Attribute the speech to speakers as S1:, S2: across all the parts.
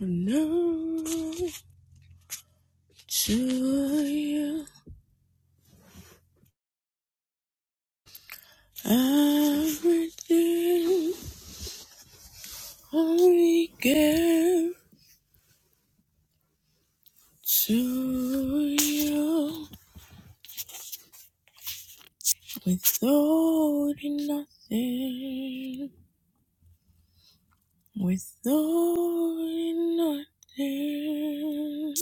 S1: No, to you, everything only give to you. Withholding nothing, withholding nothing,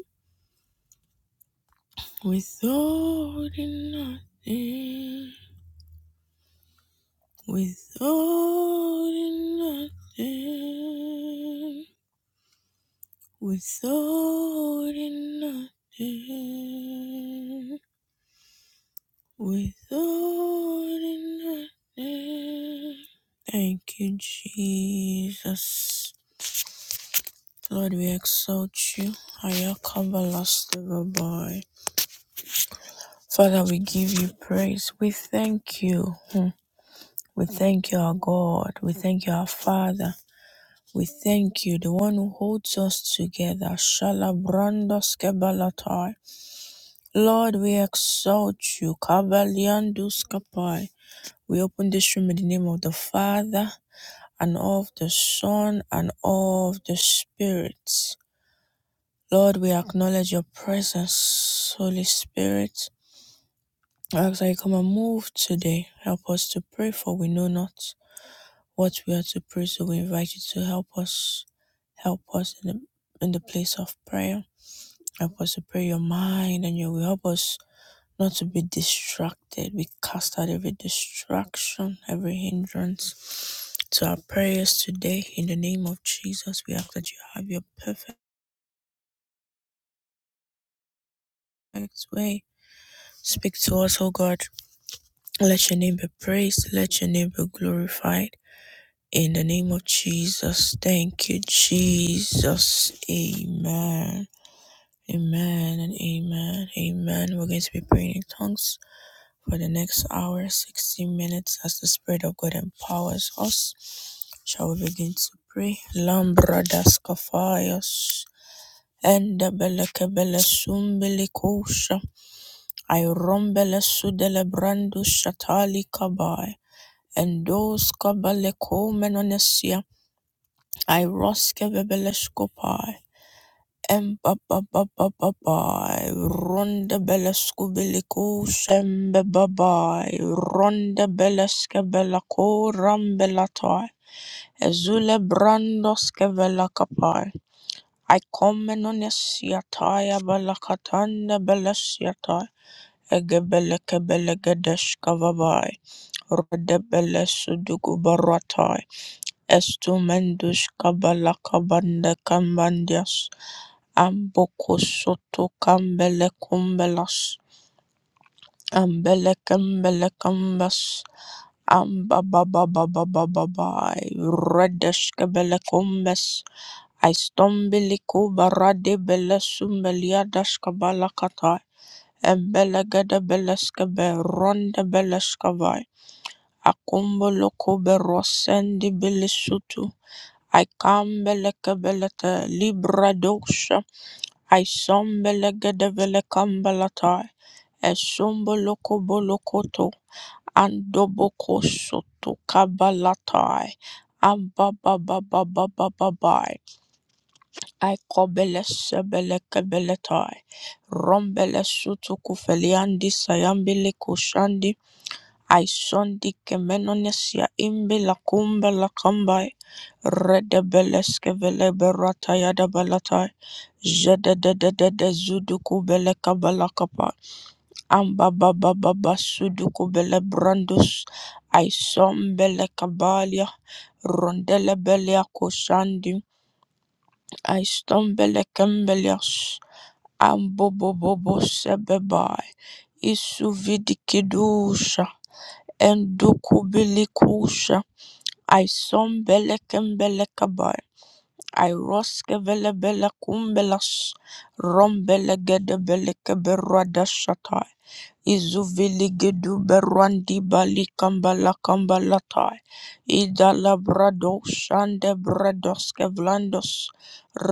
S1: withholding nothing, withholding nothing. Without in nothing, without in nothing. Thank you, Jesus. Lord, we exalt you. Ayakabalastavabai. Father, we give you praise. We thank you. Hmm. We thank you, our God. We thank you, our Father. We thank you, the one who holds us together. Shala Lord, we exalt you. Kabbaliandus Kapai. We open this room in the name of the Father and of the Son and of the Spirit. Lord, we acknowledge your presence, Holy Spirit. I ask that you come and move today. Help us to pray, for we know not what we are to pray, so we invite you to help us. Help us in the, in the place of prayer. Help us to pray your mind and your will. Help us not to be distracted. We cast out every distraction, every hindrance to our prayers today. In the name of Jesus, we ask that you have your perfect way. Speak to us, O God. Let your name be praised. Let your name be glorified. In the name of Jesus. Thank you, Jesus. Amen. Amen and amen. Amen. We're going to be praying in tongues. for the next hour, 60 minutes, as the Spirit of God empowers us. Shall we begin to pray? Lambra das kafayas. Enda beleke bele sumbili kusha. sudele brandu shatali kabai. Endos kabale komenesia. I roske bebele skopai. Empapapapapapai, ronda belesku biliku sembe babai, ronda beleske belako rambelatai, ezule brandos kevelakapai. I come in on siataya balakatanda belesiatai, egebeleke belegedeska babai, rode belesudugu baratai, estumendus kabalakabande kambandias. Amboko soto kambele kumbelas. Ambele kembele kambas. Ambababababababai. Redesh kebele kumbes. Aistombiliku barade bele sumbeliadas kabalakatai. Embele gede beleskebe ronde beleskavai. Akumboloku berosendi bilisutu. I come belekebelete libra dos Aishombele gedevele kambalatai. Eshomboloko bolokoto. Andoboko soto kabalatai. Ambababababababai. Aikobele sebele kebeletai. Rombele sutu kufeliandi sayambile kushandi. Aishondi kemenonesia imbe la kumba la kambai. Redebeleskevele berataya da balatai. Jededededede zuduku bele kabalakapa. Amba baba baba suduku bele brandus. Aisom bele kabalia. Rondele belia kushandi. Aistom bele kembelias. Ambo bobo bo sebebai. Isu vidikidusha. Enduku bilikusha. Aisom bele kembele kabai. Iroske vele bele kumbelas, rombele gede bele keberwa dashatai, izuvili gedu berwandi bali kambala kambalatai, idala brado shande bradoske vlandos,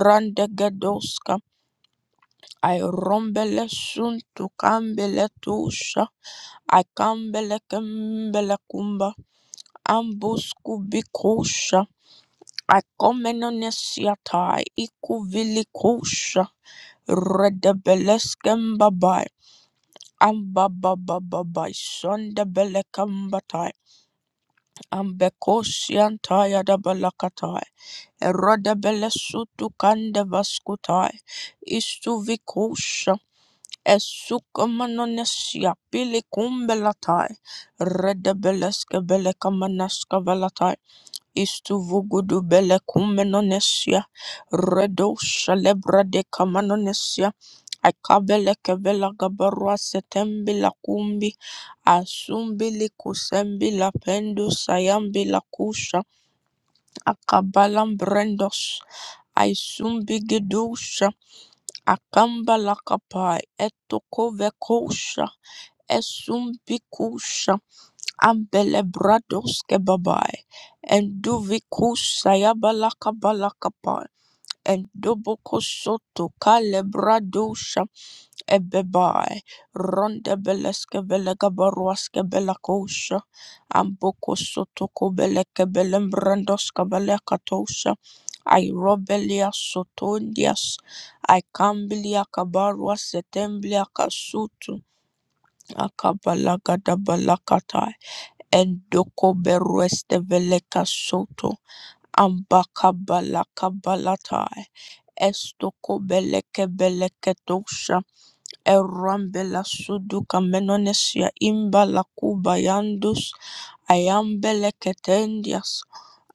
S1: rande gedoska, I rombele suntu kambele tusha, I kambele kembele kumba, ambus kubikosha, Akomenonesiatai ikuvilikosha redebeleskembabai ambababababai sondebelekambatai ambekosiantayadabalakatai erodebelesutukandevaskutai istuvikosha esukomanonesiapilikumbelatai redebeleskebelekamanaskavalatai Istuvugudu bele kumenonesia. Redo shalebra de kamanonesia. Akabele kebela gabarua setembi la kumbi. Asumbili kusembi la pendu sayambi la kusha. Akabalam brendos. Aisumbi gidusha. Akamba la kapai. Etoko vekosha. Esumbi Ambele brados kebabai, and duvikus sayabalaka balakapa, and dubokosoto kalebradosa ebebai, ronde beleske belega baruaske belakosha, ambokosoto kobeleke belembrandoska belekatosa, I robelia sotondias, I cambilia kabarua setemblia kasutu, akabalaga dabalakata. Endoko berueste veleka soto. Ambaka balaka balatai. Estoko beleke beleke tosha. Erambela suduka menonesia imbala kuba yandus. Ayambeleke tendias.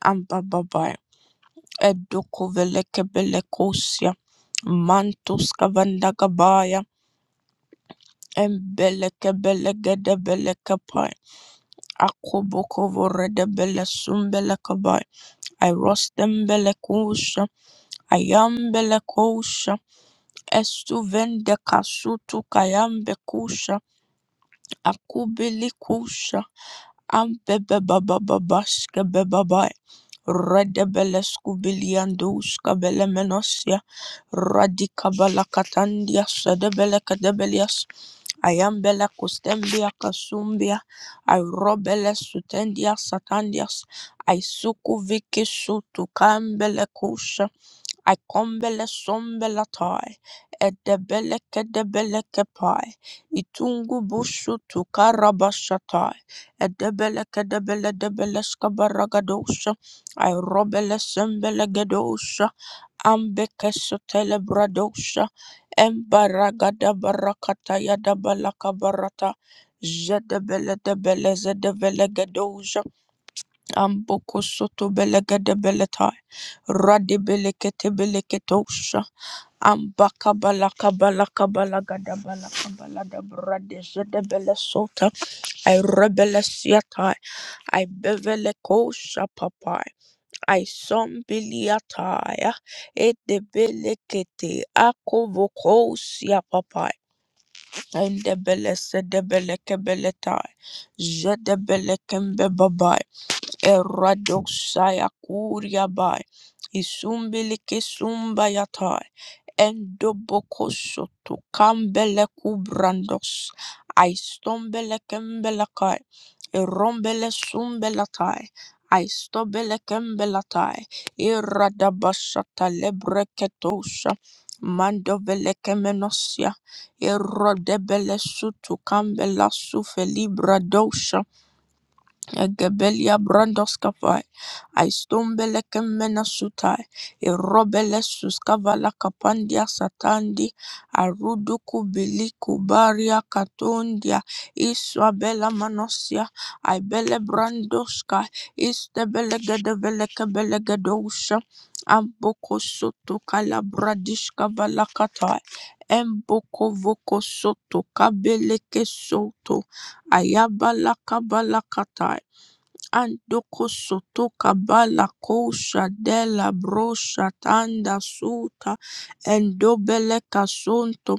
S1: Ambababai. Edoko veleke belekosia. Mantus kavandagabaya. Embeleke belegede beleke pai. Akoboko vorede bele sumbele kabai. Airostembele kusha, ayambele kusha, estuvende kasutu kayambe kusha, akubili kusha, ambebe baba babaske bebabai. Redebele skubilianduska bele menosia, radikabala katandia sedebele kadebelias, ayambele kustembia kasumbia, airobele sutendia satandias, aisuku viki sutu kambele kusha, I kombele sombele tai, edebele kedebele kepai, itungu bushu tu tukarabashatai, edebele kedebele debele skabaragadosa. I robele sembele gedosha, ambekesha telebradosha, embaragada barakata yada balaka barata, jedebele debele zedebele gedosha, Amboko soto belegede beletai. Radi belekete beleketosha. Ambaka balaka balaka balaga da balaka balada brade zede bele sota. I rebele siatai. I bevele kosha papai. I sombiliataya. It de belekete akovokosia papai. And the belese de beleke beletai. Zede belekembe Eradoxaya kuria bai. Isumbili kisumba yatai. Endobokosoto kambele kubrandos. I stombele kembelakai. Erombele sumbelatai. I stobele kembelatai. Iradabasata lebreketosha. Mandovele kemenosia. Erodebele sutu kambela sufeli bradosha. Egebelia brandoskava, aistombele kemena sutai, irobele suskavala kapandia satandi, arudu kubili kubaria katundia, iswabela manosia, i aibele brandoska, istebele gedevele kebele gedosha, amboko soto kala bradishka valakatai, emboko voko soto kabele kesoto, ayabala kabalakatai. Andokosoto kabala kosha dela brosha tanda suta endobele kasonto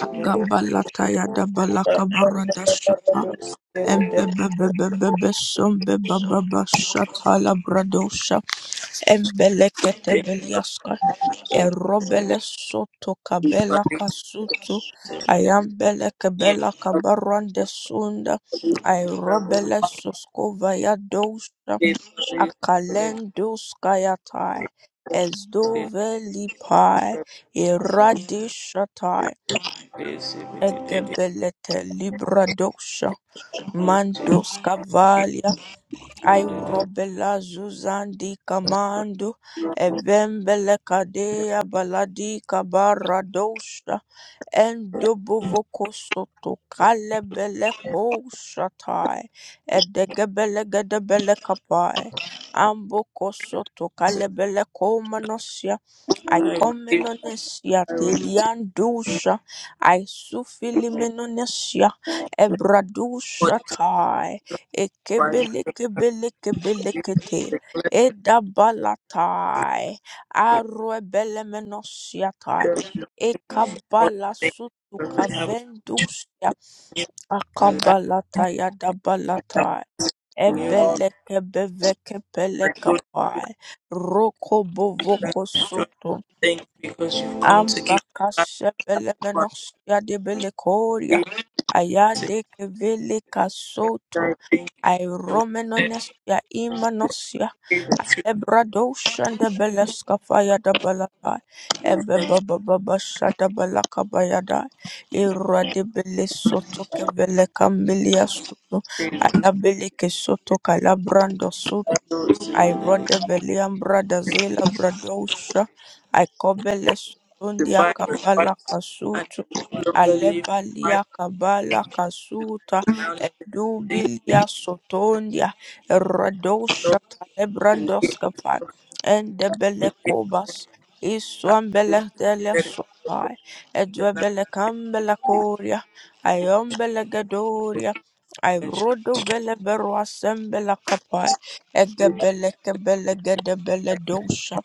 S1: agabalata yada balaka
S2: Thank
S1: barada shata embebebebebe sombe bababa shata la bradosha embelekete beliaska erobele soto kabela kasutu ayambele kebela kabarande sunda I robele soskova ya dosha akalendoskayatai, ezdovelipai, iradishatai, egebelete libradosha, mandoskavalia, airobela zuzandi kamando, evembelekadea baladi kabaradosha, and Dobovokosoto Kalebeleko Shatai and the Gebelegadabelekapai Ambokosoto Kalebeleko Manosia I comenonesia telian dusha I sufilimenonesia ebradusha tai Ekebele kebele kebele kete edabalatai arrebelemenosiatai Ekabala sutu kavendusia akabalata yadabalata ebeleke beveke pelekapai rokobovoko sutu
S2: you because you've come to give us life. for our
S1: ambakashebelemenos
S2: faith.
S1: yadebekoria ayadekevele kasoto
S2: I think
S1: I
S2: there was that
S1: Romanonesya Imanosya
S2: the
S1: Ebradosha de Beleskafaya de balaka Ebebababasha de Balakabayada Iradibili Soto Kevele Cambilia Soto Ayabilike Soto Calabrando
S2: truth was
S1: I rode
S2: that
S1: Veliam Bradazela Bradosha, I Cobele Sutundia
S2: Divine works
S1: Kabala
S2: and
S1: Kasutu,
S2: no longer live life
S1: Alebalia Kabala
S2: the
S1: Kasuta,
S2: life now live in the body,
S1: Edubilia Sotondia,
S2: live in
S1: Radosha
S2: love, and give
S1: Talebrandoskafan, and the
S2: and take
S1: Belekobas,
S2: that
S1: Iswan
S2: live to the
S1: Beletele Sopai,
S2: In the life
S1: Edwebele
S2: of
S1: Cambela Coria,
S2: my
S1: Iombele Gadoria, I
S2: my children,
S1: rode Veleberoa Sembela
S2: thank
S1: Egabele kebele gede bele dosha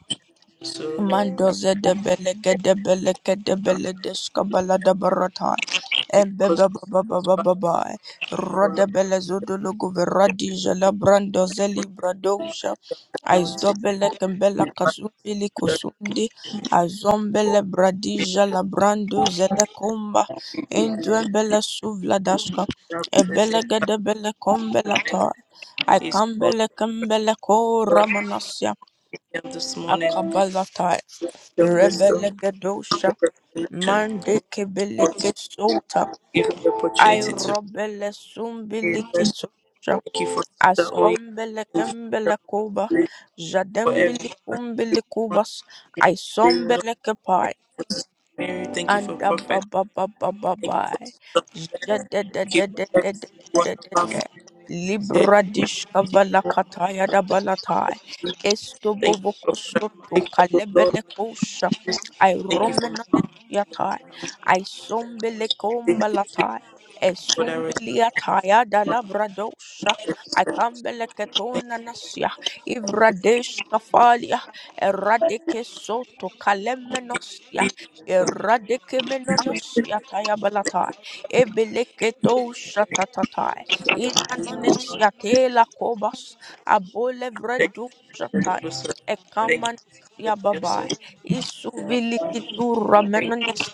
S2: you so thank
S1: Mandoze de belege de belege de bele de skabala da baratai.
S2: you
S1: Embe
S2: because
S1: ba ba
S2: you
S1: ba ba ba
S2: satisfy
S1: ba ba.
S2: us with all
S1: Roda
S2: of
S1: bele zodo logo
S2: what you
S1: veradi jala brando zeli bradosha.
S2: have done to
S1: Aizdo
S2: the Lord.
S1: bele kembela kasubili
S2: The
S1: kusundi. Azombele bradi jala brando zele kumba. Indu embele suvla dashka.
S2: Lord
S1: Ebele
S2: present
S1: gede bele kombela tai.
S2: is called
S1: Aikambele kembele ko
S2: the
S1: ramanasya.
S2: this morning.
S1: Akabala
S2: The wisdom, the
S1: Rebelegedosha
S2: revelation.
S1: mande
S2: for
S1: kebelegetsota
S2: giving the
S1: I
S2: opportunity to
S1: robele
S2: pray. First,
S1: sumbilikitsosha
S2: thank you for Sister Oyin
S1: askombele
S2: and for
S1: kembele kuba
S2: everyone, for
S1: jadembili
S2: everyone who came
S1: kumbili
S2: on
S1: kubas I
S2: today, Lord,
S1: sombele
S2: for Sister Mary. Thank you for
S1: Anda ba
S2: Prophet.
S1: ba ba ba ba
S2: Thank
S1: ba.
S2: you for Sister
S1: Ja- da-
S2: Claire.
S1: da- da-
S2: Thank you
S1: da- da-
S2: for
S1: da-
S2: everyone
S1: da-
S2: of
S1: da-
S2: our
S1: da.
S2: family members here.
S1: Libra dishka vala kataya da balatai. Esto
S2: Thank you
S1: bovo
S2: for Brother
S1: kosoto
S2: Mike, oh Lord.
S1: kalebele kosha. I
S2: Thank you for
S1: romenone
S2: Mama.
S1: yatai. I sombele
S2: Thank you
S1: kombalatai.
S2: for the result.
S1: Esumbeliataya da labradosha. I kambele ketona nasya. Ivradesh kafalia. Eradike soto kalemenosya. Eradikemenos yatayabalatai. Ebeleketo shatatatai. Inanones yatela kobas.
S2: Thank
S1: Abolevredu
S2: you for the
S1: shatai.
S2: Thank you
S1: Ekaman
S2: for
S1: yababai.
S2: the
S1: Isuvilikitu
S2: Thank you.
S1: ramenones.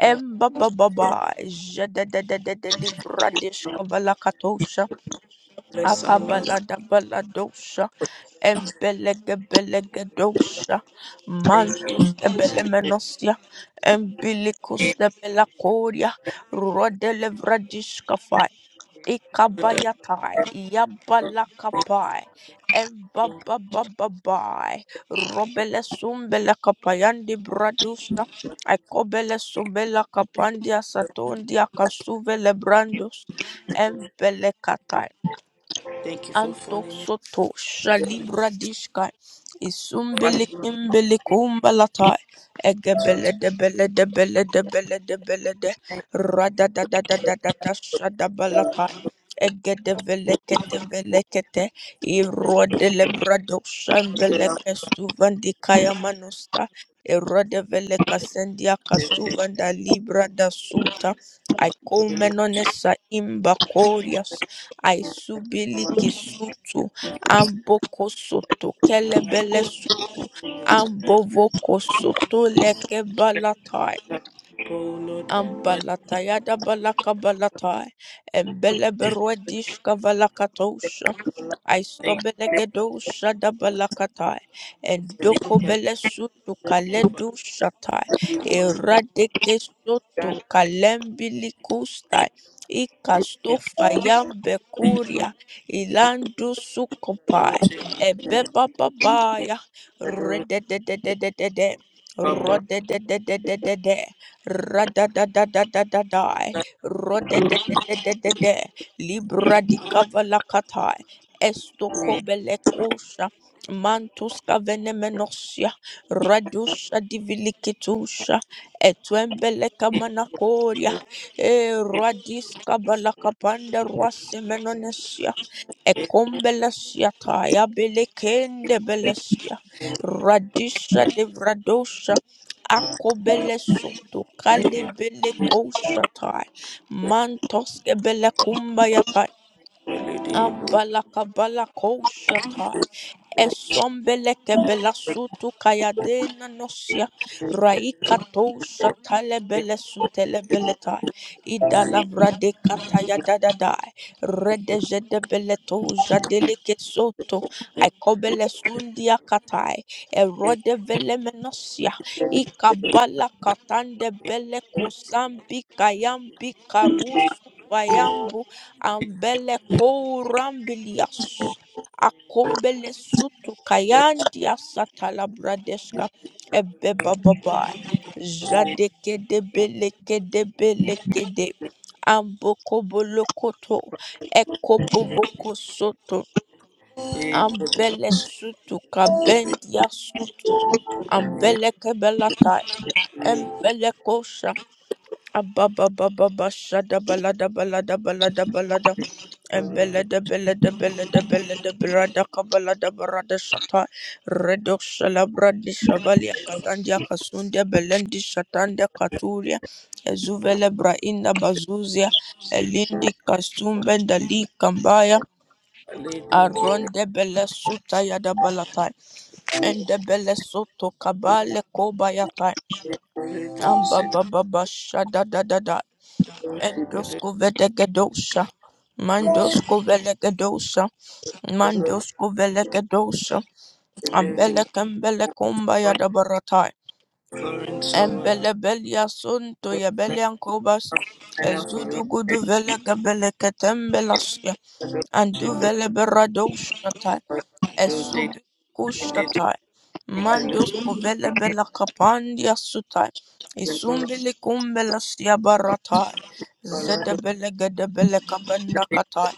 S1: Embababai. Jededededede libradishka valakatosha.
S2: Bless our lives.
S1: Akabalada Embelegebelegedosha,
S2: Thank you.
S1: mantus kebelemenosya, embilicus de belacoria, rodele rodelevradishkafai, ikabayatai, yabalakapai, embabababai, robelesumbelekapayandi bradusha, aikobelesumbelekapandia satondia kasuvelebrandus, embelekatai.
S2: thank you for
S1: Anto
S2: falling in
S1: soto shalibra dishka
S2: Father,
S1: isumbele
S2: Lord,
S1: kimbele kumba lata egebele debele debele debele debele de rada da da da da da da shada balata egede vele kete vele kete irode lebra
S2: thank
S1: doshambele
S2: you, Lord,
S1: kesuvandi kaya manusta irode vele kasendia kasuvanda libra da suta I come non essa aisubili kisutu amboko soto kelebele soto ambovoko soto leke balatai
S2: that people, Lord, who
S1: Ambalatayada balakabalatai, embeleberwedishka valakatosha,
S2: Thank you,
S1: aistobelegedosa dabalakatai,
S2: thank thank
S1: endokobelesutu
S2: you, for
S1: kaledushatai,
S2: every gift, Lord.
S1: eradekesoto
S2: Thank you, for thank
S1: kalembilikustai, ikastofa yambekuria,
S2: you,
S1: ilandusukopai,
S2: Lord, thank you,
S1: ebebababaya,
S2: thank you, Lord.
S1: redededededede,
S2: Papa,
S1: rodededededede, Radadadadadadai. Rodededededede. Libra di kavalakatai. Esto kobelekosha. Mantus kavenemenosia. Radusha divilikitusha. Etwembeleka manakoria. E radis kabalakapanda ruasemenonesia. Ekombelesiataya belekende belesia. Radisha devradosha akobele soto kalebele koshatai mantoske bele kumbayatai
S2: Holy Day, Holy
S1: abalaka bala koshatai Esombeleke belasutu kayadena nosia raikato shatale belesutele beleta idalavrade kataya dadada redejede beleto jadeleke soto aikobele sundia katai erode velemenosia ikabala katande bele kosambi kayambi karusu vayambu ambele kourambilias Akombele sutu kayandi asatala bradeshka ebe bababa. Jadeke de beleke de beleke de. amboko bolokoto ekobo ekobovoko soto.
S2: Day, Holy
S1: Ambele sutu kabendia sutu.
S2: Day,
S1: Ambele kebelatai.
S2: Holy Day, Holy Day,
S1: Embele kosha. Ababa baba basha da balada balada balada balada Embele de bele de bele de bele de bra da kabala da bara da shata redox shalabra di shavalia katandia kasundia belendi shatanda katulia ezuvele braina bazuzia elindi kasumbenda li kambaya
S2: Holy Day, Holy Day,
S1: aronde bele suta ya da balatai ende bele soto kabale kobayatai
S2: Holy
S1: amba baba basha da da da da
S2: Day, Holy Day,
S1: endosko vedegedosha
S2: Holy
S1: mandosko
S2: Day,
S1: velegedosha Mandosko velekedosha,
S2: everything.
S1: ambele kembele kumba ya dabaratai,
S2: Florence, so,
S1: embele belia sunto ya
S2: uh,
S1: belian kobas,
S2: and for
S1: ezudu
S2: Lord,
S1: gudu vele gebele ketembelasia, andu vele beradosha
S2: Thank
S1: esubikushtatai, mandos ovelebela kapandia sutai, isumbili kumbela siabaratai, zedebele gedebele kabanda katai,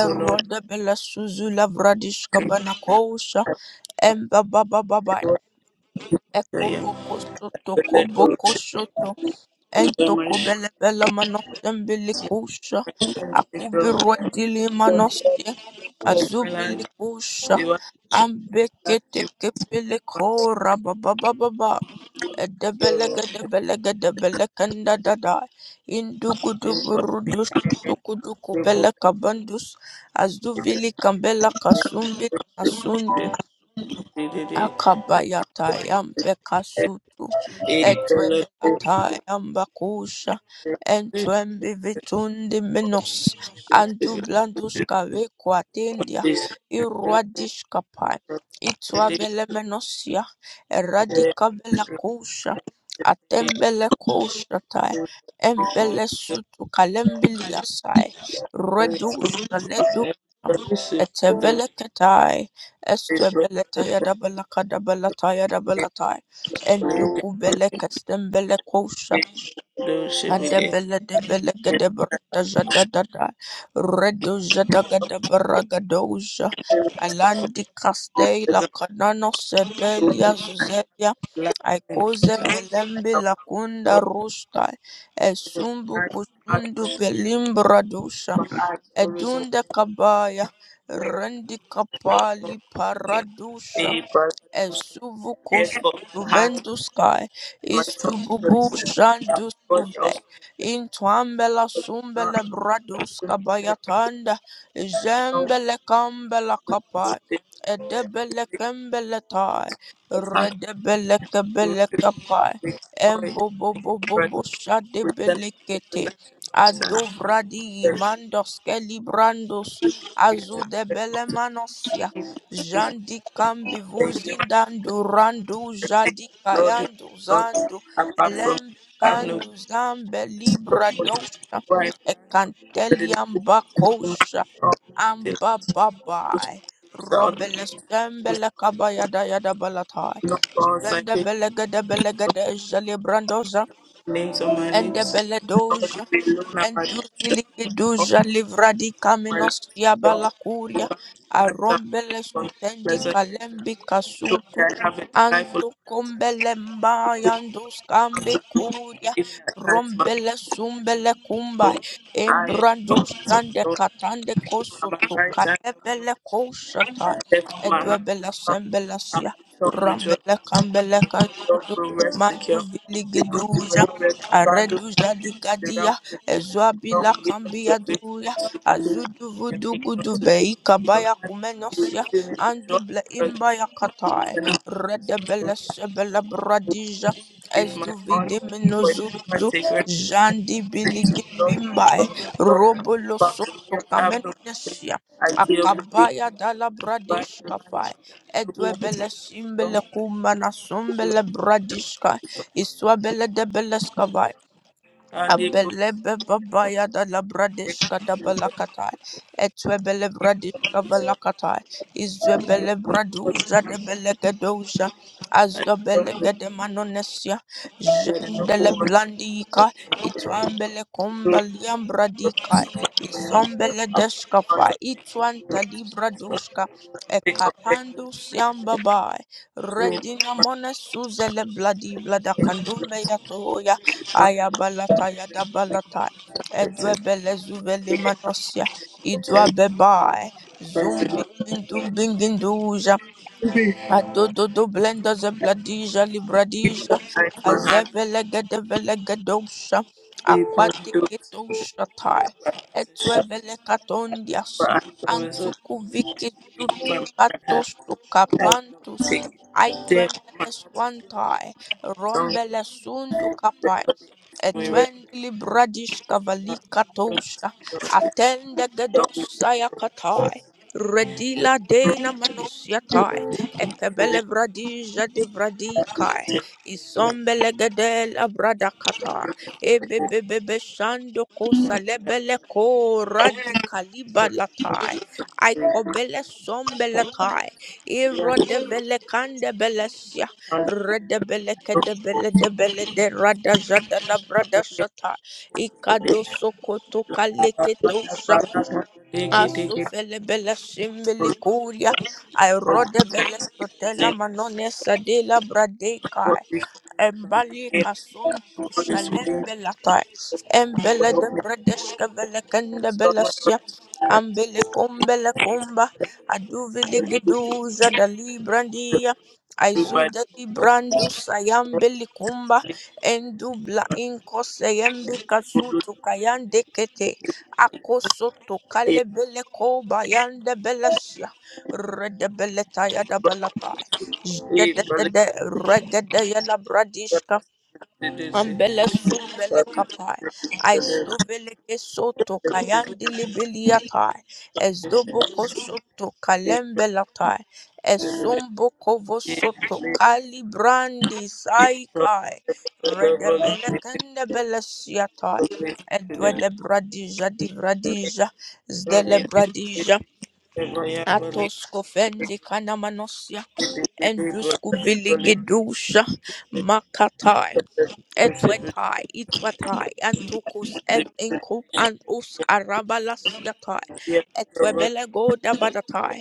S1: erodebele suzula vradish kabanakosha, embabababai, ekoboko soto koboko soto Entokobelebele manosembelikusha, akubiruadilimanosye, azubilikusha, kabandus bababababa, kambela kasumbi kasundu. Akabayatayam bekasutu etwebekatayam bakusha entwembivitundi minos andublanduska vekuatendia irwadishkapai itwabelemenosia eradikabelakusha atembelekoushatai embelesutu kalembiliasai redusha ledu eteveleketai Estrebeleta yadabalaka dabalata yadabalatai.
S2: you.
S1: Enduku beleka stembele kosha. Adebele debele gedebrada jadadada. Redo jadagada baragadosha. Alandi castella canano sedelia zuzelia. Aikoze velembe la kunda rusta. Esumbu kusundu belimbra Edunda kabaya rendi kapali paradusha
S2: the
S1: e
S2: paradox.
S1: suvucus juvendusque istu bubushanduscuve intuambela sumbele bradusca bayatanda jembele cambela capai edebele kembele tai
S2: the heart
S1: redebele kebele capai embububububus shadebele kete. adovradi
S2: Thank you,
S1: mandos celebrandus, azu azudebele manosia Jandi kambi vuzindandu randu jadi
S2: Lord, you
S1: kayandu
S2: know,
S1: zandu
S2: apart from you,
S1: elembi
S2: I have no
S1: kandu zambe libra
S2: support
S1: dosha
S2: right now. The
S1: ekanteli
S2: name
S1: amba
S2: of the Lord
S1: kosha
S2: Almighty,
S1: amba
S2: those
S1: babai
S2: who are on
S1: robele sembele kabayada yada balatai
S2: no false and
S1: jende
S2: great
S1: belegede belegede jali brandoza
S2: names on my
S1: ende
S2: lips. Lord, you alone are my portion.
S1: Enduziliki
S2: Come
S1: duja
S2: to
S1: livradi
S2: my life,
S1: kamenos ya
S2: your
S1: balakuria,
S2: back lines are falling
S1: arombele
S2: from the
S1: sutendi
S2: present.
S1: kalembi
S2: So
S1: kasutu
S2: that I have a delightful
S1: anto
S2: inheritance,
S1: kombele
S2: which
S1: mbayandus
S2: comes
S1: kambe
S2: to me
S1: kuria
S2: even at night, my
S1: rombele sumbele kumba
S2: soul. I am
S1: embrandus
S2: the
S1: dande
S2: Lord,
S1: katande
S2: am my
S1: kosoto
S2: right hand.
S1: kalebele kosata
S2: Therefore, my heart is
S1: edwebele
S2: glad,
S1: sembele
S2: and
S1: sia,
S2: my soul rejoices.
S1: rambele kambele
S2: God
S1: kanzuzu
S2: will rest
S1: mandu
S2: secure. The
S1: viligi duja
S2: good will rest abandoned.
S1: areduja
S2: The ram will rest. No
S1: Ezwabila
S2: wisdom
S1: kambia
S2: to every
S1: duya
S2: one secret.
S1: azudu
S2: And
S1: vudu
S2: make no
S1: gudu
S2: to the
S1: bei
S2: end
S1: kabaya
S2: of You will
S1: kumenosya
S2: fill me with joy
S1: anduble
S2: and presence.
S1: imba ya
S2: You will
S1: katai
S2: turn
S1: yakatai
S2: up
S1: bele sebele bradija
S2: give my honor,
S1: ezuvidi
S2: for it is my
S1: minuzuzu
S2: sacred duty.
S1: jandi
S2: Say to
S1: biligi
S2: the Lord,
S1: bimbae
S2: Lord, Lord,
S1: robolo
S2: back to me
S1: soto
S2: and have no complaint.
S1: kamenonesya
S2: I deal with you, divine
S1: akabaya dala
S2: life,
S1: bradish
S2: and
S1: kapai
S2: no
S1: edwe
S2: one
S1: bele
S2: to come
S1: simbele
S2: to
S1: kumana
S2: you.
S1: sumbele bradishka iswabele debele
S2: And it goes,
S1: Abelebebabaya da
S2: it
S1: labradeshka da
S2: goes,
S1: balakatai. Etwebelebradeshka balakatai. Izwebelebraduja de belegedoja.
S2: I deal with
S1: Azdobelegede manonesia.
S2: you, and no
S1: Jendele
S2: one to
S1: blandika. Itwambele
S2: do
S1: kumbaliam bradikai. Isombele
S2: but to
S1: deshkafa. Itwanta libradushka.
S2: take up their
S1: Ekatando siambabai. Redina mone suzele bladi vladakandumbe Ayabalata Yadabalata
S2: places.
S1: Edwebele Zuveli
S2: They have
S1: Manosia
S2: a
S1: Idwa
S2: test,
S1: Bebai
S2: person.
S1: Zumbi Indum Binginduja Adododo Blenda Zebladija
S2: Give them
S1: Libradija
S2: eyes, my hand,
S1: Azevele Gedevele Gedosha
S2: they don't
S1: Aquatic
S2: do
S1: Gedosha Tai
S2: it.
S1: Etwevele Katondias
S2: But I don't resort
S1: Antukuviki
S2: to be by
S1: Sutu
S2: my right
S1: Katos Tukapantus
S2: aromatic, dead
S1: Aitwemele
S2: aromatic
S1: Swantai
S2: tongue,
S1: Rombele Sundu
S2: regularly
S1: Etwendili bradish
S2: acting
S1: kavalika tosha.
S2: with
S1: Atende gedosa ya katai. Redila dena manosyatai. Ekebele bradija de vradikai. Isombele gedela bradakata. Ebebebebe shando kosa lebele ko radikaliba latai. Aikobele sombele tai. Irodevele kandebelesia.
S2: regular
S1: Redebele kedebele debele de rada jada la brada shata. Ikado sokoto kaleketosha. Aso felebele shimbele kuria. I rodebele sotela manone sadela bradekai. Embalika suntu shalembelata embele de bredeshke velekende belesya ambele kumbele kumba aduvili geduza da librandia aizuda librandus ayambeli kumba endubla inkose yembi kasutu kayande kete akosoto kalebele koba yande belesya redebeleta yadabalata Jededede regedeye labradishka ambele sumbele kapai aistovele kesoto
S2: Thank
S1: kayandili biliatai esdoboko soto
S2: you.
S1: kalembelatai
S2: British,
S1: esomboko vosoto kalibrandi saikai redebele kendebele siatai edwele bradija divradija zdele bradija Atos kofendi kanamanosia enduskuviligidusha makatai etwetai itwatai antukus ev inkub antus arabalasiatai etwebelego dabadatai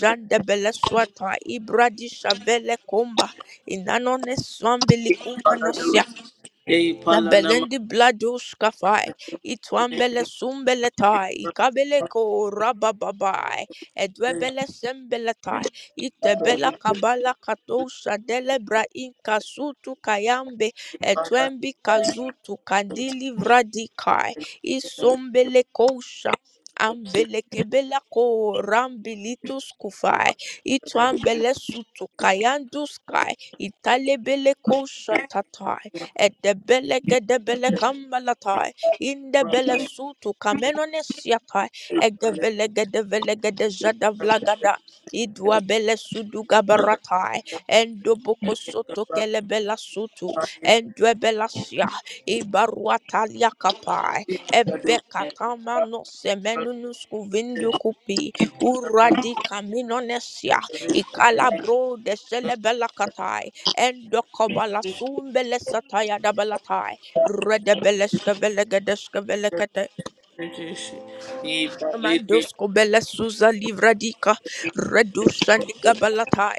S1: jandebeleswatai ibradishavele kumba inanoneswambilikumanosya Abelendi bladush kafai, itwambele sumbele tai, ikabele ko rabababai, edwebele sembele tai, itebela kabala katosha delebra inka sutu kayambe, etwembi kazutu kandili vradikai, isombele kosha. Ambele kebela ko rambilitus kufai, itwambele sutu kayandus kai, italebele kosha tatai edebele gedebele kambalatai indebele sutu kamenonesiatai egevele gedevele gedejadavlagada idwabele sudugabaratai endoboko soto kelebela sutu endwebelasia ibaruataliakapai ebekatamanose kupi uradi kaminonesia ikalabro de selebela katai. Endokobala sumbele sataya dabalatai. Redebeleshka velegedeshka velegete.
S2: he
S1: Mandosko bele suza livradika. Redusha nigabalatai.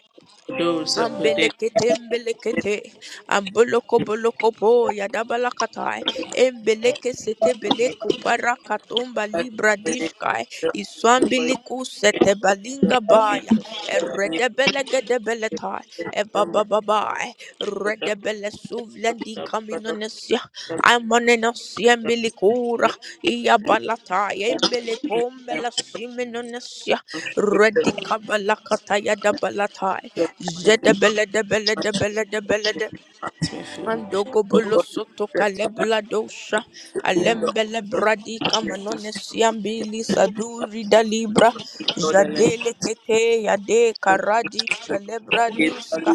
S2: those that put in
S1: Ambelekete, mbelekete, amboloko boloko bo, yadabalakatai, embeleke sete beleku para katomba libra dishkai, iswambiliku sete balinga baya, eredebelegedebeletai, ebabababai, redebele suvlendi kaminonesia, amonenesia mbilikura, iyabalatai, embeleko mbelasiminenesia, redikabalakata yadabalatai, Jedebele debele debele debele de. Mandogo bolosoto kalebla dosha alembele bradi kamanone siambili saduri dalibra jadele kete yade karadi shalebra duska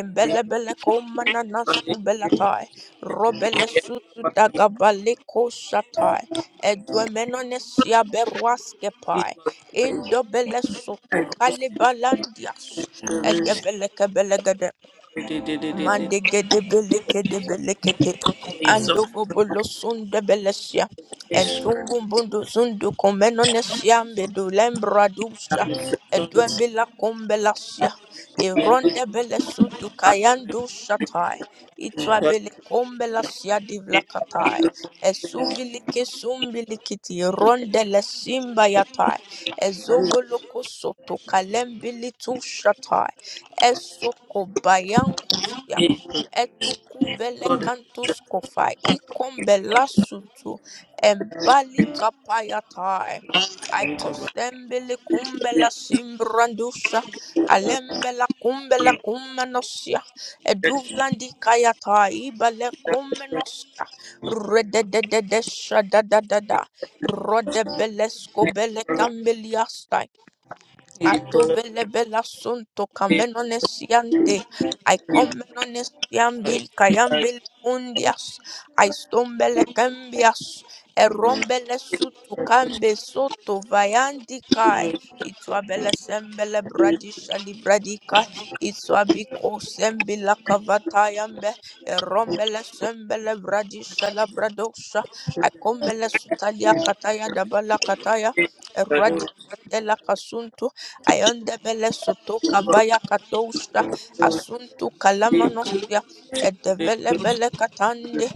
S1: embelebele komana nasku belatai robele susu dagabale koshatai edwemenone siaberwaske pai indobele soto kalibalandias egevele Mande gede beleke de belekete.
S2: I
S1: Andogo bolo sunde belesia.
S2: Thank
S1: Entungumbundo zundu komenonesia mbedu lembradusha. Edwembila kumbelasia. Ironde belesudu kayandu shatai. Itwa bele kumbelasia divlakatai. Esuvilike sumbilikiti. Ronde lesimba yatai. Ezovoloko soto kalembili tu shatai. Esoko etukuvele kantus kofa ikombela sutu embali kapayatae. Aikostembele kumbela simbrandusha alembela kumbela kumenosia eduvlandi kayata ibale kumenosia redededesha da da da da rodebelesko bele kambeliasta Ato vele vela sunto kamenone siante. I comenone siambi kayambili undias. I stombele cambias. Erombele sutu kambe soto vayandi kai. Itwa bele sembele bradisha livradika. Itwa biko sembi la kavata yambe. Erombele sembele bradisha la bradosha. I kombele sutalia kataya dabala kataya. Eradika tela kasuntu ayonde bele soto kavaya katosha asuntu kalamanosia edevele bele katande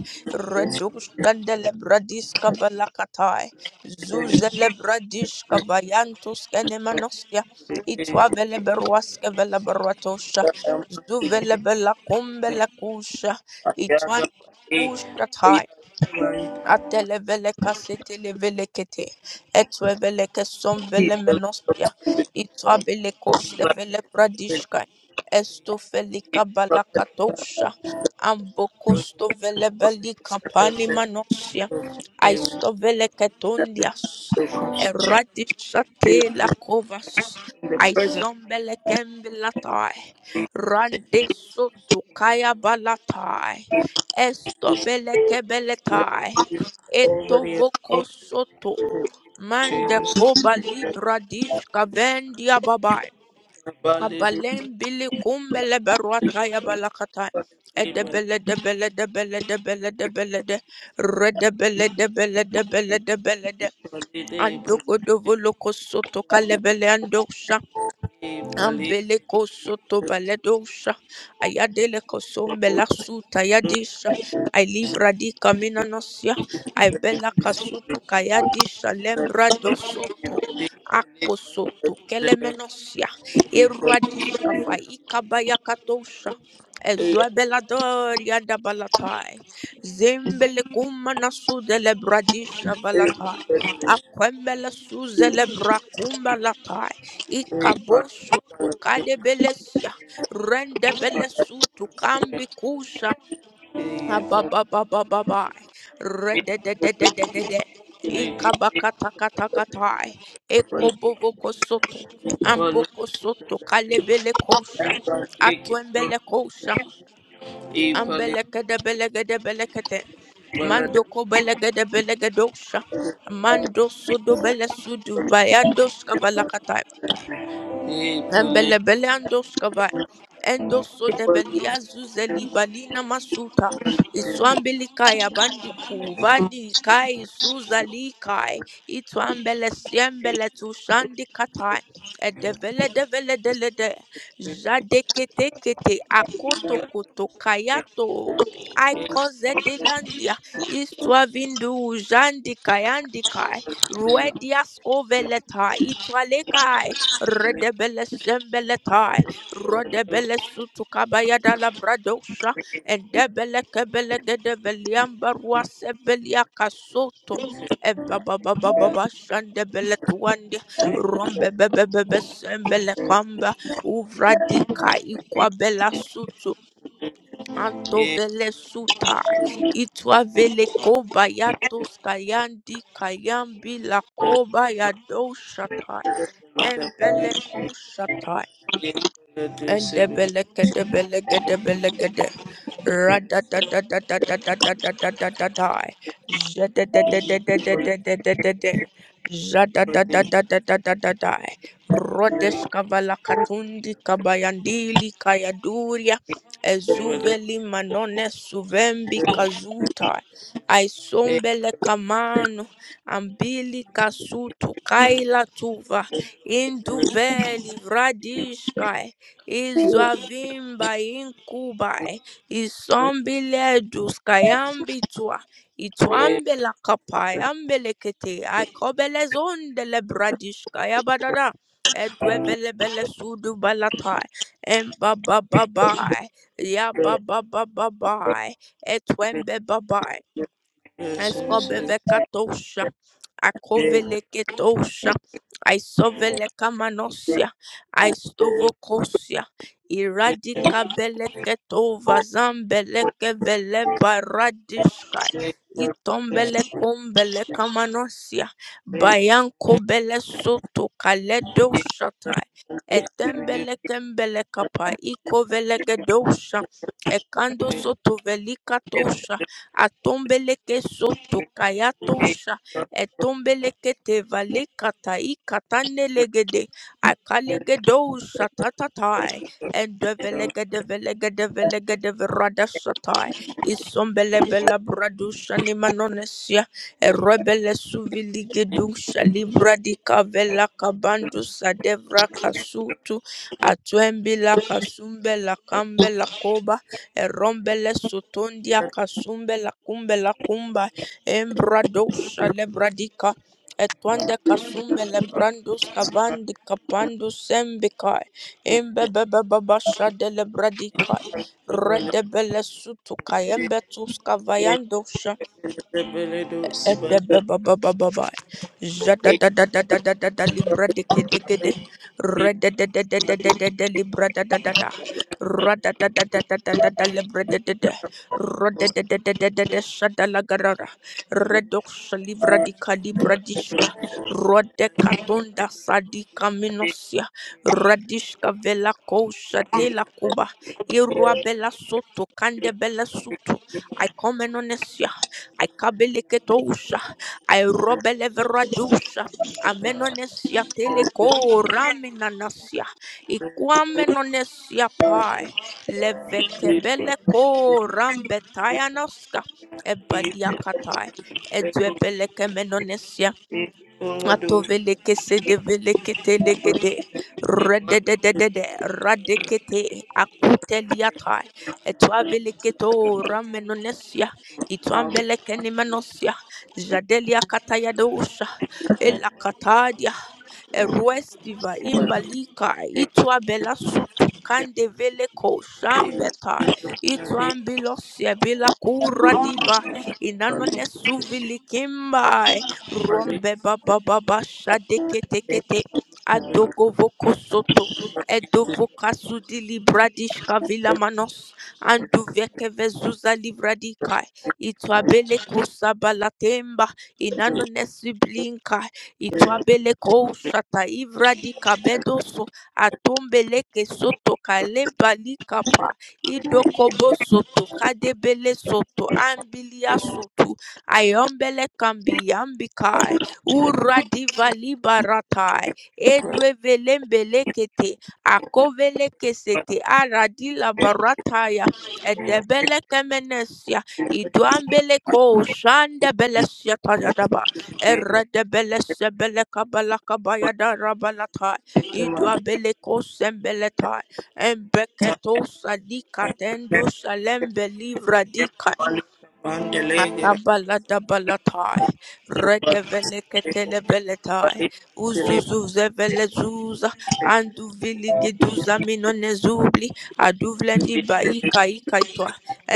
S1: redushande lebradis kavala katai zuzele bradish kavayantus kenemanosia itwa vele beruaske vele beruatosha zuvele bela kumbele kusha itwan Atelevele kasete levele kete. Etwevele keson vele menostia. Itrabele koste vele
S2: you.
S1: bradishka. Esto felika
S2: the
S1: balakatosha. Ambokosto vele belika pani manosia. Aisto vele ketondias. Eradisha te la kovas.
S2: presence
S1: Aisombele kembilatai. Rande soto kaya balatai. Esto
S2: is
S1: bele kebeletai.
S2: already
S1: Etovoko soto. Mande
S2: Jesus.
S1: koba libra dishka vendia babai.
S2: Validate,
S1: Abalem bili kumbele berwata ya balakata.
S2: validate,
S1: Edebele debele debele debele debele de. Redebele debele debele debele de.
S2: validate,
S1: Ando godovo loko kalebele ando
S2: validate,
S1: Ambeleko soto baledosha. Ayadeleko sombela suta yadisha. I live radika minanosia. I bela kasutu kayadisha lembra do soto. Ako soto kelemenosia. Iradishka faika bayakatosha. Ezuabeladoria da balatai. zimbele Zimbelekumana nasudele bradisha balatai. Aquembele suzele brakumba Ikabosu tukadebelesia rendebelesu tukambikusha abababababai redededededede
S2: validate,
S1: ikabakatakatakatai
S2: validate,
S1: ekobovokosoto
S2: Ipolo
S1: ambokosoto kalebelekosha atwembelekosha ambelekedebelekedebelekete mando kobelegedebelekedosha mando sudobelesudu bayandoskavalakatai Embelebeleandoskava, endoso debelia zuzeli balina masuta, iswambili kaya bandiku, vandi kai suzali kai, itwambele siembele tushandi katai, edevele devele dele jadekete kete akoto koto kayato, aikoze delandia, istwavindu jandi kayandi kai, ruedias koveletai, itwalekai, redebele sembeletai rodebele sutukabaya dalabradosha endebele kebele gedebeliamba ruasebelia kasoto ebababababa shandebele tuwande rombebebebebe sembele kamba uvradika ikwabela sutu antovele sutai itwavele koba yatos kayandi kayambi lakoba yadoshatai Embeleko shata and the beleka the beleka the beleka the rada da da da da da da da da da da da da zada da da da da da da da da da da zada da da da da da da da da rodes kavala katundi kabayandili kayaduria ezuveli manone suvembi kazuta aisombele kamano ambili kasutu kaila tuva induveli vradishkai Izwavimba yinkubayi, isombiledus kayambitwa, itwambela kapayambelekete, ikobelezondele bradish kayabadada, edwevelebele sudu balatai, embabababai, yababababai, etwembebabai. Escobevecatosha, Acovelecatosha, Isovelecamanosia, Istovocosia, Iradicabelecatova, Zambelekevelebardishkai, Itombelekombelecamanosia, Bayancombelesoto, Caledoshatai, Etembeletembelecapa, Icovelegedosha, Ekando soto velikatosha atombeleke soto kayatosha etombeleke tevale katai katanelegede akalegedosha tatatai endevelegedevelegedevelegedeveradasatai isombelebela bradusha nimanonesia erebele suviligedusha libradikavela kabandusa devra kasutu atwembila kasumbela kambela koba E erombele sotondia kasumbe la kumbe la kumba embradosha lebradika etwande kasumbe lebrandus kavandi kapando sembika, kapandus sembikai embebebebabasha de lebradikai redebele sutukai embetus kavayandosha Edebebebebebe. Jadadadadadadadada libra dekedekede. Rededededededede libra dadadada. Radadadadadadadada libra dedede. Rodededededede shadalagarara. Redoxa livra dika libra dishka. Rodekatunda sadika minosia. Radishka vela kousha tela Irua bela soto kande bela sutu. I come in on this. year. I kabeleketosha. I robeleveradosha. Amenonesia teleko raminanasia. Ikwamenonesia pai. Levekebeleko rambetayanaska. Ebaliakatai. Edwebelekemenonesia. Atoveleke sedevelekete legede redededede radekete akuteliata etwaveleketo ramenonesia itwambelekenimenosya jadelia katayadosha elakatadia eruestiva imbalika itwa bela sutu kande itwabelasutu kandeveleko shambeta itwambilosia bila kuradiba inanonesuvilikimbai rombe baba baba shadeke tekete adogo voko soto edovo kasudi libradish kavila manos andu veke vezuza livradika itwabele kusabalatemba inanonesiblinka itwabele koushata ivradika bedoso atombeleke soto kalebalikapa idokobo soto kadebele soto ambilia soto Ayombele kambi yambikai. Uradiva libaratai. Edwe velembelekete. Akovele kesete. Aradila barataya. Edebele kemenesia. Idwambele ko shande belesia tayadaba. Eredebele sebele kabala kabaya darabalata. Idwabele ko sembeleta. Embeketo salika tendo salembe livradika Atabala dabalatai,
S2: Thank
S1: redevele ketele beletai, uzuzu Atabaladabalatai, redeveleketelebeletai, uzuzuzevelezuza, anduviligiduza minonezubli, aduvlendi baikaikaitwa,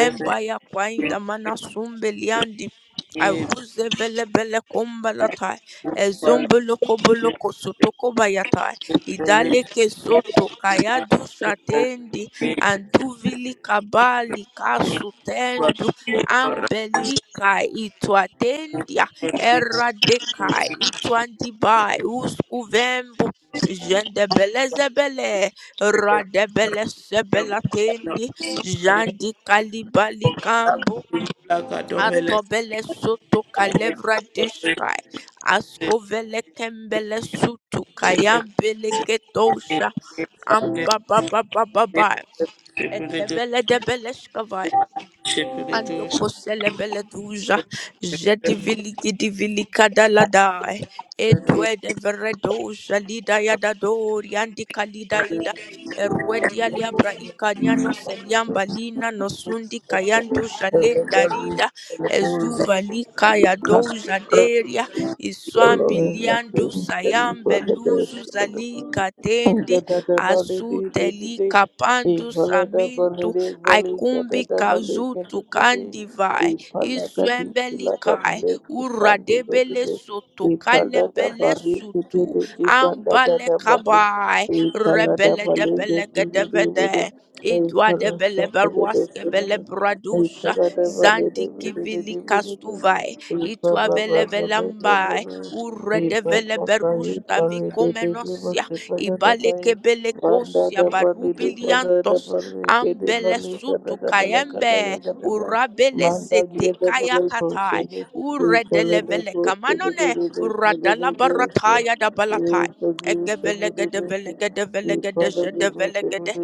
S1: embaya kwaindamanasumbeliandi, aruzevelebelekombalatai, ezombolokobolokosotokobalatai, idalekesotokayadusatendi, anduvilikabali Ambelika itwatendia eradeka itwandibai uskuvembu jendebelezebele radebelesebelatendi jandikalibalikambu atobele soto kalevra dishkai askovele kembele sutu kayambele ketosha ambababababa etebele debeleshkavai Ando kosele bele duja, jedi vili gidi vili kadala dai,
S2: you.
S1: edwe de veredo shalida yada dori andi kalida ida, erwedi aliabra ikanyano seliamba lina nosundi
S2: Thank
S1: kayandu shalenda rida, ezuva lika yado jaderia, iswambi liandu sayambe luzu zalika tendi, asute lika pandu samintu, aikumbi kazutu kandivai isuembelikai uradebele soto kalebele sutu ambale kabai rebele debele gedevede idwa debele
S2: you.
S1: beruaske vele
S2: Thank
S1: bradusha zandiki vili kastuvai itwa vele velambai uredevele berusta vikomenosia ibale kebele kosia barubiliantos Ambele sutu kayembe urabele sete kaya katai uredelevele kamanone uradala barataya da balatai egevelegedevelegedevelegedezhedevelegede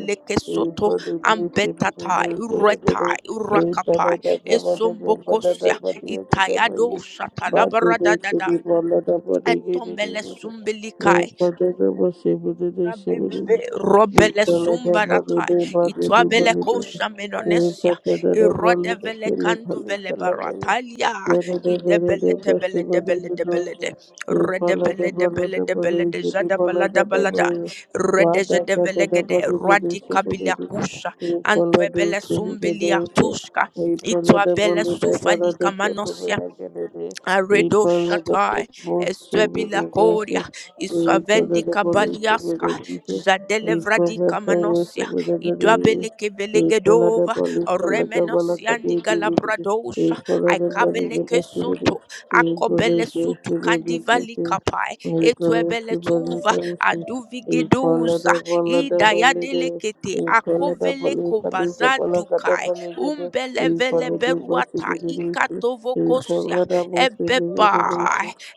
S2: you.
S1: soto
S2: Thank
S1: ambetatai uretai urakapai esombokosia itayado shatalabaradadada etombele sumbelikai Rabebebe, Robele Sumbaratai, Itwabele Kosha Menonesia, Irodevele Kandu Vele Baratalia, Idebele Tebele Debele Debele De, Redebele Debele Debele De jada balada Jadabala Dabalada,
S2: you.
S1: Redeje
S2: Father, God,
S1: Devele
S2: the
S1: Gede,
S2: body the
S1: Radikabilia
S2: discipline,
S1: Kusha,
S2: you follow the
S1: Antwebele
S2: sin, the
S1: Sumbilia
S2: days,
S1: Tushka,
S2: you follow
S1: itwa
S2: the
S1: bele
S2: bully, the
S1: Sufali
S2: brother, the
S1: Kamanosia.
S2: gentleman, I get it, you
S1: Aredo
S2: follow the
S1: Shatai,
S2: most civil,
S1: Estebila
S2: the
S1: Koria,
S2: days, you follow
S1: Isavendi
S2: the police, with
S1: Kabaliaska,
S2: the Jesus, you follow
S1: Zadelevradi
S2: the police,
S1: Kamanosia,
S2: with the days,
S1: Idrabeleke
S2: you follow the
S1: Velegedova,
S2: police, the Kabbalah, the
S1: Remenosiandi
S2: days, you
S1: Galabradosha,
S2: follow the body, the
S1: Aikabeleke
S2: possibility,
S1: Soto,
S2: you follow
S1: Akobele
S2: the days,
S1: Sutu
S2: you follow the
S1: Kandivali Kapai,
S2: days,
S1: Etuebele
S2: you follow
S1: Tuva,
S2: the days, Thank
S1: Aduvigedosa, Idayadelekete, Akovele Kobaza Dukai, Umbelevele Beruata, Ikatovokosia, ebeba,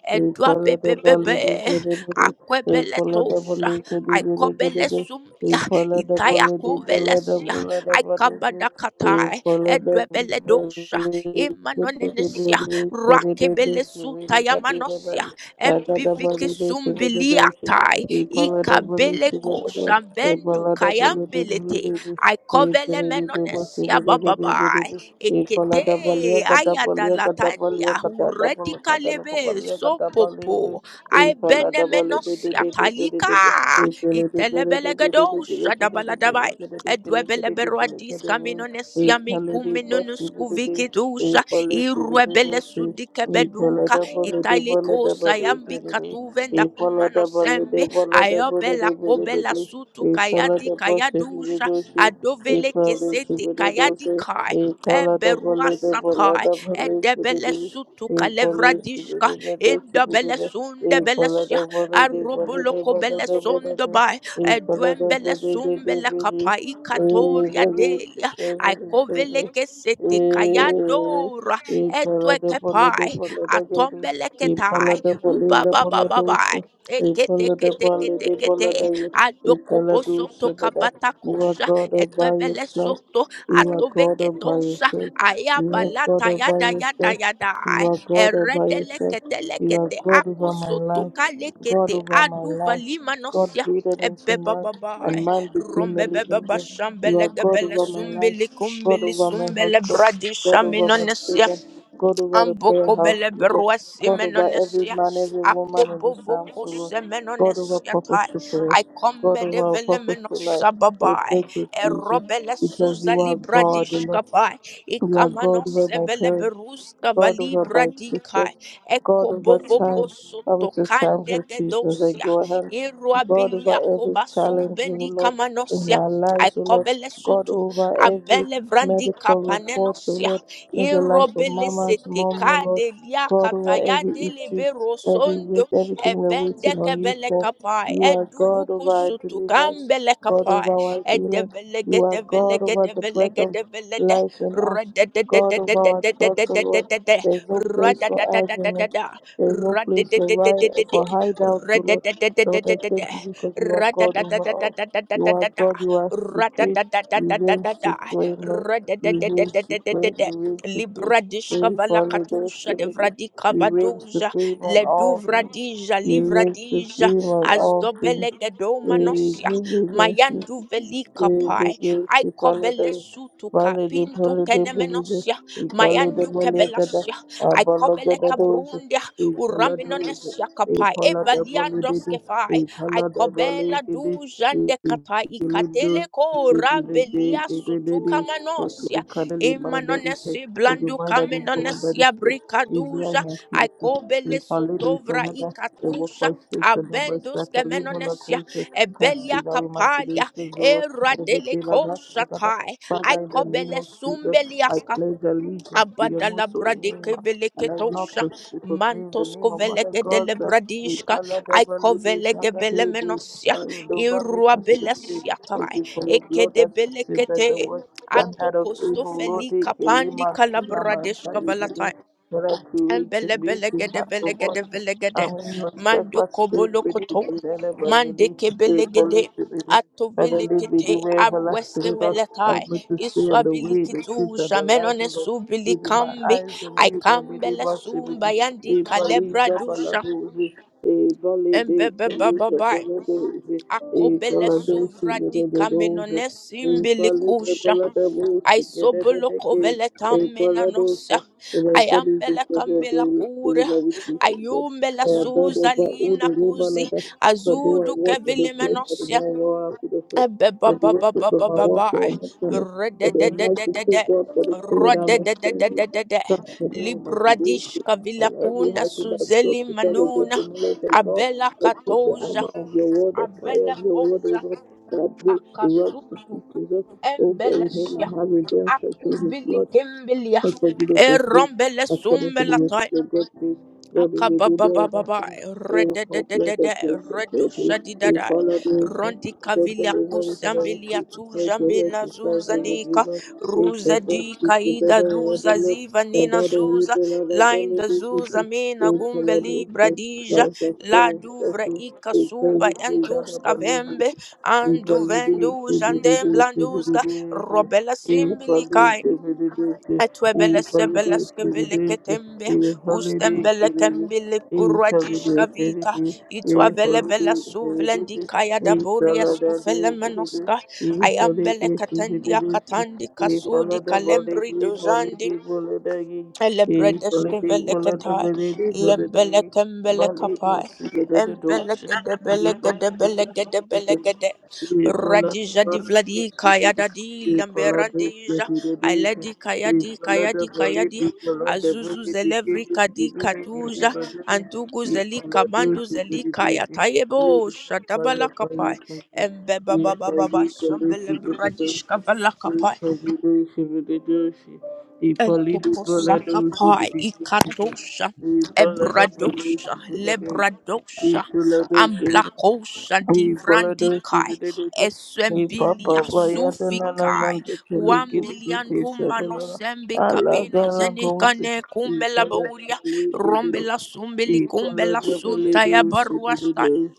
S1: edwabebebebe, akwebeletosa, aikobelesumbia, itayakovelesia, aikabadakatai, edwebeledosa, imanonenesia, rakebelesutayamanosia,
S2: you.
S1: embivikisumbiliatai,
S2: Ipalada bolu shivadada,
S1: ikabelekosa,
S2: Ipalada bolu dibuli
S1: bendukayambelete,
S2: dibi, Ipalada dibu
S1: aikovelemenenesia
S2: shivadada dibu
S1: bababai.
S2: dibi,
S1: Ekete
S2: Ipalada balia kata balia kata balia
S1: ayadalatandia
S2: kata kata balu kata loko
S1: uredikalebe
S2: balia kata balia dibi,
S1: sopopo
S2: Ipalada bolu dibi
S1: aibenemenosia
S2: dibi dibi
S1: talika
S2: dibi, Ipalada dibu dibi dibi
S1: itelebelegedosha
S2: dibi dibi dibi,
S1: dabalabai
S2: Ipalada kili kili kili kili
S1: edwebeleberuadis
S2: kili,
S1: kaminonesia
S2: Ipalada dibu
S1: minkuminunus
S2: shivadada,
S1: kuvikidusha
S2: Ipalada
S1: irwebele
S2: shivadada dibi,
S1: sudikebeduka
S2: Thank
S1: italikosa yambikatuvenda kumanosembe ayobela kobela sutu kayadi kayadusha adovele kesete kayadi kai Eberuasatai, Edebelesutuka Levradiska, Indabelesunda Belesia, Aroboloco Belesunda by Edwembelesum kapai Katoria Delia,
S2: you.
S1: Icoveleke Sete Kayadora,
S2: E polo de polo de
S1: Etwekepai,
S2: polo de gini. E polo
S1: Atombeleketai,
S2: de polo de polo
S1: Ubabababai.
S2: dosa. E
S1: Ekete
S2: polo de
S1: kete
S2: polo
S1: kete
S2: de polo
S1: kete
S2: de. E
S1: adoko
S2: polo
S1: boso
S2: dosa,
S1: to kabata
S2: you are
S1: kosha
S2: God all by
S1: etwebele
S2: yourself. You are God all by
S1: atoveketosha
S2: yourself. You are God
S1: ayabalata
S2: all by
S1: yada yada
S2: yourself.
S1: yada
S2: You are God all by yourself. You are
S1: eredelekete
S2: God over my life. God
S1: akosotokalekete
S2: over my life. God
S1: aduvalimanosia
S2: breathed into man,
S1: ebebababa
S2: and man became a living
S1: rombebebaba
S2: being. You are God
S1: shambelegebele
S2: over my life. God
S1: sumbelikumbeli
S2: over my
S1: sumbele
S2: husband.
S1: kumbele
S2: God over
S1: sumbele
S2: my
S1: bradi
S2: children. God over the prayer
S1: Amboko
S2: house.
S1: bele
S2: group.
S1: berua
S2: God over every
S1: simenonesia.
S2: man, every woman in
S1: Akobo
S2: this house.
S1: voko
S2: O Lord. God over
S1: semenonesia
S2: purpose
S1: tai.
S2: to
S1: I
S2: prayers.
S1: come
S2: God of our purposeful life.
S1: medevelemenosa
S2: Oh,
S1: babai.
S2: thank you, Jesus,
S1: Erobele
S2: because
S1: suza
S2: you are
S1: libra
S2: God, you know.
S1: dishkapai.
S2: You are God over
S1: Ikamanos
S2: my
S1: evele
S2: parents,
S1: beruska
S2: God over my
S1: valibra dikai.
S2: existence, God
S1: Ekobo
S2: over
S1: voko
S2: time. I was
S1: soto
S2: just time
S1: kande
S2: for Jesus. I
S1: gedosia.
S2: go ahead.
S1: Irua
S2: God over
S1: bilia
S2: every
S1: kobasu
S2: challenge, O
S1: bendi
S2: Lord, in
S1: kamanosia.
S2: our
S1: I
S2: lives, O Lord.
S1: kobele
S2: God
S1: sutu.
S2: over every
S1: Abele vrandi
S2: medical report, O
S1: kapanenosia
S2: Lord, in the life of
S1: irobele
S2: Mama's mom, O
S1: seteka
S2: Lord.
S1: de lia
S2: God over
S1: kataya
S2: every
S1: de
S2: issue,
S1: lebe
S2: every weight,
S1: rosondo
S2: everything we're
S1: ebende
S2: waiting on you
S1: kebele
S2: for.
S1: kapai
S2: You are God
S1: eduvuku
S2: over our
S1: sutu
S2: deliverance,
S1: kambele
S2: God
S1: kapai
S2: over our healing.
S1: edevelege
S2: You are God
S1: develege
S2: over the breath
S1: develege
S2: of
S1: develede
S2: life in us, God over our thoughts, O Lord.
S1: radadadadadadadadadadadadada
S2: There's no place for argument.
S1: radadadadadadada
S2: There's no place for right
S1: radadadadadadadada
S2: for hideout, so Lord. Lord, I
S1: radadadadadadadada
S2: thank you because you are God over all. You are
S1: radadadadadadadadadada
S2: God, you are supreme. You reign
S1: radadadadadadadada
S2: supreme, Lord. You reign supreme,
S1: radadadadadadadada
S2: you reign supreme.
S1: Libradishka
S2: Reign for
S1: valakatusha
S2: liberty.
S1: devradika
S2: You reign
S1: vadoja
S2: supreme on all things.
S1: leduvradija
S2: You reign
S1: livradija
S2: supreme on all things. There is
S1: azdobelegedomanosia
S2: no difference.
S1: mayanduvelika pai
S2: There is no difference.
S1: aikobelesutuka
S2: Vale de pole de perigo,
S1: pintukenemenosia
S2: e pole de molecada,
S1: mayandukebelasia
S2: a bologa da doce,
S1: aikobelekabrundia
S2: e pola doce,
S1: uraminonesia
S2: e
S1: kapai
S2: pola da de de
S1: ebaliandoskefai
S2: e pola da
S1: aikobela
S2: bolegide, e
S1: dujandekata
S2: pele
S1: ikateleko
S2: doce, pele de degredede, for to
S1: rabeliasutukamanosia
S2: the cuddly minded head,
S1: Imanonesi
S2: for the
S1: blandu
S2: mind that is born by the
S1: kaminonesia
S2: spirit. Israel
S1: brikaduja.
S2: and peace. The
S1: Aikobele
S2: Palade
S1: sotovra
S2: Salada, the work
S1: ikatusha.
S2: by faith, the number
S1: Abendus
S2: Satali
S1: kemenonesia.
S2: Holocaust,
S1: Ebelia
S2: casting out my
S1: kapalia.
S2: today's Zora,
S1: Era
S2: every day of Sakada.
S1: delekosatai.
S2: Father, in the name
S1: Aikobele
S2: of Jesus, I
S1: sumbelias
S2: pledge allegiance to your
S1: Abadala
S2: most holy name,
S1: bradike
S2: uh, and I will not
S1: veleketosha
S2: pers- proclaim the
S1: mantos
S2: name of other
S1: kovelege dele
S2: gods. uh, We
S1: bradishka
S2: follow the
S1: ai
S2: validity,
S1: kovelege bele
S2: Sagadede,
S1: menosia
S2: and the Barak
S1: irua
S2: has
S1: belesia
S2: Thank
S1: tai
S2: you for your
S1: eke
S2: blood
S1: de
S2: that speaks
S1: belekete
S2: better word than
S1: ato
S2: that of
S1: kosto
S2: Abel, Lord,
S1: kapandi
S2: take
S1: pandi
S2: Ekelema, Kilama, and
S1: kalabradeshka
S2: Sayedede. That I create
S1: Embele
S2: and make in
S1: belegede
S2: heart of one
S1: belegede, velegede.
S2: and when your
S1: Mando
S2: steadfast spirit
S1: kobolo
S2: within
S1: koto.
S2: me, and ever the
S1: Mande
S2: day, they
S1: kebelegede.
S2: polish it
S1: Ato
S2: Father, lead me
S1: velekete.
S2: the way
S1: Abweske
S2: everlasting, Lord.
S1: velekai.
S2: Help me to stay on the way, the
S1: Iswabilikitu.
S2: truth, and the life, O
S1: Shamenone
S2: Lord.
S1: subili
S2: Keeping my
S1: kambi.
S2: eyes on you, Lord, in the
S1: Aikambele sumba
S2: proximity.
S1: yandi
S2: A police
S1: kalebra
S2: of
S1: dusha.
S2: Alagozi, a volley day,
S1: Embebe
S2: collusion, a
S1: bababai.
S2: collusion, a
S1: Akobele
S2: collusion,
S1: suvra
S2: a
S1: di
S2: collusion,
S1: kamenone
S2: my
S1: simbili
S2: body is the
S1: kusha.
S2: temple of the Holy I
S1: Aisobolo kovele tamena nosa. I am Bella Camilla
S2: wish you said God.
S1: Ayumbe la
S2: I am not
S1: suza
S2: over all
S1: lina
S2: the labor
S1: kuzi
S2: ladder, but do I
S1: azudu
S2: walk in the
S1: kevili
S2: place of the
S1: menosia
S2: man war after
S1: ebe ba ba ba ba ba ba ba
S2: and excellence,
S1: rede
S2: but
S1: de
S2: the
S1: de de de
S2: mighty
S1: de
S2: still
S1: de.
S2: God for the
S1: rede de de de de de de de
S2: in all my
S1: libradish
S2: devotion,
S1: kavila
S2: and every
S1: kuna
S2: heart that
S1: suzeli
S2: drops to
S1: manuna abela katoja abela kosa
S2: that breaks the rocks to
S1: akasudu
S2: teaches us. Oh, for in him I
S1: embelesia
S2: have redemption through his
S1: akuvili
S2: blood,
S1: kimbilia
S2: and forgiveness of sins,
S1: erombele
S2: according to the
S1: sumbela
S2: message of God's grace. God is within the all of
S1: Akababababai,
S2: us. Oh, how glad that
S1: redededede,
S2: grace and charity, we
S1: redushadidadai,
S2: call out the nation, God will
S1: rondikavilaku
S2: deliver us from every street,
S1: sambiliatu
S2: and deliver us
S1: jambina
S2: from strivers of
S1: zuzandika,
S2: evil. Hey, for
S1: ruza
S2: God,
S1: dika
S2: speak the
S1: ida
S2: better and
S1: luza
S2: other love,
S1: ziva
S2: and that
S1: nina
S2: thou the
S1: zuza,
S2: evil and the belly
S1: linda
S2: is with
S1: zuza
S2: you.
S1: mina
S2: Hey, for
S1: gumbe
S2: Lord, we
S1: libra
S2: say,
S1: dija,
S2: lives of
S1: la
S2: fallen, that's
S1: duvra
S2: it.
S1: ika
S2: Hey, thank
S1: suba
S2: you, Jesus, that I
S1: entuska
S2: believe you.
S1: vembe,
S2: Thank
S1: andu vendu jandem blanduzga, robela simbilika Atwebeleske veliketembe, ustembele kembele purajish kavita, itwavelebele suvlendi kaya da boria skufele menoska Etwebelesebeleskeveleketembia, kasudi itwabelebelesuvlendikayadaboriaskufelemenoska, ayambelekatendiakatandikasudikalembridushandi, Elebredeshke velekatai, lembelekembelekapai, embelegede belegede belegede
S2: you.
S1: belegede,
S2: E palada
S1: radija di vladi
S2: barada
S1: kayada
S2: sedede,
S1: di
S2: e palada
S1: lamberandija,
S2: sedede,
S1: ailedi
S2: e
S1: kayadi
S2: palada
S1: kayadi kayadi,
S2: validi, palada
S1: azuzu
S2: validi,
S1: zelevri
S2: kedi,
S1: kadi
S2: dibine, dibine,
S1: katuja,
S2: badene,
S1: andugu
S2: e
S1: zeli
S2: palada
S1: kamandu zeli
S2: sedede, e
S1: kayatayebo,
S2: fire,
S1: shadabala
S2: fire,
S1: kapai,
S2: fire, e
S1: embebabababa,
S2: fire, kalu sedede,
S1: shambelebradish
S2: e palida sedede, e palida palada
S1: Entokosakapai,
S2: sedede,
S1: Ikatosha,
S2: e palada palada
S1: Ebradosha,
S2: sedede, e
S1: Lebradosha,
S2: palada sedede,
S1: Amblakosha,
S2: we follow those
S1: Divrandikai,
S2: people that they be. He
S1: Eswembilia,
S2: papa vayata nana
S1: Sufikai,
S2: manta kali gidi gidi
S1: Wambilianduma
S2: sabala.
S1: nosembe
S2: Allah
S1: kabino
S2: gala gomsi.
S1: zenikane
S2: He
S1: kumbela
S2: follow the
S1: bauria,
S2: believe the
S1: rombela sumbeli
S2: He follow
S1: kumbela
S2: the believe
S1: sunta ya baruasta,
S2: the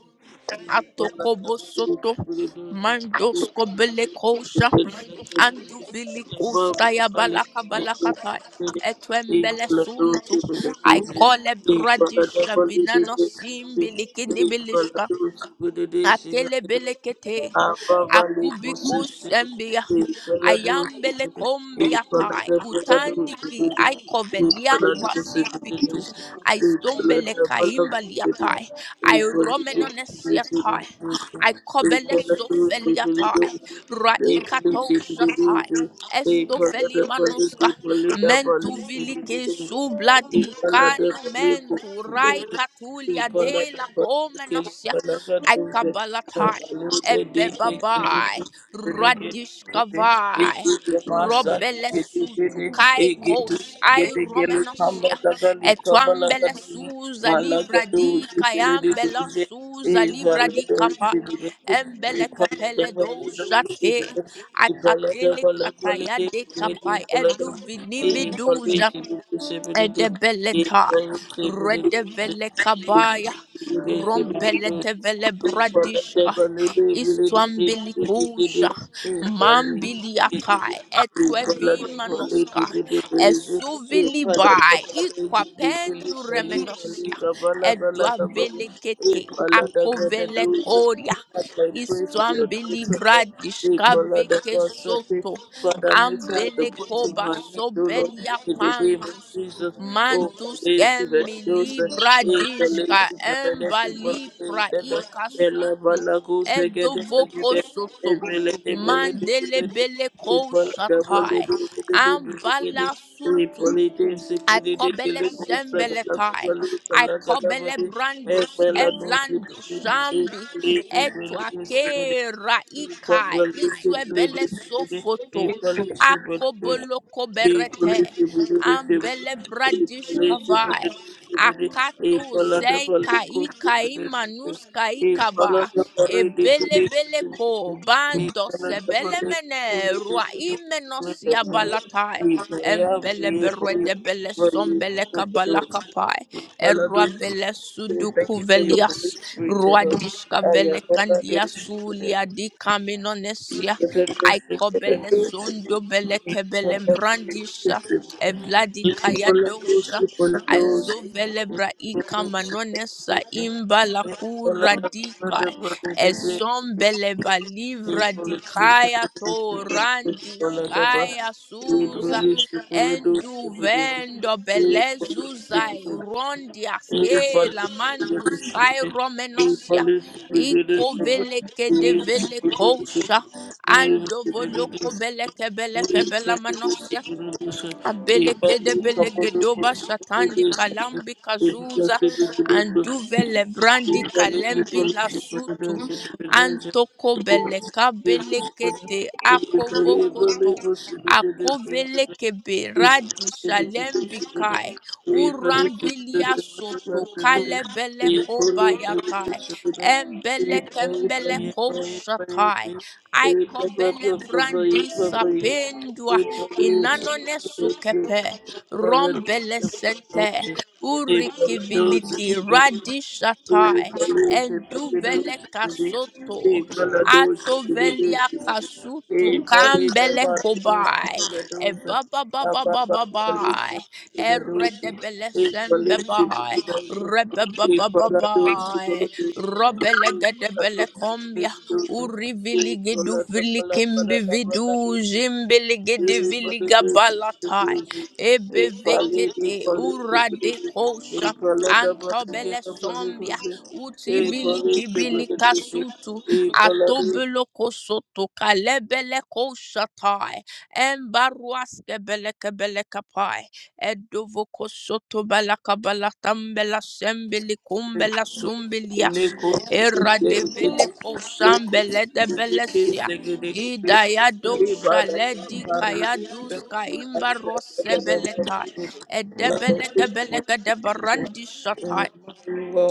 S1: atokobo soto, mandosko bele Anduvili kustaya balaka balakata. Etwembele suntu. I call a bradish vinano simbilikinibilishka.
S2: Thank
S1: Akele
S2: you.
S1: belekete.
S2: Abavali
S1: Akubiko
S2: Musuki,
S1: sembia.
S2: Ipaladu,
S1: Ayambele kombia tai.
S2: Ipalada Paladu,
S1: Utandiki. Aikovelia
S2: Ipaladu,
S1: kwa simbitu.
S2: Sidilis,
S1: Aistombele
S2: Ipalada Paladu, Ipaladu,
S1: kaimbalia
S2: Sidilis,
S1: tai.
S2: Ipaladu Sidilis,
S1: Airomenonesia tai. Aikobele
S2: Ipaladu Sidilis, Ipalada
S1: sofelia tai. Raikato shatai. Estofeli manuska mentu vilike
S2: Paladu,
S1: subladi
S2: Ipalada Paladu,
S1: kanu
S2: Ipalada
S1: mentu rai
S2: Paladu,
S1: katulia de
S2: Malaga
S1: la come nosia Ebebabai, Radishkavai, Robelesutu, Kaikos, Ai Romenosia, Etuambele Suza, Livra di
S2: do
S1: Kayambela Suza, Livra
S2: Thank
S1: di Kapa, Embele Capele do Shate, Akatele Kataya de Kapai, Edu Vinimiduja, Edebeletai, Redevelekabaya,
S2: you. I pray for
S1: Rombeletevelebradishka,
S2: your daughter,
S1: Istuambilikusha, Mambiliatai,
S2: Lord.
S1: Etwevimanoska,
S2: Hey, Father, the
S1: Esuvilibai, Iquapenduremenosia, Edwavelekete, Akovelekoria, Istuambilivradishka Veke
S2: Father,
S1: Soto,
S2: Father, meet her at the point of
S1: Ambelekoba
S2: my need, O Lord,
S1: Sobelia
S2: in the name of Jesus.
S1: Mantus
S2: Oh, lazy
S1: kembi
S2: reduce, is
S1: libra
S2: the
S1: dishka
S2: lazy preventive
S1: emba libra
S2: the
S1: ikasutu
S2: level of goose again, is
S1: edovoko soto
S2: relatability,
S1: mandele bele ko
S2: people double it,
S1: shatai ambala
S2: we
S1: sutu
S2: politics, if
S1: I
S2: it did it, the
S1: kobele
S2: little second, as
S1: sembelekai.
S2: well as
S1: I kobele brandos,
S2: no lazy
S1: evlando, shambi, etuake raikai, itwebele sofoto, akobolo
S2: Oh, thank you
S1: koberete, ambele bradish kavai, akato sei kai kai manus kai kaba, ebele bele ko bando sebele mene ruai menos Embele berwede bele sombele kabala kapai. Erwa bele suduku
S2: for your Holy
S1: velias.
S2: Spirit, O Lord.
S1: Ruadishka vele kandia sulia di kaminonesia. Aiko
S2: I
S1: bele
S2: am
S1: sondo bele kebele brandisha.
S2: Thank
S1: Evladi kayadosha. Azovele braika manonesa imba la kura dika Esombele balivra dikaya torandishkaya suza enduvendo belezuzai
S2: you. Thank
S1: rondiaske lamantus kai romenosia iko veleke de velekosha ando voloko beleke beleke belamanosia Abelekedebelegedova shatandi kalambi kazuza anduvele brandi kalembi lasutu antoko beleka belekete akovokoto
S2: you.
S1: akovelekebe
S2: Thank
S1: radi shalembi kai urambilia soto kalebeleko bayatai embelekembeleko shatai aikobelevrandi inanone sukepe rombele sente urikiviliti
S2: you.
S1: radishatai
S2: Thank
S1: enduvele kasoto atovelia kasutu kambele kobai e baba baba baba bai e redebele sembe bai rebe baba baba bai robele gedebele Uriviligidu vilikimbividu
S2: you. Well,
S1: zimbiligidiviligabalata ebevekete uradekosha antobele sombia utivilikibilikasutu atobolokosoto kalebelekosatai embaruaskebelekebelekapai edovokosoto balakabalatambela sembilikumbela sumbilias Era Eradiviliko shambele de belesia. Idayado shaledi kayadus kaimba rosebeleta. Edebelegebelega de barandi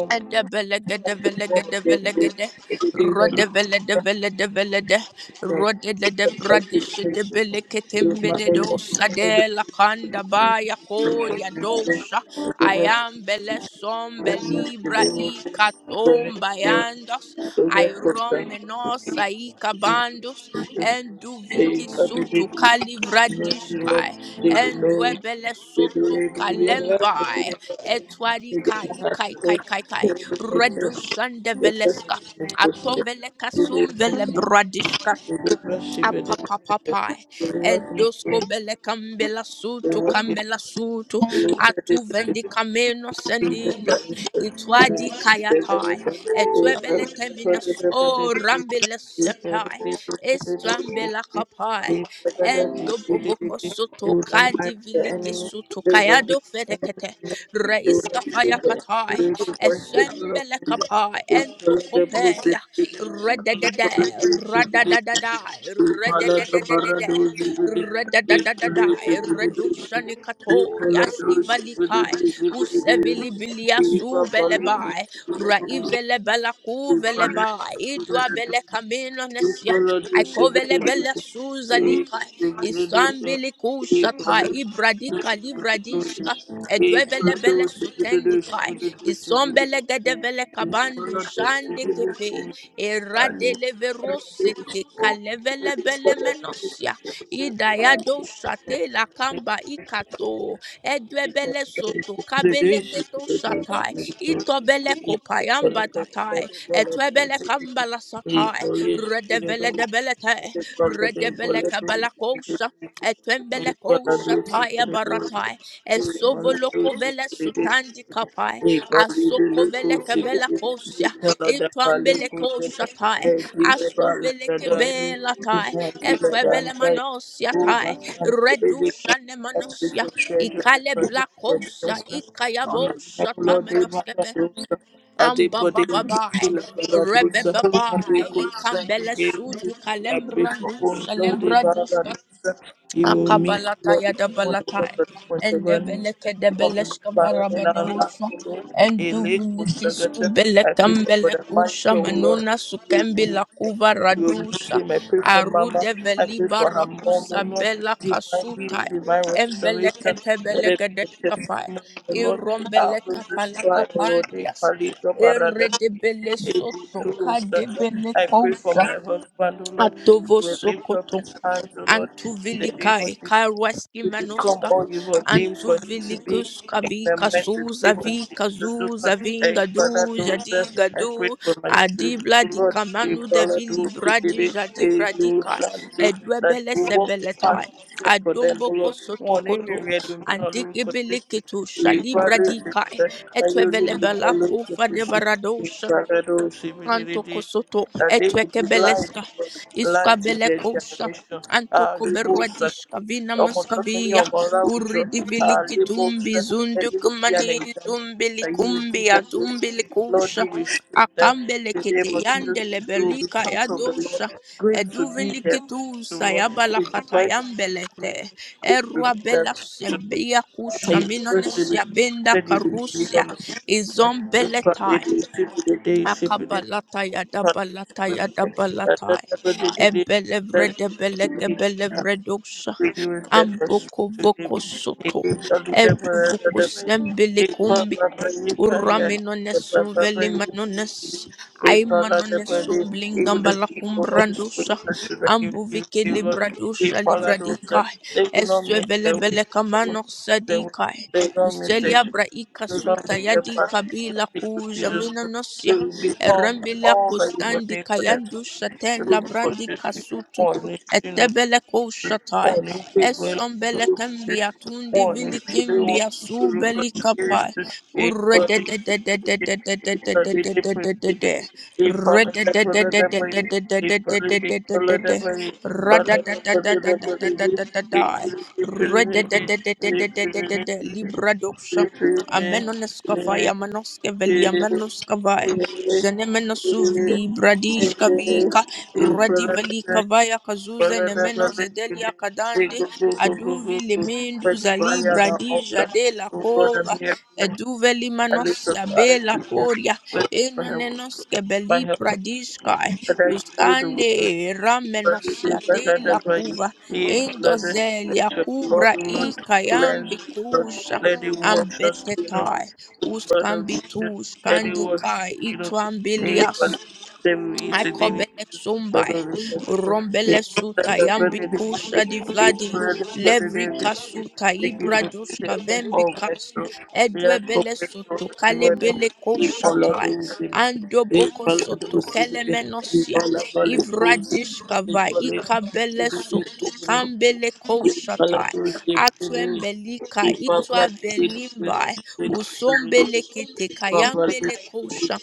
S1: Adabalagadabalagadabalagadeh. Rodaveladeveladeveladah.
S2: the expectation with my name is the expectation
S1: Rodedebradishidebeleketembededosadelakandabayakodiadosha.
S2: of
S1: I
S2: the
S1: am Belesom
S2: rest of
S1: Belibra
S2: the
S1: Ikatom
S2: the
S1: Bayandos.
S2: so that
S1: I
S2: the
S1: rom
S2: strength of
S1: menos
S2: the
S1: Ikabandos. And do
S2: they
S1: Viki
S2: other
S1: Sutu
S2: babies the Lord
S1: Kalivradishkai.
S2: they will
S1: And
S2: know
S1: Dwebele
S2: they
S1: Soto
S2: will be able to
S1: Kalembai
S2: be
S1: etwari
S2: they didn't
S1: kai
S2: have to
S1: kai
S2: go
S1: kai
S2: to
S1: kai kai
S2: the nature
S1: redusan
S2: the
S1: develeska
S2: person
S1: atovele
S2: the
S1: kasum vele
S2: we worship you, Lord. We worship you,
S1: Apapapapai, endosco bele kambela
S2: Lord. We
S1: sutu
S2: worship
S1: kambela sutu
S2: you,
S1: atu vendi cameno sendibla itwadi kayatai etwebele temina,
S2: the
S1: o rambele sepai estrambela kapai endobovoco sutu kadi viliki sutu kayado fedekete reiska faya
S2: We
S1: katai
S2: worship you,
S1: esembele kapai entokopeya Ra-da-da-da, ra-da-da-da-da, da da da da da da da ra-do-shani-kato, yaski-vali-kai, usevili-bili-yasu-bele-bai, ra-ivele-bela-ku-vele-bai,
S2: Thank you. Thank
S1: idua-bele-kamino-nesia, aikovele-bele-suzali-kai, isambili-kushatai, ibradika-livradishka, Edwevele bele sotendi kai, isombele gedevele kabandu shande kepe, Eradeleverosete kalevelebelemenasia.
S2: you.
S1: Idayado shate la kamba ikato. Edwebele
S2: Thank
S1: soto kabeleketo shatai. Itobele kopayamba tatai. Etwebele kamba la satai. Redevele debelete. Redebele kabala kosha.
S2: you. I
S1: Etwembele
S2: pray
S1: kosha taya baratai. Esovolo kovele sutandi kapai. Asoko vele kebela kosia. Itwambeleko shatai. Astoveleke belatai. Etwebele manosiatai. Redusha nemanosia. Ikale blakosa. Ikayabo shatamenoskeve. Ambababai. Rebebabai. Ikambele sudu kalem
S2: for one Lord,
S1: kalembrandu
S2: you will meet, the
S1: Akabalata
S2: Lord, one of us
S1: Yadabalatai
S2: that was the
S1: and
S2: learning
S1: Debeleke
S2: from the
S1: Debeleshka
S2: Lord in our life,
S1: Barabadosha
S2: O Lord.
S1: and
S2: A lake was
S1: Duviniki
S2: forgotten. I pray for Brother
S1: Subelekambelekusha
S2: Michael, O Lord.
S1: Manuna
S2: You
S1: Sukembi
S2: will meet
S1: Lakuva
S2: him. You will meet
S1: Radusha
S2: him. I pray for Mama.
S1: Arude
S2: I pray
S1: Veliba
S2: for her mom, O
S1: Rakusa
S2: Lord.
S1: Bela
S2: Divine
S1: Kasutai
S2: healing, divine
S1: Embeleke
S2: restoration. Let it be a
S1: Tebelegedeskapai
S2: testimony, O Lord. Out
S1: Irombeleka
S2: of this trial, O Lord.
S1: Palakapandias
S2: Ekali Gabarada
S1: Eredebele
S2: able
S1: Soto
S2: to
S1: Kadebele
S2: I pray for
S1: Kosa
S2: my husband, O Lord. He
S1: Atovo
S2: will lift up his hands, O Lord,
S1: Antu
S2: in the name of
S1: vilikai
S2: Jesus.
S1: karwaski
S2: We become
S1: manoska
S2: all you ordained
S1: antu
S2: for him to be
S1: vilikuska
S2: in the
S1: vika
S2: mighty
S1: suza
S2: name of
S1: vika
S2: Jesus, O
S1: zuza
S2: Lord. Hey,
S1: vinga
S2: Father,
S1: du
S2: those that
S1: jadi
S2: I
S1: gadu
S2: pray for my children,
S1: adibla
S2: O
S1: di
S2: Lord. Hey,
S1: kamanu de
S2: Father,
S1: vili
S2: those that
S1: bradi
S2: did it,
S1: jadi
S2: hey, those
S1: vradika
S2: that did that
S1: edwebele
S2: they walk the path
S1: sebeletai
S2: you set for them, O
S1: adomboko
S2: Lord. One, in
S1: sotokoto
S2: the red, in the yellow, for this,
S1: andikibilikitu
S2: We Father,
S1: shalibradikai
S2: that you
S1: etwevele
S2: lead them all
S1: belanku
S2: over the place. We
S1: fanebaradosha
S2: Father, those who did it, did
S1: Antoko
S2: it,
S1: soto
S2: that they will
S1: etweke
S2: be light, O
S1: beleska
S2: Lord,
S1: iska
S2: light to their
S1: belekosa
S2: generation. Ah,
S1: antoko
S2: they will sacrifice.
S1: berwadishka vina
S2: Almost any
S1: muskavia
S2: of that
S1: uridi viliki tumbi zundu
S2: you will be an
S1: kumani
S2: example
S1: zumbili
S2: that you will give
S1: kumbia
S2: them this.
S1: tumbili
S2: Lord,
S1: kusha
S2: you will show them in
S1: akambele
S2: the name
S1: kiti
S2: of
S1: yandele
S2: Jesus. They will be
S1: belika
S2: part
S1: ya
S2: of the Lord,
S1: dosha
S2: great to be
S1: eduvini
S2: there to
S1: kitusa ya
S2: Lord. It is
S1: balakata
S2: right
S1: yambelete
S2: to be great to
S1: erwa
S2: be
S1: bela
S2: there to Lord.
S1: sembia kusha
S2: His mercy
S1: minones
S2: will
S1: ya benda
S2: said you will deliver
S1: karusia
S2: my children. If I
S1: izombeleta
S2: did it, if the day ship it in
S1: Akabalata yadabalata yadabalatai. Ebelevrede beleke
S2: the
S1: belevredosa.
S2: Reduce the first
S1: Amboko
S2: to give,
S1: voko
S2: the
S1: soto.
S2: Egypt of the Deborah of
S1: Eduvuko
S2: the Bed, Equal of the Prayer, the
S1: Urramenonessum
S2: Papa Prayer,
S1: velimanones,
S2: They Father of the
S1: aimanonesum
S2: Body, even the
S1: blingambalakum
S2: people of the Spirit
S1: brandusa,
S2: and children you
S1: ambuvike
S2: give the Lord, they
S1: libradusa
S2: follow those
S1: livradika,
S2: that they do not
S1: esue
S2: miss their way,
S1: velebele kamano
S2: they will not miss their way,
S1: sadika,
S2: they do not miss their
S1: ustelia
S2: children,
S1: braika
S2: they do not
S1: suta
S2: miss their
S1: yadika
S2: path. In
S1: bila
S2: the name of Jesus
S1: kujamina
S2: Christ, they
S1: nosia,
S2: will become
S1: erembila
S2: all that you
S1: kustandi
S2: ordained for them.
S1: kayandusa
S2: They
S1: tela
S2: will
S1: brandika sutu,
S2: be consistent,
S1: Etebele koshatai,
S2: on big women
S1: esombele
S2: who
S1: kembia tundi vili
S2: they want
S1: kimbia
S2: to do for
S1: subeli
S2: years
S1: kapai.
S2: to pay for the but they they put they probably they put it that way they probably they put it that way but they did, they put it that way they put it they
S1: Libradoxa.
S2: they put it in
S1: Amenoskavai,
S2: it,
S1: Amanoskeveli, Amenoskavai, Zenemenosuvli, Bradishkavika,
S2: they put it
S1: Uradivali
S2: they
S1: Kavaya
S2: Fresh
S1: Kazuze,
S2: fire
S1: Nemeno Zedelia Kadandi, Aduvi Lemendu Zali
S2: on our
S1: Bradija
S2: altar.
S1: de la
S2: Oh Lord, I'm here for help.
S1: eduveli
S2: I
S1: manos
S2: lift up
S1: ya
S2: my eyes
S1: bela
S2: to you.
S1: poria
S2: Wait for help.
S1: enonenos kebeli
S2: My help
S1: pradishkai
S2: But I know the
S1: uskande
S2: will. But
S1: ramenos
S2: you
S1: ya
S2: do better
S1: tela
S2: than by you.
S1: kuva
S2: Be blood.
S1: endozelia
S2: Let your blood,
S1: kubra i
S2: Lord, cleanse
S1: kayambi
S2: us. Lord.
S1: kusha
S2: Let it wash us clean.
S1: ambetetai
S2: over blood of
S1: uskambitu
S2: Jesus, and it was
S1: skandikai
S2: you know
S1: ituambilias
S2: anyone them
S1: I
S2: it's a daily
S1: kobele
S2: blood
S1: sumbai,
S2: of Jesus.
S1: rombele suta yambiku shadi vladi, levrika suta
S2: Thank you for
S1: ibradushka
S2: the all my
S1: vembikas,
S2: soul. We ask for
S1: edwebele soto
S2: mercy on the mother.
S1: kalebele
S2: We follow
S1: koshatai,
S2: the wisdom. We
S1: andoboko
S2: follow the
S1: soto
S2: wisdom. We
S1: kelemenosia,
S2: follow the wisdom.
S1: ivradishka
S2: We
S1: va
S2: follow
S1: ikabele
S2: the
S1: soto
S2: wisdom.
S1: kambele koshatai,
S2: Thank
S1: atwembelika itwa velimbai, usombele kete kayambele kosha,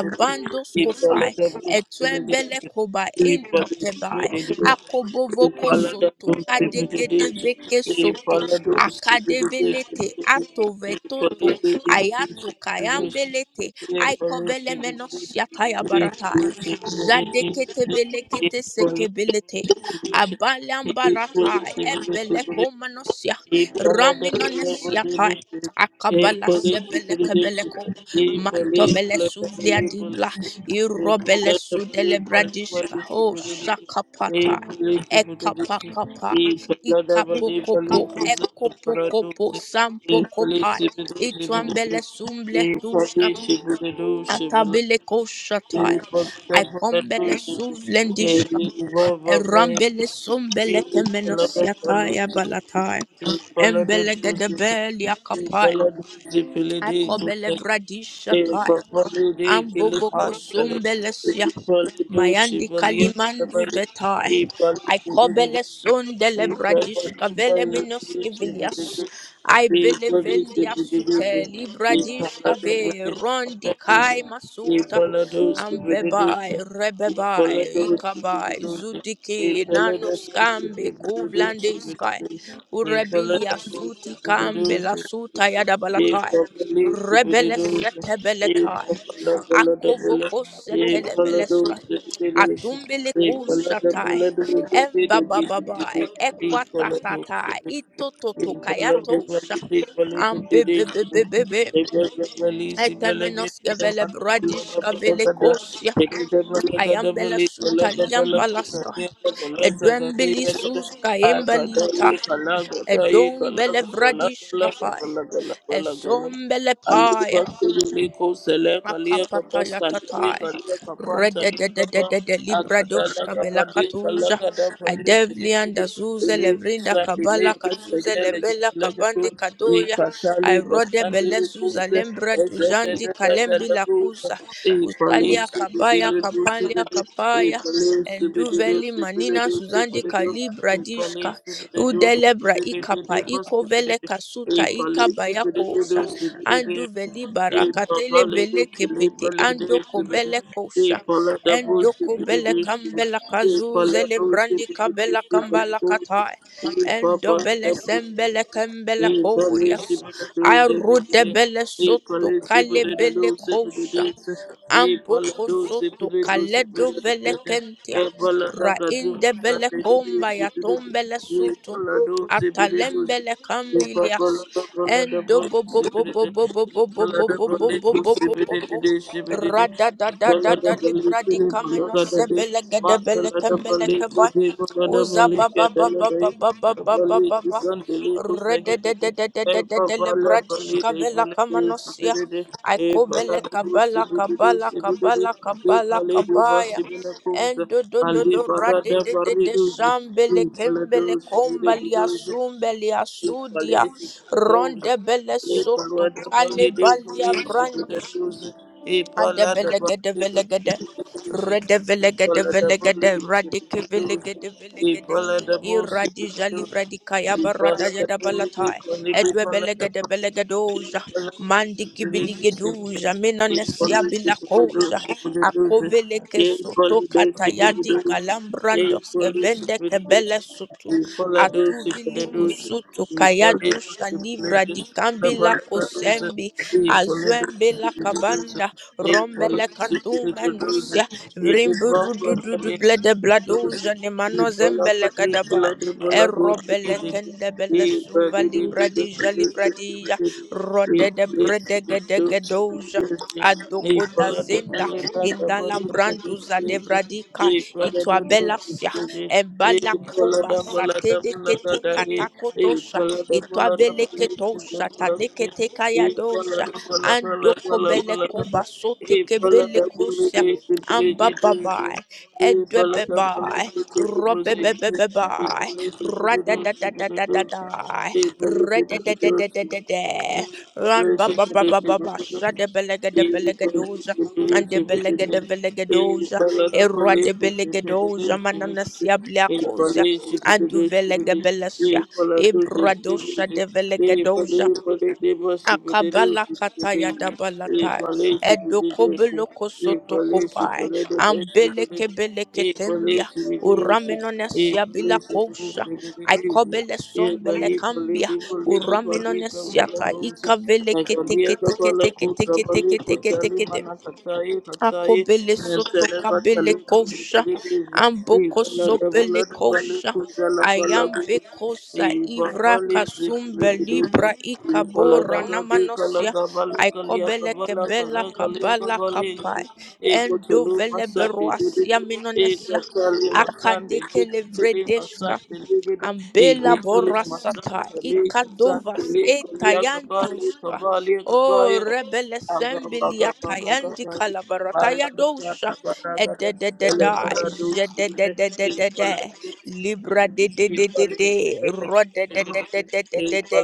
S1: abandos kofai etwembele koba intokebai akobovoko soto kadegedeveke soto akadevelete atovetoto ayato kayambelete aikovelemenosiataya baratai zadeketevelekete sekebelete
S2: you. Thank
S1: abalambaratai ebelekomanosia raminonesiatai akabala sebelekebeleko mantobele suvlia di Irobele sudele bradiska ho sakapata. Ekapakapa, ikapokopo, ekopokopo, sampokopai, ituambele sumble duska,
S2: you.
S1: atabile koshatai,
S2: Thank
S1: aikombele suvlendishka, erambele sumbele kemenosiatai abalatai, embele gedebelia kapai, akobele
S2: you. Thank
S1: vradishatai, Ambovoko sombelesia. Mayandi kalimandu vetai. I kobele son delebradish kavele minoski vilias. I belevendia sute libradish kave rondi kai masuta.
S2: you.
S1: Ambebai, rebebai, ikabai, zudiki, nanuskambi, kuvlandi sky. Urebilia suti kambe la suta yadabalatai. Rebele setebeletai. Akovokos televeleska.
S2: Thank you.
S1: Atumbele
S2: Thank
S1: kushatai. Embababai. Ekwatatatai. Itototokayatosha. Ambebebebebebe. Etemenoske vele bradiska vele kosya. Ayambele sutaliam balaska. Edwembeli suska embelita. Edombele vradiska fai.
S2: you.
S1: Esombele
S2: Aliba Sidiri Kosele Kalia Kapa
S1: Akapata
S2: Saliri
S1: yatatai.
S2: Kalia Kapanta Ligaba
S1: Rededededede librados
S2: Akatala
S1: kavela
S2: Kabadi
S1: katuza.
S2: Kalakada Pali
S1: Adevlian
S2: Kidikidu
S1: dazuze levrinda
S2: Ilisa
S1: kabala
S2: Iliki
S1: kazuze
S2: Sajele
S1: lebela
S2: Jilegadu
S1: kabandi kadoya.
S2: Rikatali
S1: Airode
S2: Basandili
S1: belezuza
S2: Kuze
S1: lembra duzandi kalembi
S2: Ezedelegaza
S1: lakuza.
S2: Ipali
S1: ustalia kabaya
S2: Sibidilu
S1: kapalia
S2: Sibidu
S1: kapaya.
S2: Ipali Sibidilu
S1: Enduveli manina
S2: Sibidu
S1: suzandi
S2: Sibidu
S1: kalibra
S2: Ipali
S1: dishka.
S2: Sibidu
S1: Udelebra
S2: Sibidu
S1: ikapa ikovele
S2: Sibidu
S1: kasuta
S2: Sibidu Thank
S1: ikabaya andu veli barakatele bele kepete ando kobele kosha endo kobele kambela kazuzele brandi kabela kambala katai endo bele sembele kambela korias arude bele soto kale bele kosha Amboko soto kaledo velekentia rainde bele komba ya tombele sutu
S2: you.
S1: atalembele
S2: Thank
S1: kambilias endo bo bo bo bo bo bo bo bo bo bo bo bo bo bo bo bo rada da da da da libra di kameno sebele gede bele kembele Uza ba ba ba ba ba ba ba ba ba ba ba. Re de de de de de de de de le bradish kavela kamanosia. I kobele kabala kabala kabala kabala kabaya. And do do do do ra de de de de shambele kembele kombali
S2: you.
S1: asumbele asudia.
S2: Police for those.
S1: Ronde bele
S2: They follow
S1: soto
S2: the
S1: kale
S2: police, they
S1: balia
S2: police for the those. They follow the
S1: Adebelegede
S2: police,
S1: velegede.
S2: they
S1: Redevelegede
S2: follow the
S1: velegede. velegede.
S2: police for
S1: Radike
S2: the those.
S1: velegede
S2: They
S1: velegede.
S2: follow the police for
S1: Iradija
S2: the those.
S1: livradikaya
S2: They
S1: barata
S2: follow the
S1: jada
S2: police, they
S1: balatai.
S2: follow the police, they
S1: Edwe
S2: follow the
S1: belegede belegedoja.
S2: police.
S1: Mandiki
S2: for the
S1: biligeduja.
S2: those. Thank
S1: Minanesia bilakoja. Akoveleke
S2: you.
S1: soto katayadi kalambrandos kevende kebele sutu. Atuvili kusutu kayadusha livradikambila kosembi. Azwembe la
S2: Thank
S1: rombele kantu manusia vrimburu du du du blede blado jane mano zembele kadaba erobele kende bele suva libradija livradija rode de brede gede gedoja adogo da zenda indalambraduza devradika itwabelasia
S2: you. Thank
S1: embala koba satede kete katakotosha itwabeleketosha tadekete andoko beleko andokobeleko basotekebelekosia ambababai edebebai robebebebebai radadadadadadadai
S2: you.
S1: redededededede
S2: Thank
S1: rambababababa shadebelegedebelegedosha andebelegedebelegedosha eradebelegedosa mananasiabliakosia aduvelegabelesia ibradosa Akabala kataya dabalata edoko
S2: you.
S1: beloko
S2: E
S1: soto
S2: polícia,
S1: kopai
S2: polícia,
S1: ambeleke
S2: polícia,
S1: beleke
S2: e polícia,
S1: tembia
S2: polícia,
S1: uraminone
S2: e
S1: sia bila
S2: polícia,
S1: kosha
S2: polícia,
S1: aikobele
S2: e polícia,
S1: sombele
S2: polícia,
S1: kambia
S2: polícia,
S1: uraminone sia
S2: polícia,
S1: ta
S2: polícia,
S1: ikavele teke teke
S2: Nagambia
S1: teke
S2: gabala kutra
S1: teke
S2: bali
S1: teke teke
S2: kutali
S1: teke
S2: mana katai katai
S1: Akobele soto
S2: mentele
S1: kabele
S2: batali kuzi
S1: kosha,
S2: kulidizi
S1: amboko
S2: ibala
S1: sopele
S2: gabala bali
S1: kosha,
S2: kutala bala guzi
S1: ayambe kosa
S2: ibala
S1: ivra
S2: bali kuzi
S1: kasumbe libra ikabora
S2: kulidizi gadi kala
S1: namanosia,
S2: gabali kalia
S1: aikobele
S2: kabala
S1: kebela
S2: kala kalia
S1: kabala
S2: kabali gadi
S1: kapai,
S2: ego
S1: endo
S2: tolu masande digidi
S1: veleberuasia
S2: ego
S1: minonesia,
S2: tali masande
S1: akadeke
S2: digidi tili
S1: levredesh
S2: masande digidi ego
S1: Ambela
S2: tolu
S1: borasata
S2: masande digidi masande
S1: ikadovas
S2: digidi kalia kabali
S1: etayanduska.
S2: kabali
S1: O
S2: kabaya
S1: rebele sembilia tayandi kalabarataya dosha
S2: Ele
S1: ededededa
S2: para do
S1: jededededede
S2: Thank
S1: libra de de de de de rode de de de de de de de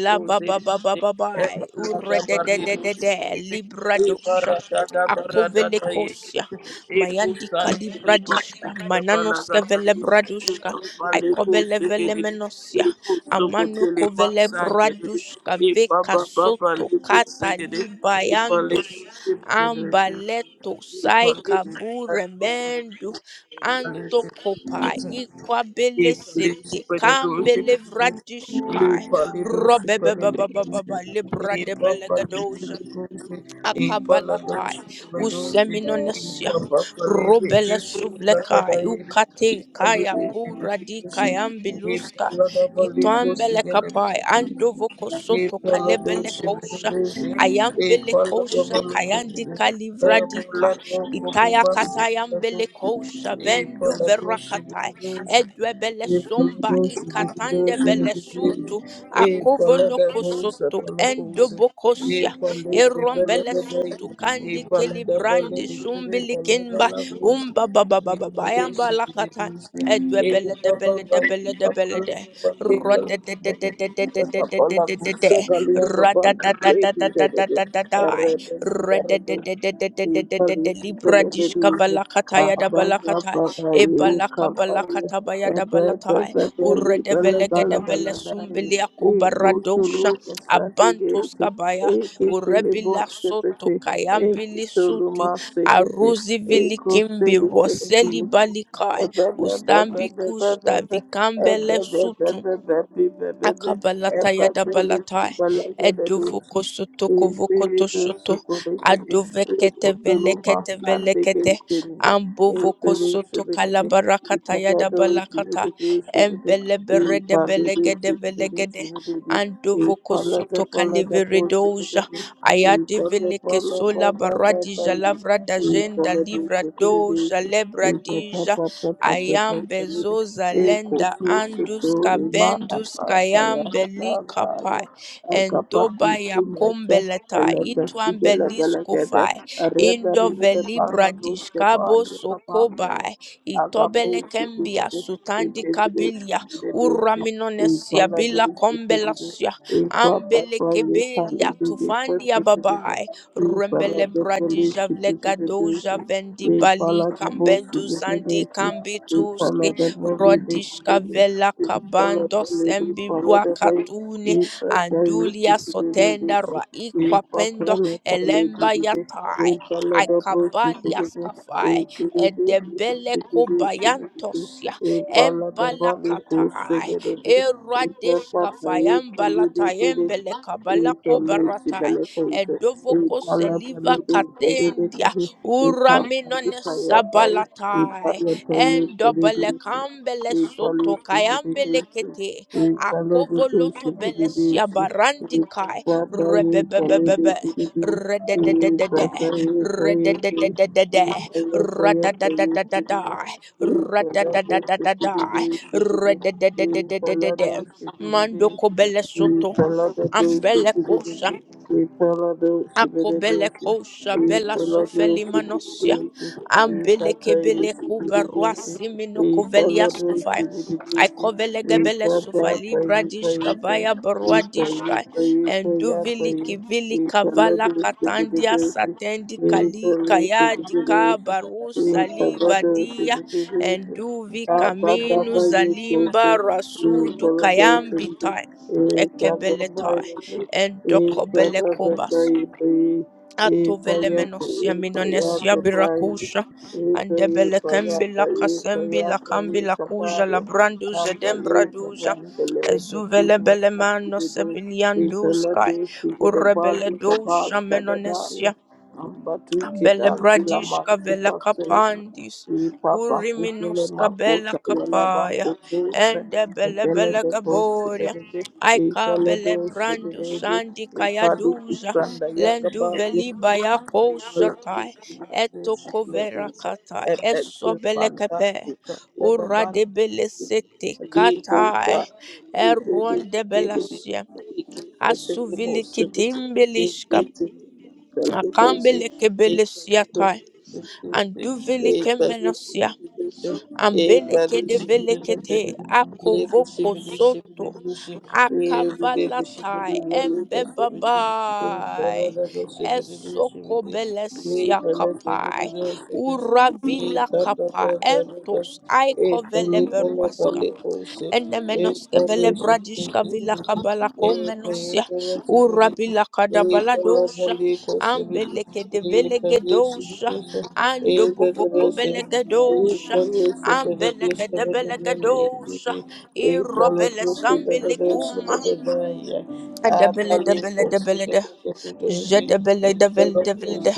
S1: la ba ba ba ba ba ba ure de de de de de libra dosha akovele kosia mayandi kalibra dishka mananoske vele bradushka I kobele vele menosia. Amano kovele bradushka veka soto kata libayandos. Ambaleto saika buremendu. Anto kopa
S2: you. E
S1: ikwabele
S2: place
S1: sete
S2: for the doors for
S1: kambele vradishkai.
S2: the for for
S1: Robebebebebebe
S2: the Dolphins.
S1: libra
S2: He
S1: de
S2: played for the E for the E
S1: Akabalatai,
S2: papalidose E for the E
S1: Useminonasya,
S2: papalide
S1: Robela
S2: kiss for
S1: Suvlekai,
S2: the
S1: Ukate
S2: E
S1: Kaya
S2: palide
S1: Puradi
S2: superedose
S1: Kayambiluska,
S2: for the
S1: Itwambele Kapai,
S2: balid
S1: Andovoko Soto Kalebele Kosha,
S2: Ikolodoshibidizi,
S1: Ayambele Kosha,
S2: Ikolodobalukuzi,
S1: Kayandika Livradika, Itaya
S2: Ebuladokolubasibidozi,
S1: Katayambele Kosha, Vendu Verakatai,
S2: Ikolodoshibidizi,
S1: Edwebele Somba, Ikatande Bele
S2: Ikolodoshibidizi,
S1: Sutu, Akovoloko Soto,
S2: Ikolodabusapalakuzi,
S1: Endoboko erombele
S2: Ikolodabelebedei,
S1: sutu kandi kilibrandi
S2: Ikolodabeledikibi,
S1: sumbili kimba
S2: Ikolodalabuzi,
S1: umba baba
S2: we
S1: baba
S2: praise
S1: bayamba
S2: you, we
S1: lakata
S2: praise you. In the
S1: edwebele
S2: love
S1: debele
S2: of God,
S1: debele
S2: we love
S1: debele de
S2: you, we love
S1: roda de de de
S2: you,
S1: de de de
S2: If
S1: de de
S2: you love
S1: de
S2: us, we love you. With the all of
S1: de de
S2: us,
S1: de
S2: we call you the
S1: rada
S2: bond to
S1: da da
S2: create
S1: da
S2: the
S1: da da da da
S2: world.
S1: da da
S2: Red is the
S1: rada
S2: red,
S1: de de de de de de
S2: we
S1: de
S2: call
S1: de de
S2: you the
S1: libra
S2: red
S1: dishkava
S2: rose.
S1: lakata yada
S2: Abba, Abba,
S1: balakata e
S2: Abba,
S1: balaka
S2: come by.
S1: balakata bayada
S2: Abba, Abba,
S1: balata
S2: Abba, we
S1: urede
S2: call you the
S1: velege de bele
S2: Lord.
S1: sumbili
S2: We go
S1: akubarado
S2: to
S1: sha
S2: look and start to
S1: abantos
S2: get it. Eke tele bon
S1: urebila soto
S2: sepete, eke
S1: kayambili
S2: tolu
S1: sutu
S2: ma segete.
S1: aruzi
S2: Thank you.
S1: vilikimbi roseli balikai ustambi kushta vikambele sutu Akabalata yadabalatai eduvoko sotoko vokoto
S2: Espíritu
S1: soto
S2: Socorrete,
S1: adovekete
S2: Repósalo más
S1: velekete
S2: grande que
S1: velekete
S2: el Señor. El
S1: ambovoko
S2: Padre se
S1: soto
S2: bendice, el
S1: kalabarakata
S2: se
S1: yadabalakata
S2: bendice, se bendice, el
S1: embeleberede
S2: Padre se
S1: belegede
S2: bendice,
S1: velegede
S2: se bendice, el
S1: andovoko
S2: Padre
S1: soto
S2: de Palada por se
S1: kaliveredoja
S2: bendice, el Padre
S1: ayadeveleke
S2: Pala
S1: sola
S2: Papa Papa,
S1: baradija lavrada
S2: el
S1: jenda
S2: Padre se
S1: livradoja
S2: bendice, el Papa Papa Papa se
S1: Ayambe
S2: bendice,
S1: Zoza
S2: el
S1: Lenda
S2: Cosu se bendice,
S1: Andus
S2: el Mana
S1: Kabendus
S2: Pata, ya,
S1: Kayambe
S2: ya, ya,
S1: Likapai
S2: ya. Kapaku
S1: Endoba
S2: Tumlecha, A
S1: Yakombeleta
S2: leper
S1: Itwambe
S2: Figela Belagade,
S1: Liskofai
S2: a rebel
S1: Indo
S2: in the Banga
S1: Velibradish Kabo
S2: Rustaban, Kapanga,
S1: Sokobai
S2: Agapo,
S1: Itobele Kembia
S2: Security, in
S1: Sutandi
S2: Degradation,
S1: Kabilia
S2: Degradation, in
S1: Uraminonesiabila
S2: Paladin, Security,
S1: Kombelasia
S2: in Papa,
S1: Ambele
S2: Private, and
S1: Kebelia
S2: in the
S1: tufandi Babai Rembele bradija vlegadoja vendi bali kambendu zandi kambituski rodishka vela kabando
S2: Thank
S1: sembi
S2: you.
S1: ruakatuni
S2: We prepare
S1: andulia
S2: to do
S1: sotenda
S2: this. We
S1: raikwa
S2: prepare
S1: pendo
S2: the family to
S1: elemba
S2: do this. We
S1: yatai
S2: follow the books to
S1: aikabalia
S2: do this.
S1: skafai
S2: We do this.
S1: edebele
S2: We do this.
S1: kobayantosia
S2: We follow the Bible to
S1: embalakatai
S2: do this. We prepare
S1: eradeshkafai
S2: to do this.
S1: embalatayembele
S2: We follow the
S1: kabalakobarataya
S2: benefits. We
S1: edovoko
S2: follow the
S1: seliva
S2: benefits to do
S1: katendia
S2: this. We prepare the
S1: uramenone
S2: fire. fire. We
S1: sabalatai
S2: follow the
S1: endobele
S2: benefits.
S1: kambele
S2: We
S1: soto
S2: follow the
S1: kayambele
S2: benefits.
S1: kete
S2: Thank
S1: akovoloto bele siabarandikai rebebebebebe rededededede rededededede radadadadadada radadadadadada redededededede mandoko bele soto ambele kosa Akobele kosha bela sufeli manosia. Ambele kebele kuba ruasi mino koveli askufai. I
S2: you.
S1: kovele
S2: Thank
S1: gebele sufali bradishka vaya baruadishka. And duvili kivili kavala katandia satendi kali kaya dika baru saliva dia. And duvi kaminu zalimba rasudu kayambitai. Ekebeletai. And dokobele Atovelemenos Yaminanes Yabirakusha and Debelekembi Lakasembi Lakambi Lakuja
S2: you.
S1: Labranduza
S2: Unbelievable,
S1: Dembraduza Ezuvele
S2: unbelievable,
S1: bele Belemano
S2: unbelievable. We follow
S1: Sebilianduskai
S2: this in the
S1: Urebele
S2: body of the
S1: Dosha
S2: past, that the
S1: Menonesia
S2: time. Number two, kid,
S1: Bele
S2: until a
S1: bradishka vela
S2: month
S1: kapandis.
S2: Ipapa
S1: Uri
S2: kutele
S1: minuska bela
S2: makota yala bako
S1: kapaya.
S2: kuse
S1: Ende bele
S2: ipele
S1: bele
S2: de kosi
S1: gaboria.
S2: belede
S1: Aika
S2: a de
S1: bele
S2: osi
S1: brando
S2: belede
S1: sandi
S2: ipadu
S1: kayaduza.
S2: kusanda yaga ba
S1: Lendu
S2: a
S1: veli baya kosatai. Eto
S2: kusi kusi le
S1: kovera
S2: a
S1: katai. Eso
S2: epekle
S1: bele
S2: panda
S1: kepe.
S2: kuka yaga
S1: Ura
S2: ba
S1: de bele sete
S2: ye kuka
S1: katai.
S2: ikede
S1: Eruan de
S2: ikede
S1: belasia.
S2: ikede ikede
S1: Asuvili
S2: ikede ikede
S1: kitimbiliska.
S2: ikede Shalikosi,
S1: Akambele kebele anduveli kemenosia ambeleke develekete akovoko soto akavalatai embebabai esokobelesia kapai uravila kapa entos aikoveleberuas ene menoske vele bradishka vila kabala ko menosia
S2: Thank
S1: urabila
S2: you. Thank
S1: kadabala dosha ambeleke de vele gedosha ando bovoko vele gedosha ambeleke de vele gedosha irobele sambili kuma debele debele debele de jedebele debele debele de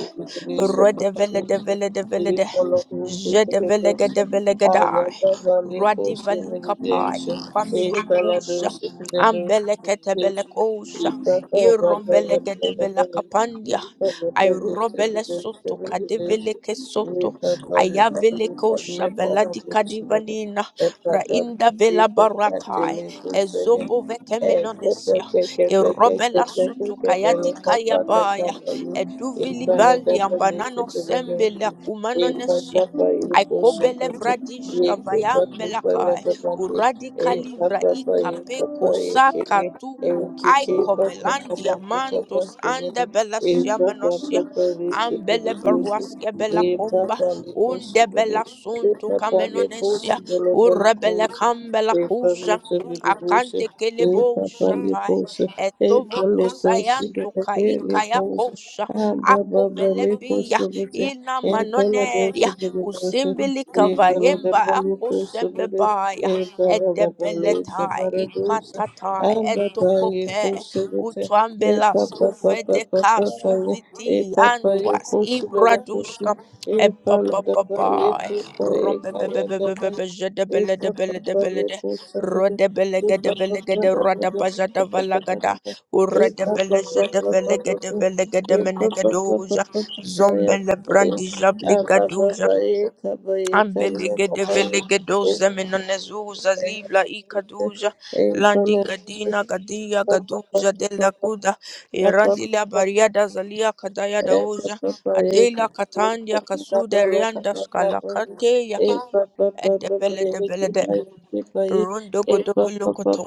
S1: rodebele debele debele de Jedevelegedevelegedai, Radivalikapai, Ikwambilekusha,
S2: you.
S1: Ambeleketebelekusha,
S2: Thank
S1: Irombelegedevelakapandia, Irobele soto, Kadeveleke soto, Ayavelekosha, Veladikadivanina, Rainda Vela Baratai, Ezobo Vekeminonesia, Irobela soto, Kayadikayabaya, Eduvili Baldi, Ambanano Sembele, Kumanonesia, I kobele vradish kavayam belakai. Uradicalivra ikapeko saka
S2: you.
S1: tuku. I
S2: Erikiki boko kobo
S1: kobelandia
S2: kobo
S1: mantos
S2: segere
S1: ande
S2: e
S1: belasia
S2: boko
S1: menosia.
S2: kobo le sepele
S1: Ambele
S2: kese
S1: beruaske bela
S2: e
S1: comba.
S2: boko le
S1: Unde
S2: kosudere
S1: bela
S2: e
S1: suntu
S2: boko le kosi
S1: kamenonesia.
S2: dele bele
S1: Urebele
S2: kosi
S1: kambela
S2: e boko
S1: kusha.
S2: le sepele kese
S1: Akante
S2: e
S1: kelebo
S2: boko le
S1: shatai.
S2: kosi e boko
S1: Etovoko
S2: le kosi
S1: sayanto
S2: dele bele
S1: kaikaya
S2: kosi
S1: kosha.
S2: a baba
S1: Ako
S2: bele
S1: velembia.
S2: kosudere
S1: Ina
S2: e boko le
S1: manoneria.
S2: sepele
S1: U
S2: kese
S1: simbi
S2: e
S1: lika
S2: boko le
S1: vayimba
S2: bele
S1: akosimbe
S2: kosudere
S1: ba ya
S2: Thank
S1: ede beleta iquata ta edtokope u tumbelas uvedeka uvitii antwasi bradushka eba ba ba ba ba e rumbeba ba ba ba ba ba je de bela de bela de bela de rade bela ge de bela ge de rada bazada valagada u rade bela je de bela ge de bela ge de menegadoja zombela brandidza bligadoja Ambelige de velige
S2: you.
S1: doze menanezuza livla ikaduja
S2: Thank
S1: landi gadina gadia gaduja de la kuda irandi la
S2: you.
S1: bariada zalia kadaya daoja
S2: Thank
S1: adela katandia kasuda rianda skala kateya edebele debele de rondo godo bolokoto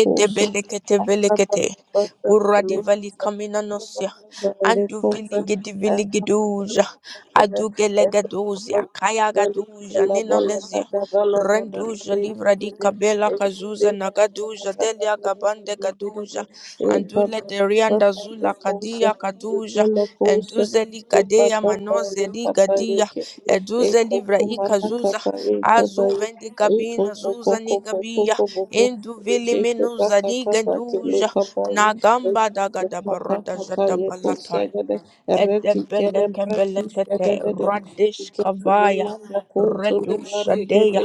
S1: edebele kete vele Uradi vali kaminanosya. Andu vili gidi vili giduja. Adu gele gaduzia. Kaya gaduja ninanesya. Renduja livra di kabela kazuza nagaduja. Delia gabande gaduja. Andule derianda zula kadia
S2: you.
S1: kaduja.
S2: Ikolokosa
S1: Enduzeli kadea
S2: ikapapaye
S1: manoze di gadia.
S2: kapayeke
S1: Eduze livra
S2: ikokumana
S1: ikazuza.
S2: kapaye
S1: Azu
S2: kapaye
S1: vendi gabina zuza ni gabia.
S2: ikokokokokokokoko
S1: Indu vili
S2: ikeke
S1: minuza
S2: paka
S1: ni
S2: kapake le
S1: gaduja.
S2: kapaye
S1: Nagamba dagada
S2: ikokopaka
S1: barada zada
S2: kapaye
S1: balata
S2: kosagade reti kele
S1: edebeleke
S2: breti
S1: belekete
S2: shagade
S1: radish kavaya
S2: Ikekulana
S1: redushadeya
S2: Solebarekete,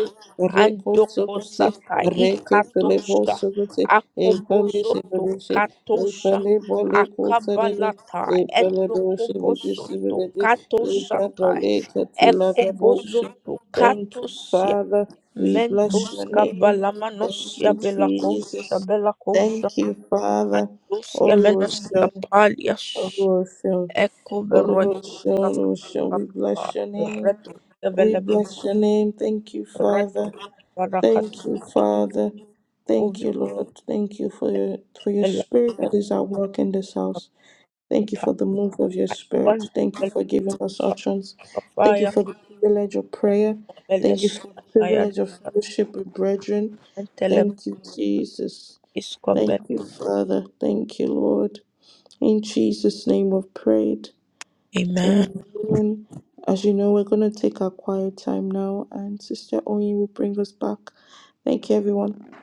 S2: Reko
S1: andoko
S2: Sokote,
S1: sata
S2: Reke Solebo
S1: ikatosha
S2: Sokote, Epale
S1: akobozoto
S2: Shibadeshe,
S1: katosha
S2: Epale Bole Kotadede,
S1: akabalata
S2: Epale Doshe
S1: etokobosoto
S2: Vidisibidede,
S1: katoshata
S2: Epale Katila Kaboshe.
S1: ekobozoto
S2: Thank you,
S1: katosia
S2: Father. We bless
S1: mentos
S2: your name. Thank
S1: kabalamanosia
S2: you, Jesus.
S1: belakosha
S2: Thank you, Father.
S1: Andus kemenos
S2: Oluwaseun,
S1: kapalias
S2: Oluwaseun,
S1: eko berot
S2: Oluwaseun,
S1: pam
S2: Oluwaseun. We
S1: pam pa
S2: bless your name.
S1: red
S2: We
S1: develop
S2: bless your name. Thank you,
S1: red
S2: Father.
S1: barakat
S2: Thank you,
S1: eko
S2: Father. Thank you, Lord. Thank you for your for your
S1: develop
S2: spirit that is at work in this house. Thank you
S1: kupa
S2: for the move of your
S1: icon
S2: spirit. Thank you
S1: develop
S2: for giving us utterance. Thank you
S1: kafaya
S2: for the privilege of prayer. Thank
S1: kapeles
S2: you for the
S1: kaya
S2: privilege of fellowship with brethren.
S1: antelem
S2: Thank you, Jesus.
S1: is
S2: Thank you, Father. Thank you, Lord. In Jesus' name we've prayed.
S1: Amen.
S2: Amen. As you know, we're going to take our quiet time now, and Sister Oyin will bring us back. Thank you, everyone.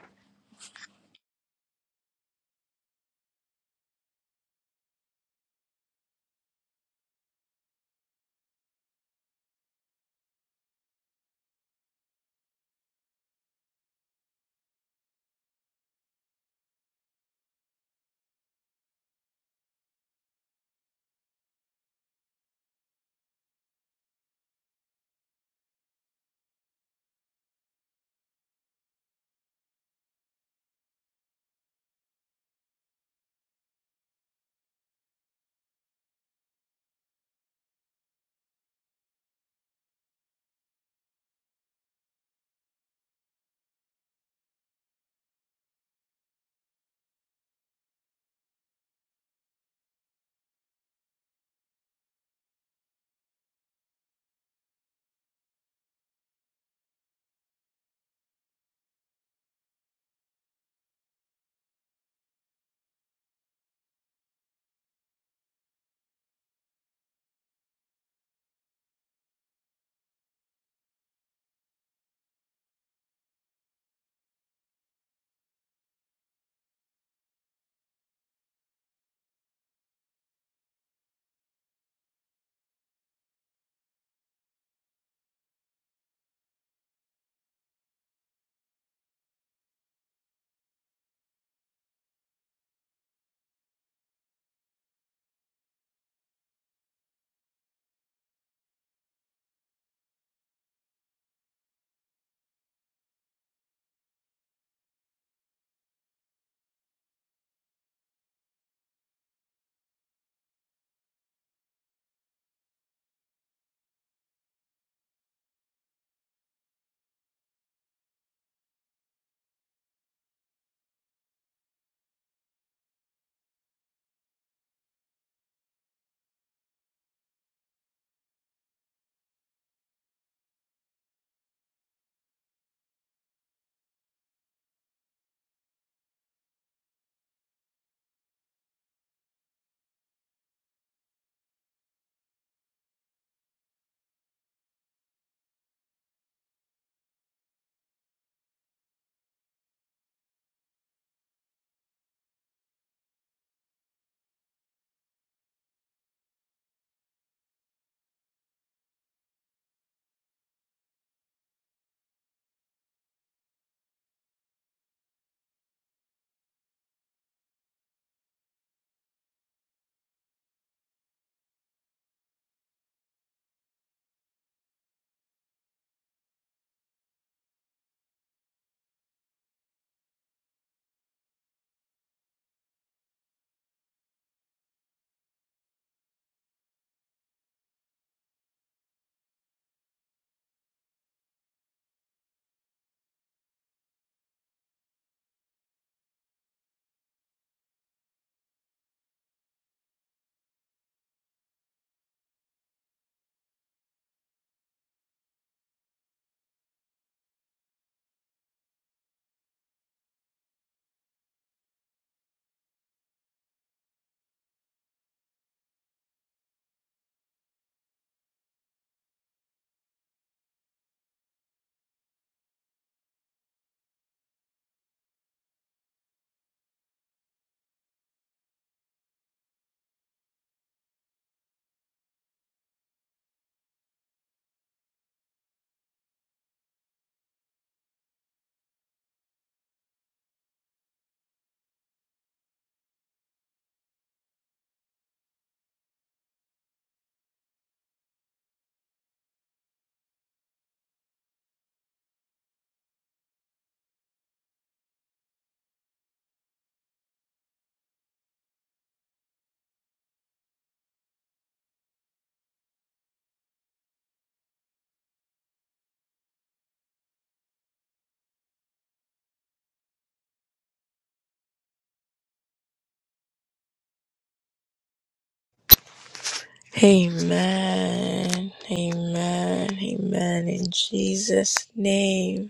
S1: Amen. Amen. Amen. In Jesus' name.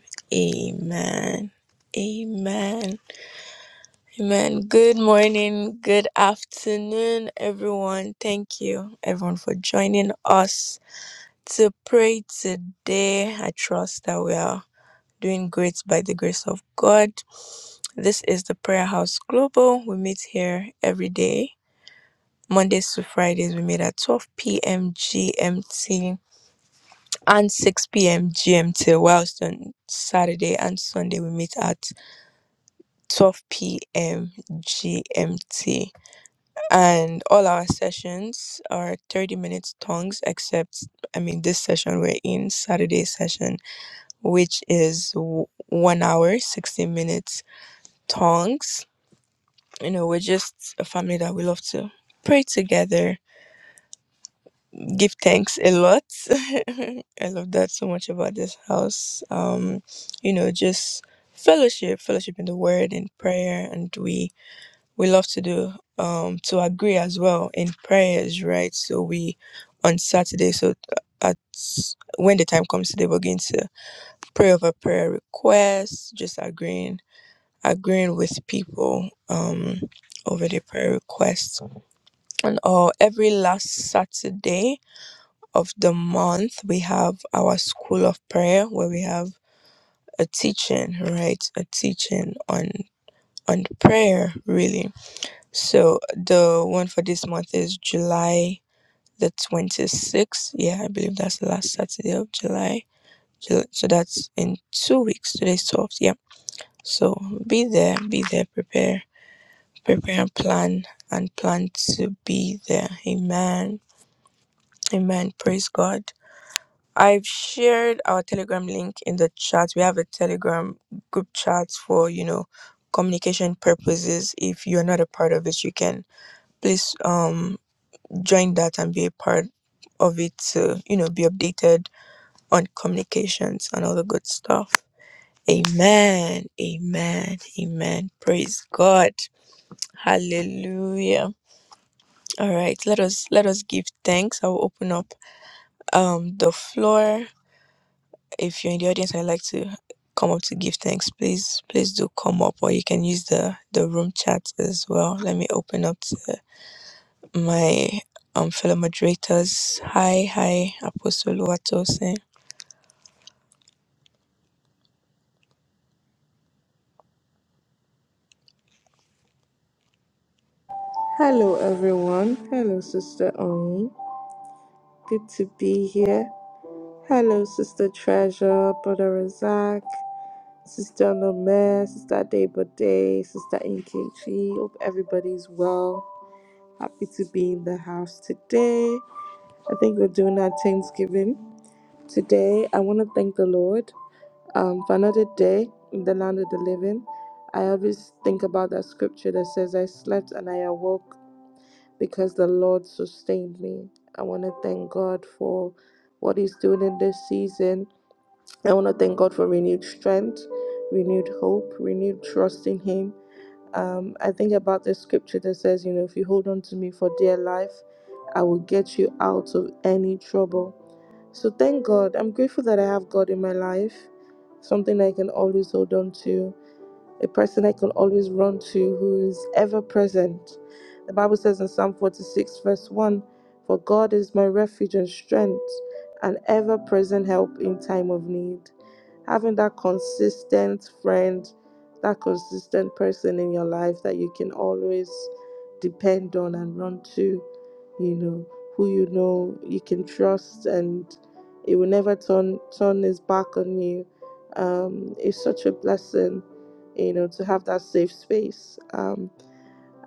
S1: Amen. Amen. Amen. Good morning, good afternoon, everyone. Thank you, everyone, for joining us to pray today. I trust that we are doing great by the grace of God. This is the Prayer House Global. We meet here every day, Mondays to Fridays. We meet at 12 p.m. GMT and 6 p.m. GMT, whilst on Saturday and Sunday we meet at 12 p.m. GMT. and all our sessions are 30 minutes tongues except i mean this session we're in saturday session which is w- one hour 60 minutes tongues you know we're just a family that we love to pray together give thanks a lot i love that so much about this house um you know just fellowship fellowship in the word and prayer and we we love to do um to agree as well in prayers right so we on saturday so at when the time comes today we're going to pray over prayer requests just agreeing agreeing with people um over the prayer requests and all every last saturday of the month we have our school of prayer where we have a teaching right a teaching on on prayer really So the one for this month is July the 26th. Yeah, I believe that's the last Saturday of July. Jul- So that's in two weeks. Today's 12th. Yeah. So be there, be there, prepare, prepare and plan and plan to be there. Amen. Amen. Praise God. I've shared our Telegram link in the chat. We have a Telegram group chat for, you know, communication purposes. If you're not a part of it, you can please um join that and be a part of it to, you know, be updated on communications and all the good stuff. Amen. Amen. Amen. Praise God. Hallelujah. All right, let us let us give thanks. I will open up um the floor. If you're in the audience I'd like to come up to give thanks, please please do come up or you can use the the room chat as well. Let me open up to my um fellow moderators. Hi, hi, Apostle Watson.
S2: Hello, everyone. Hello, Sister Oyin. Good to be here. Hello, Sister Treasure, Brother Razak, Sister Nome, Sister Debode, Sister Nkechi. Hope everybody's well. Happy to be in the house today. I think we're doing our Thanksgiving today. I want to thank the Lord Um, for another day in the land of the living, I always think about that scripture that says, I slept and I awoke because the Lord sustained me. I want to thank God for what He's doing in this season. I want to thank God for renewed strength, renewed hope, renewed trust in Him. Um, I think about the scripture that says, you know, if you hold on to me for dear life, I will get you out of any trouble. So thank God. I'm grateful that I have God in my life, something I can always hold on to a person I can always run to who is ever present. The Bible says in Psalm 46, verse 1 For God is my refuge and strength, an ever present help in time of need. Having that consistent friend, that consistent person in your life that you can always depend on and run to, you know, who you know you can trust and it will never turn turn his back on you. Um, it's such a blessing you know, to have that safe space. Um,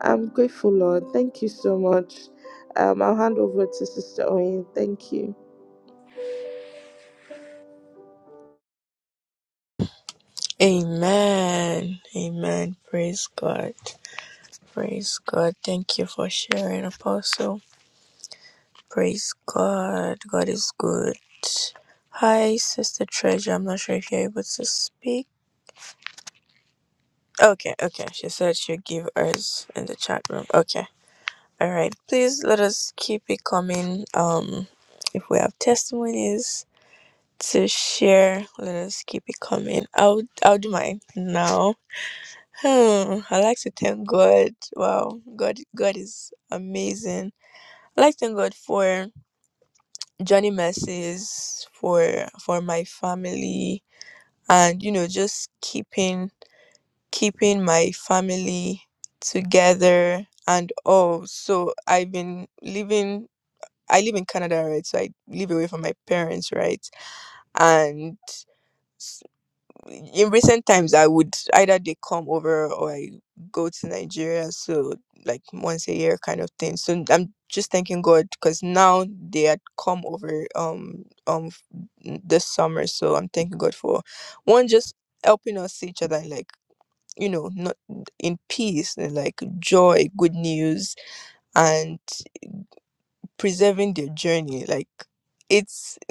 S2: I'm grateful, Lord. Thank you so much. Um, I'll hand over to Sister Oyin. Thank you.
S1: Amen. Amen. Praise God. Praise God. Thank you for sharing, Apostle. Praise God. God is good. Hi, Sister Treasure. I'm not sure if you're able to speak. Okay, okay. She said she'll give us in the chat room. Okay. All right. Please let us keep it coming. Um, if we have testimonies, to share. Let us keep it coming. I'll I'll do mine now. Hmm. I like to thank God. Wow, God God is amazing. I like to thank God for Johnny Mercies, for for my family, and you know just keeping keeping my family together and all. So I've been living. I live in Canada, right? So I live away from my parents, right? And in recent times i would either they come over or i go to nigeria so like once a year kind of thing so i'm just thanking god because now they had come over um um f- n- this summer so i'm thanking god for one just helping us see each other like you know not in peace and like joy good news and preserving their journey like it's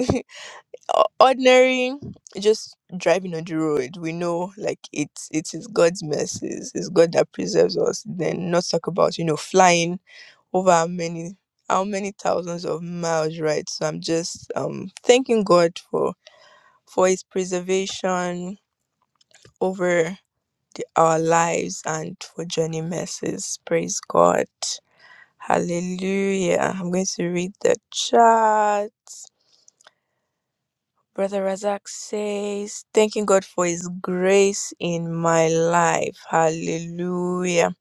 S1: o- ordinary just driving on the road we know like it's it is god's mercies it's god that preserves us then not talk about you know flying over how many how many thousands of miles right so i'm just um thanking god for for his preservation over our lives and for journey mercies praise god hallelujah i'm going to read the chat Brother Razak says, thanking God for His grace in my life. Hallelujah.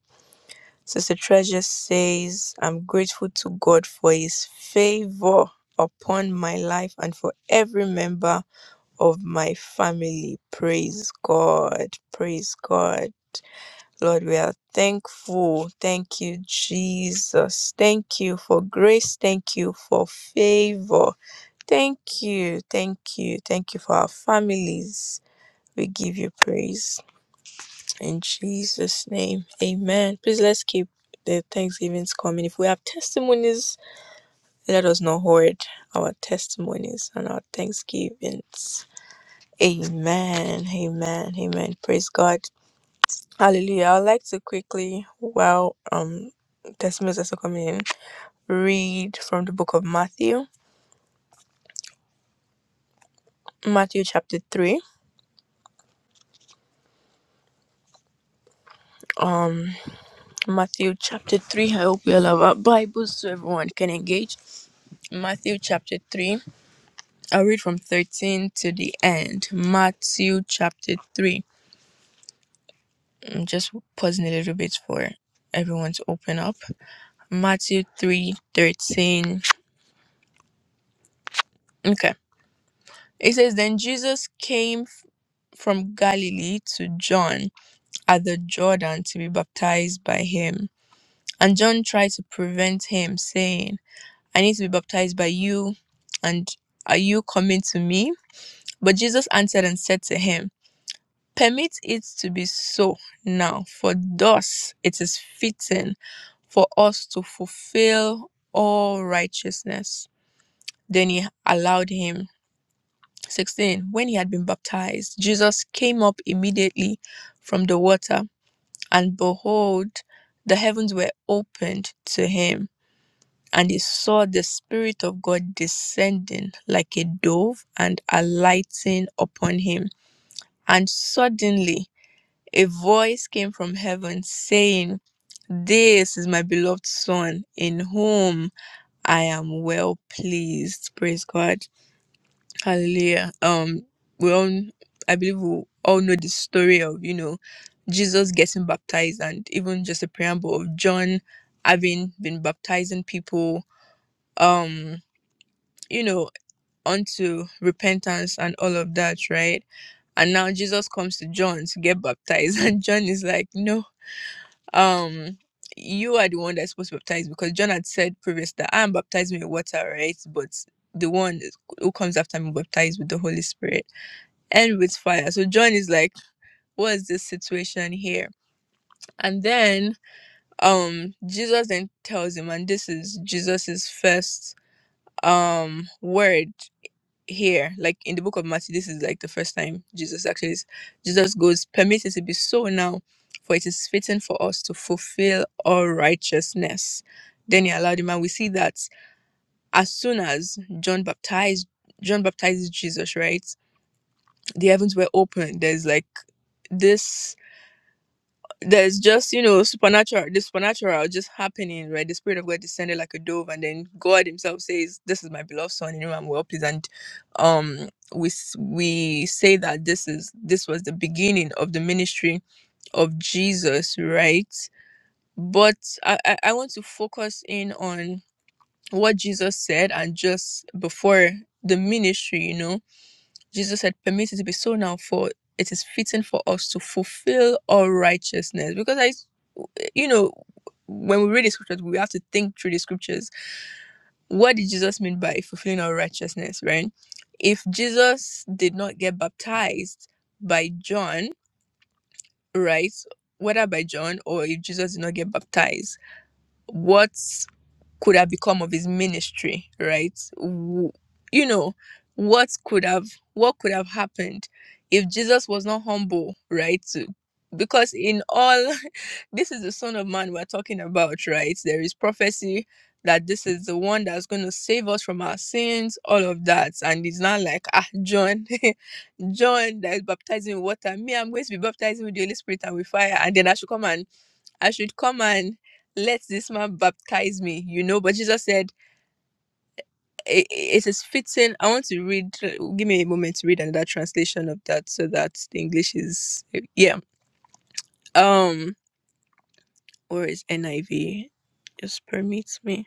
S1: Sister Treasure says, I'm grateful to God for His favor upon my life and for every member of my family. Praise God. Praise God. Lord, we are thankful. Thank you, Jesus. Thank you for grace. Thank you for favor. Thank you, thank you, thank you for our families. We give you praise in Jesus' name. Amen. Please let's keep the thanksgivings coming. If we have testimonies, let us not hoard our testimonies and our thanksgivings. Amen. Amen. Amen. Praise God. Hallelujah. I'd like to quickly, while um testimonies are still coming in, read from the book of Matthew. Matthew chapter three. um. Matthew chapter 3. I hope you all have our Bibles so everyone can engage. Matthew chapter 3. I'll read from 13 to the end. Matthew chapter 3. I'm just pausing a little bit for everyone to open up. Matthew 3 13. Okay. It says, Then Jesus came f- from Galilee to John at the Jordan to be baptized by him. And John tried to prevent him, saying, I need to be baptized by you, and are you coming to me? But Jesus answered and said to him, Permit it to be so now, for thus it is fitting for us to fulfill all righteousness. Then he allowed him. 16. When he had been baptized, Jesus came up immediately from the water, and behold, the heavens were opened to him and he saw the Spirit of God descending like a dove and alighting upon him. And suddenly a voice came from heaven saying, This is my beloved Son, in whom I am well pleased. Praise God. Hallelujah. Um, we all, I believe we all know the story of, you know, Jesus getting baptized and even just a preamble of John having been baptizing people. Um, you know unto repentance and all of that, right? And now Jesus comes to John to get baptized, and John is like, No, um, you are the one that's supposed to baptize because John had said previous that I am baptizing with water, right? But the one who comes after me baptized with the Holy Spirit and with fire. So John is like, What is this situation here? And then um Jesus then tells him, and this is Jesus's first um word here like in the book of matthew this is like the first time jesus actually jesus goes permit it to be so now for it is fitting for us to fulfill all righteousness then he allowed him and we see that as soon as john baptized john baptizes jesus right the heavens were open there's like this there's just you know supernatural the supernatural just happening right the spirit of god descended like a dove and then god himself says this is my beloved son in whom i'm well pleased and um we s- we say that this is this was the beginning of the ministry of jesus right but i i I want to focus in on what jesus said and just before the ministry you know Jesus said, Permit it to be so now, for it is fitting for us to fulfill all righteousness. Because I, you know, when we read the scriptures, we have to think through the scriptures. What did Jesus mean by fulfilling all righteousness, right? If Jesus did not get baptized by John, right? Whether by John or if Jesus did not get baptized, what? could have become of his ministry right W- you know what could have what could have happened if jesus was not humble right to- because in all this is the son of man we're talking about right there is prophecy that this is the one that's going to save us from our sins all of that and it's not like ah john john that is baptizing with water me i'm going to be baptizing with the holy spirit and with fire and then i should come and I should come and let this man baptize me, you know. But Jesus said, "I- It is fitting. I want to read, give me a moment to read another translation of that so that the English is, yeah. Um, Where is NIV? Just permit me.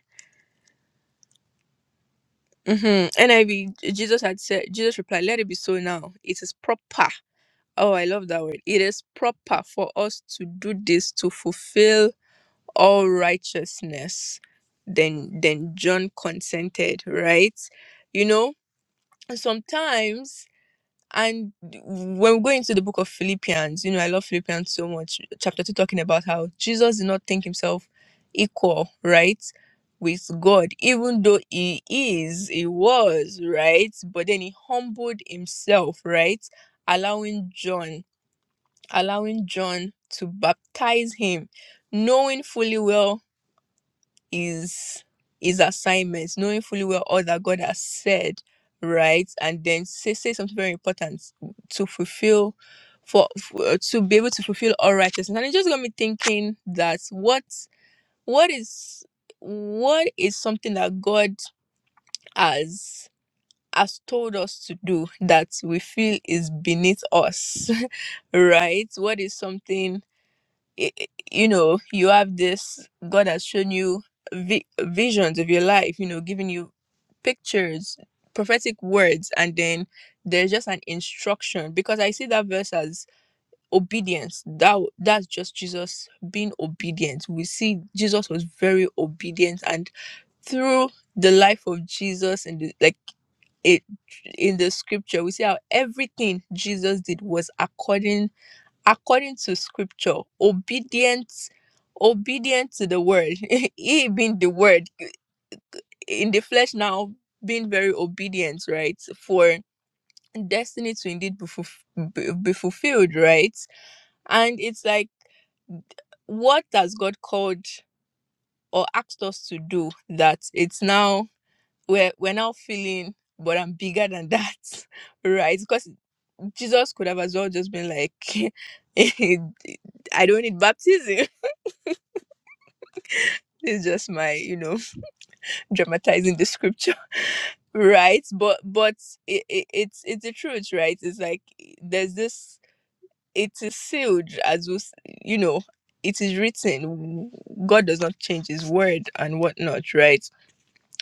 S1: Mm-hmm. NIV, Jesus had said, Jesus replied, Let it be so now. It is proper. Oh, I love that word. It is proper for us to do this to fulfill all righteousness then then john consented right you know and sometimes and when we go into the book of philippians you know i love philippians so much chapter 2 talking about how jesus did not think himself equal right with god even though he is he was right but then he humbled himself right allowing john allowing john to baptize him knowing fully well his his assignments, knowing fully well all that God has said, right? And then say say something very important to fulfill for, for to be able to fulfill all righteousness. And it just got me thinking that what what is what is something that God has has told us to do that we feel is beneath us, right? What is something i- i- you know you have this god has shown you vi- visions of your life you know giving you pictures prophetic words and then there's just an instruction because i see that verse as obedience that w- that's just jesus being obedient we see jesus was very obedient and through the life of jesus and the, like it in the scripture we see how everything jesus did was according according to scripture, obedient, obedient to the word. he being the word in the flesh now, being very obedient, right? For destiny to indeed be, fulf- be be fulfilled, right? And it's like, what has God called or asked us to do that it's now, we're, we're now feeling, but I'm bigger than that, right? Because Jesus could have as well just been like, I don't need baptism. it's just my you know dramatizing the scripture right but but it, it, it's it's the truth right it's like there's this it is sealed as we s- you know it is written god does not change his word and whatnot right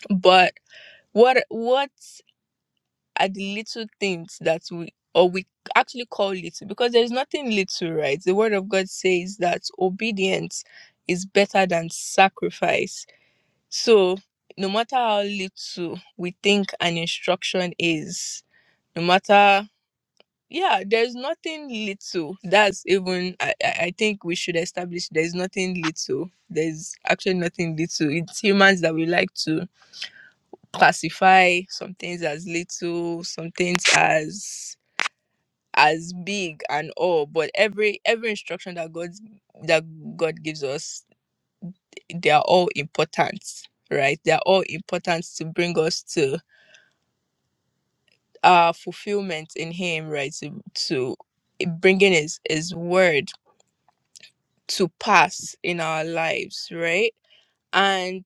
S1: but what what are the little things that we or we actually call little because there's nothing little right the word of god says that obedience is better than sacrifice So, no matter how little we think an instruction is, no matter, yeah, there's nothing little. That's even, I, I I think we should establish there's nothing little. There's actually nothing little. It's humans that we like to classify some things as little, some things as as big and all but every every instruction that god that god gives us they are all important right they are all important to bring us to uh fulfillment in him right to, to bringing his his word to pass in our lives right and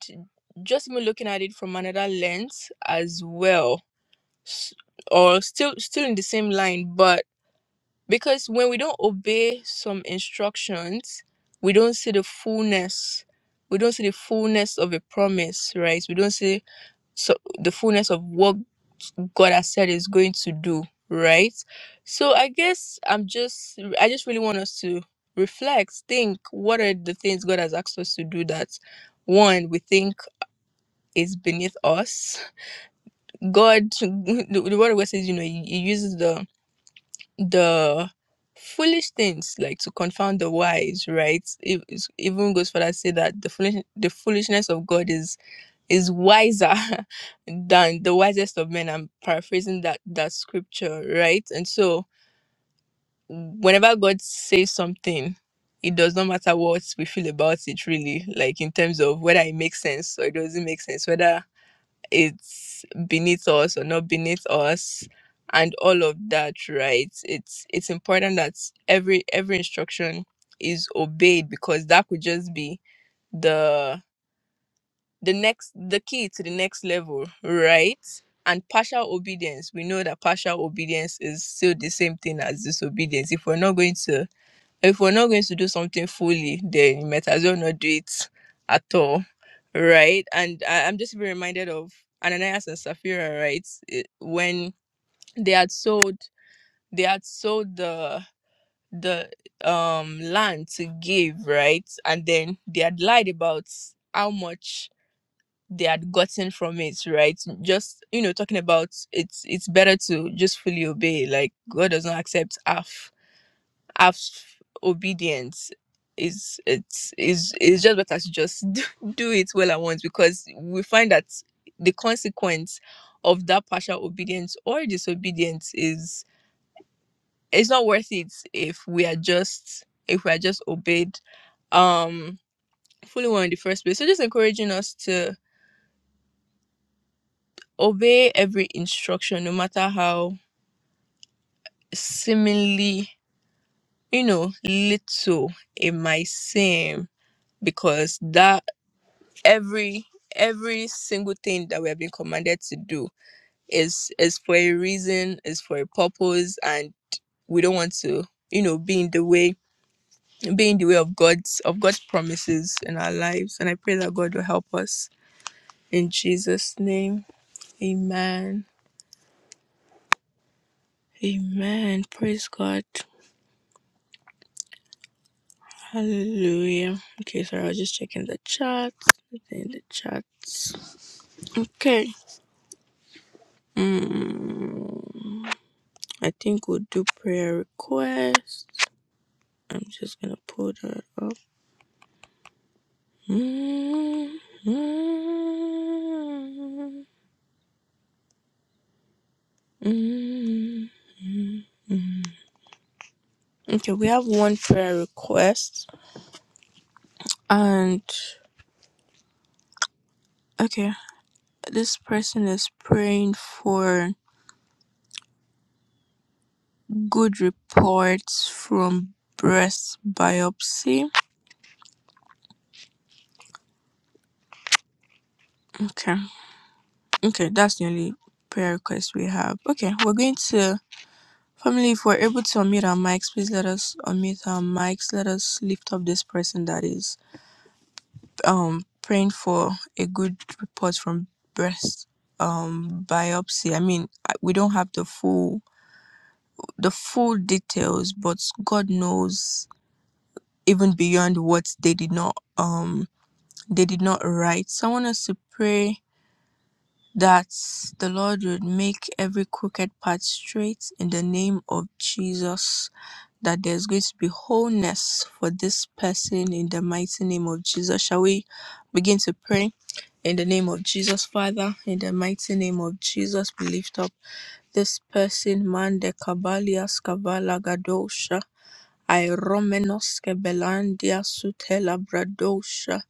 S1: just me looking at it from another lens as well s- or still still in the same line but because when we don't obey some instructions we don't see the fullness we don't see the fullness of a promise right we don't see so the fullness of what God has said is going to do, right? So I guess I'm just I just really want us to reflect, think what are the things God has asked us to do that one we think is beneath us. God the, the word of God says, you know, he, he uses the the foolish things like to confound the wise, right? It, it's- even goes further to say that the foolish the foolishness of God is is wiser than the wisest of men. I'm paraphrasing that that scripture, right? And so whenever God says something, it does not matter what we feel about it really, like in terms of whether it makes sense or it doesn't make sense, whether it's beneath us or not beneath us and all of that, right? It's it's important that every every instruction is obeyed because that could just be the the next the key to the next level right and partial obedience we know that partial obedience is still the same thing as disobedience if we're not going to if we're not going to do something fully then you might as well not do it at all right and I, i'm just being reminded of ananias and sapphira right It- when they had sold they had sold the the um land to give right and then they had lied about how much they had gotten from it, right? Just you know, talking about it's it's better to just fully obey. Like God does not accept half half obedience. Is it's is it's just better to just do do it well at once because we find that the consequence of that partial obedience or disobedience is it's not worth it if we are just if we are just obeyed um fully well in the first place. So just encouraging us to obey every instruction, no matter how seemingly, you know, little it might seem, because that every every single thing that we have been commanded to do is is for a reason, is for a purpose, and we don't want to, you know, be in the way, be in the way of God's of God's promises in our lives. And I pray that God will help us in Jesus' name. Amen. Amen. Praise God. Hallelujah. Okay, sorry, I was just checking the chat. Nothing In the chat. Okay. Mm, I think we'll do prayer requests. I'm just gonna pull that up. Mm, mm, mm. mm. Okay, we have one prayer request, and okay, this person is praying for good reports from breast biopsy. Okay. Okay, that's the only prayer request we have. Okay, we're going to family. If we're able to unmute our mics, please let us unmute our mics. Let us lift up this person that is um praying for a good report from breast um biopsy. I mean, I- we don't have the full the full details, but God knows even beyond what they did not um they did not write. So I want us to pray that the Lord would make every crooked path straight in the name of Jesus, that there's going to be wholeness for this person in the mighty name of Jesus. Shall we begin to pray? In the name of Jesus, Father, in the mighty name of Jesus, we lift up this person, man de Cabalias Cavala Gadosha, I Romenos Kebelandia Sutela Bradosha.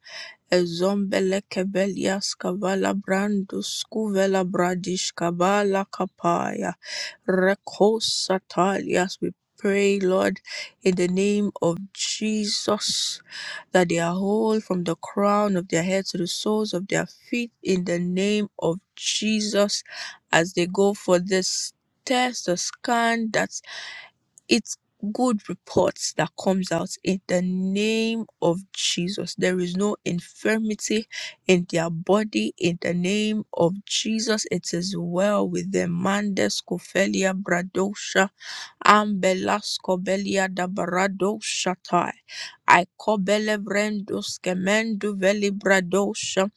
S1: Ezombele kebelias kavala brandus kuvela bradish kavala kapaya rekos satalias. We pray, Lord, in the name of Jesus, that they are whole from the crown of their head to the soles of their feet. In the name of Jesus, as they go for this test, the scan that it's good reports that comes out in the name of Jesus. There is no infirmity in their body in the name of Jesus. It is well with them. Mandes kofelia bradosha ambelas kobelia dabaradosha tai. I kobele brendos kemendo veli bradosha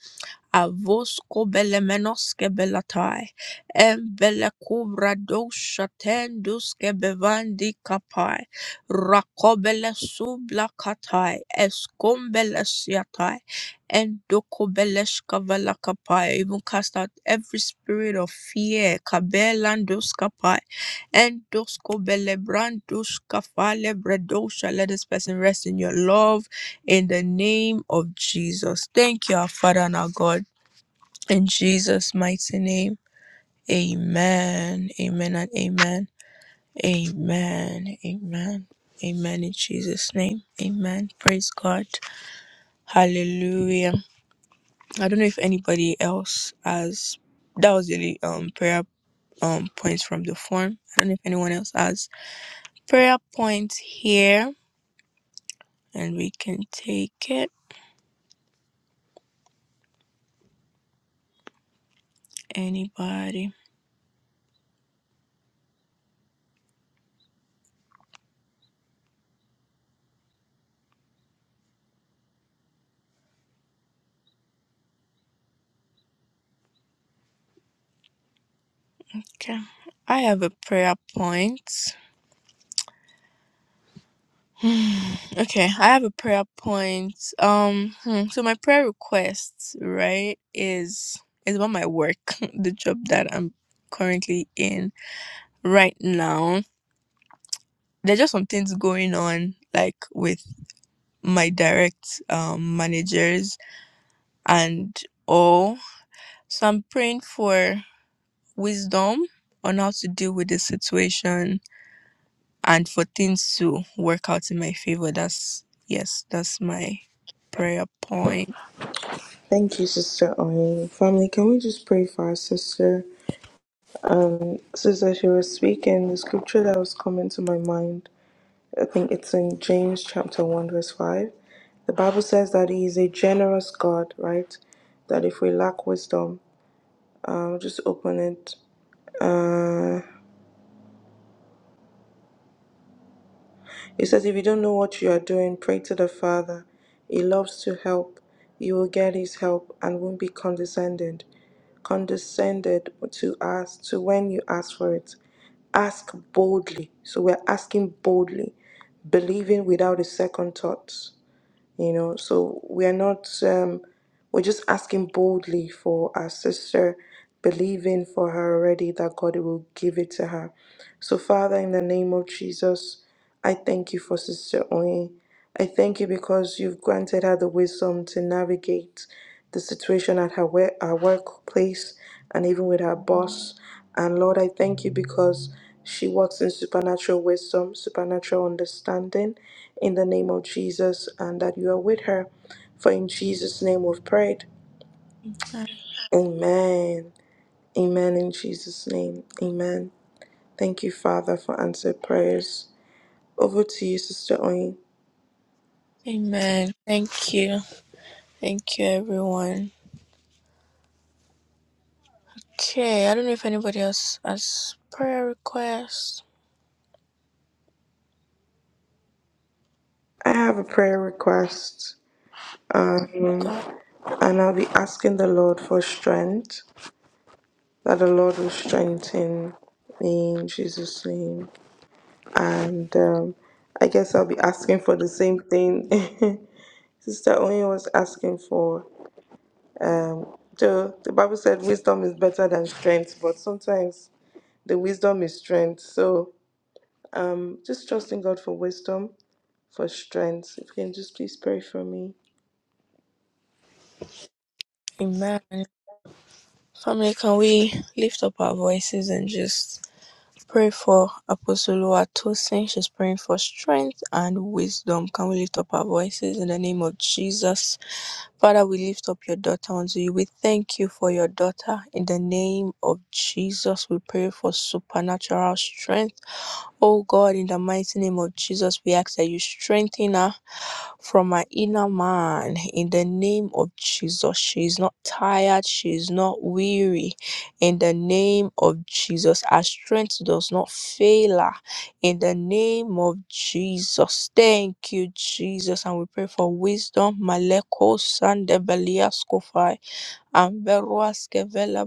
S1: Avosco belemenoske belatai, embelecubra doshaten duske bevandi kapai, rakobele subla katai, escombele siatai, and dokobeleshka vela kapai. Even cast out every spirit of fear, kabelandus kapai, and dosko belebrandus kafale bredosha. Let this person rest in your love in the name of Jesus. Thank you, our Father and our God. In Jesus' mighty name, amen, amen, and amen, amen, amen, amen. In Jesus' name, amen. Praise God, hallelujah. I don't know if anybody else has that was really um prayer um points from the form. I don't know if anyone else has prayer points here, and we can take it. Anybody? Okay, I have a prayer point. okay, I have a prayer point. Um, hmm, so my prayer request, right, is is about my work, the job that I'm currently in right now. There's just some things going on, like with my direct um managers and all. So I'm praying for wisdom on how to deal with the situation and for things to work out in my favor. That's yes, that's my prayer point.
S2: Thank you, Sister Owen. Family, can we just pray for our sister? Um, sister, she was speaking the scripture that was coming to my mind. I think it's in James chapter 1, verse 5. The Bible says that He is a generous God, right? That if we lack wisdom, um, just open it. Uh, He says, if you don't know what you are doing, pray to the Father. He loves to help. You will get his help and won't be condescended. Condescended to us to when you ask for it. Ask boldly. So we're asking boldly, believing without a second thought. You know, so we are not um we're just asking boldly for our sister, believing for her already that God will give it to her. So, Father, in the name of Jesus, I thank you for Sister Oyin. I thank you because you've granted her the wisdom to navigate the situation at her, work, her workplace and even with her boss. And Lord, I thank you because she walks in supernatural wisdom, supernatural understanding in the name of Jesus, and that you are with her. For in Jesus' name we've prayed. Amen. Amen. In Jesus' name. Amen. Thank you, Father, for answered prayers. Over to you, Sister Oyin.
S1: Amen. Thank you. Thank you, everyone. Okay, I don't know if anybody else has prayer requests.
S2: I have a prayer request, uh,
S1: Oh God,
S2: and I'll be asking the Lord for strength, that the Lord will strengthen me in Jesus' name. And um, I guess I'll be asking for the same thing Sister Oyin was asking for. Um, the, the Bible said wisdom is better than strength, but sometimes the wisdom is strength. So um, just trusting God for wisdom, for strength. If you can just please pray for me.
S1: amen. Family, can we lift up our voices and just pray for Apostle Watosin? She's praying for strength and wisdom. Can we lift up our voices in the name of Jesus? Father, we lift up your daughter unto you. We thank you for your daughter. In the name of Jesus, we pray for supernatural strength Oh God, in the mighty name of Jesus, we ask that you strengthen her from her inner man. In the name of Jesus, she is not tired, she is not weary. In the name of Jesus, our strength does not fail her. In the name of Jesus, thank you, Jesus. And we pray for wisdom. Maleko sande beliaskofai. Amberuaskevela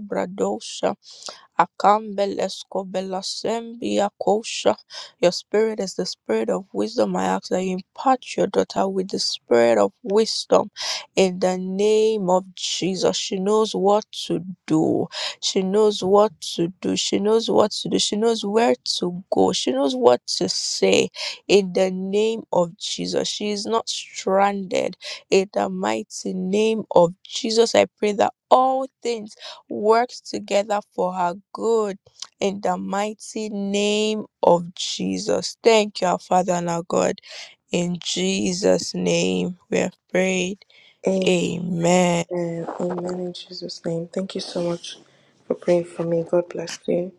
S1: Akambeleskobelasembi Akosha. Your spirit is the spirit of wisdom. I ask that you impart your daughter with the spirit of wisdom in the name of Jesus. She knows what to do. She knows what to do. She knows what to do. She knows where to go. She knows what to say in the name of Jesus. She is not stranded in the mighty name of Jesus. I pray that all things works together for our good in the mighty name of Jesus. Thank you, our Father and our God. In Jesus' name we have prayed. Amen.
S2: And amen in Jesus' name. Thank you so much for praying for me. God bless you.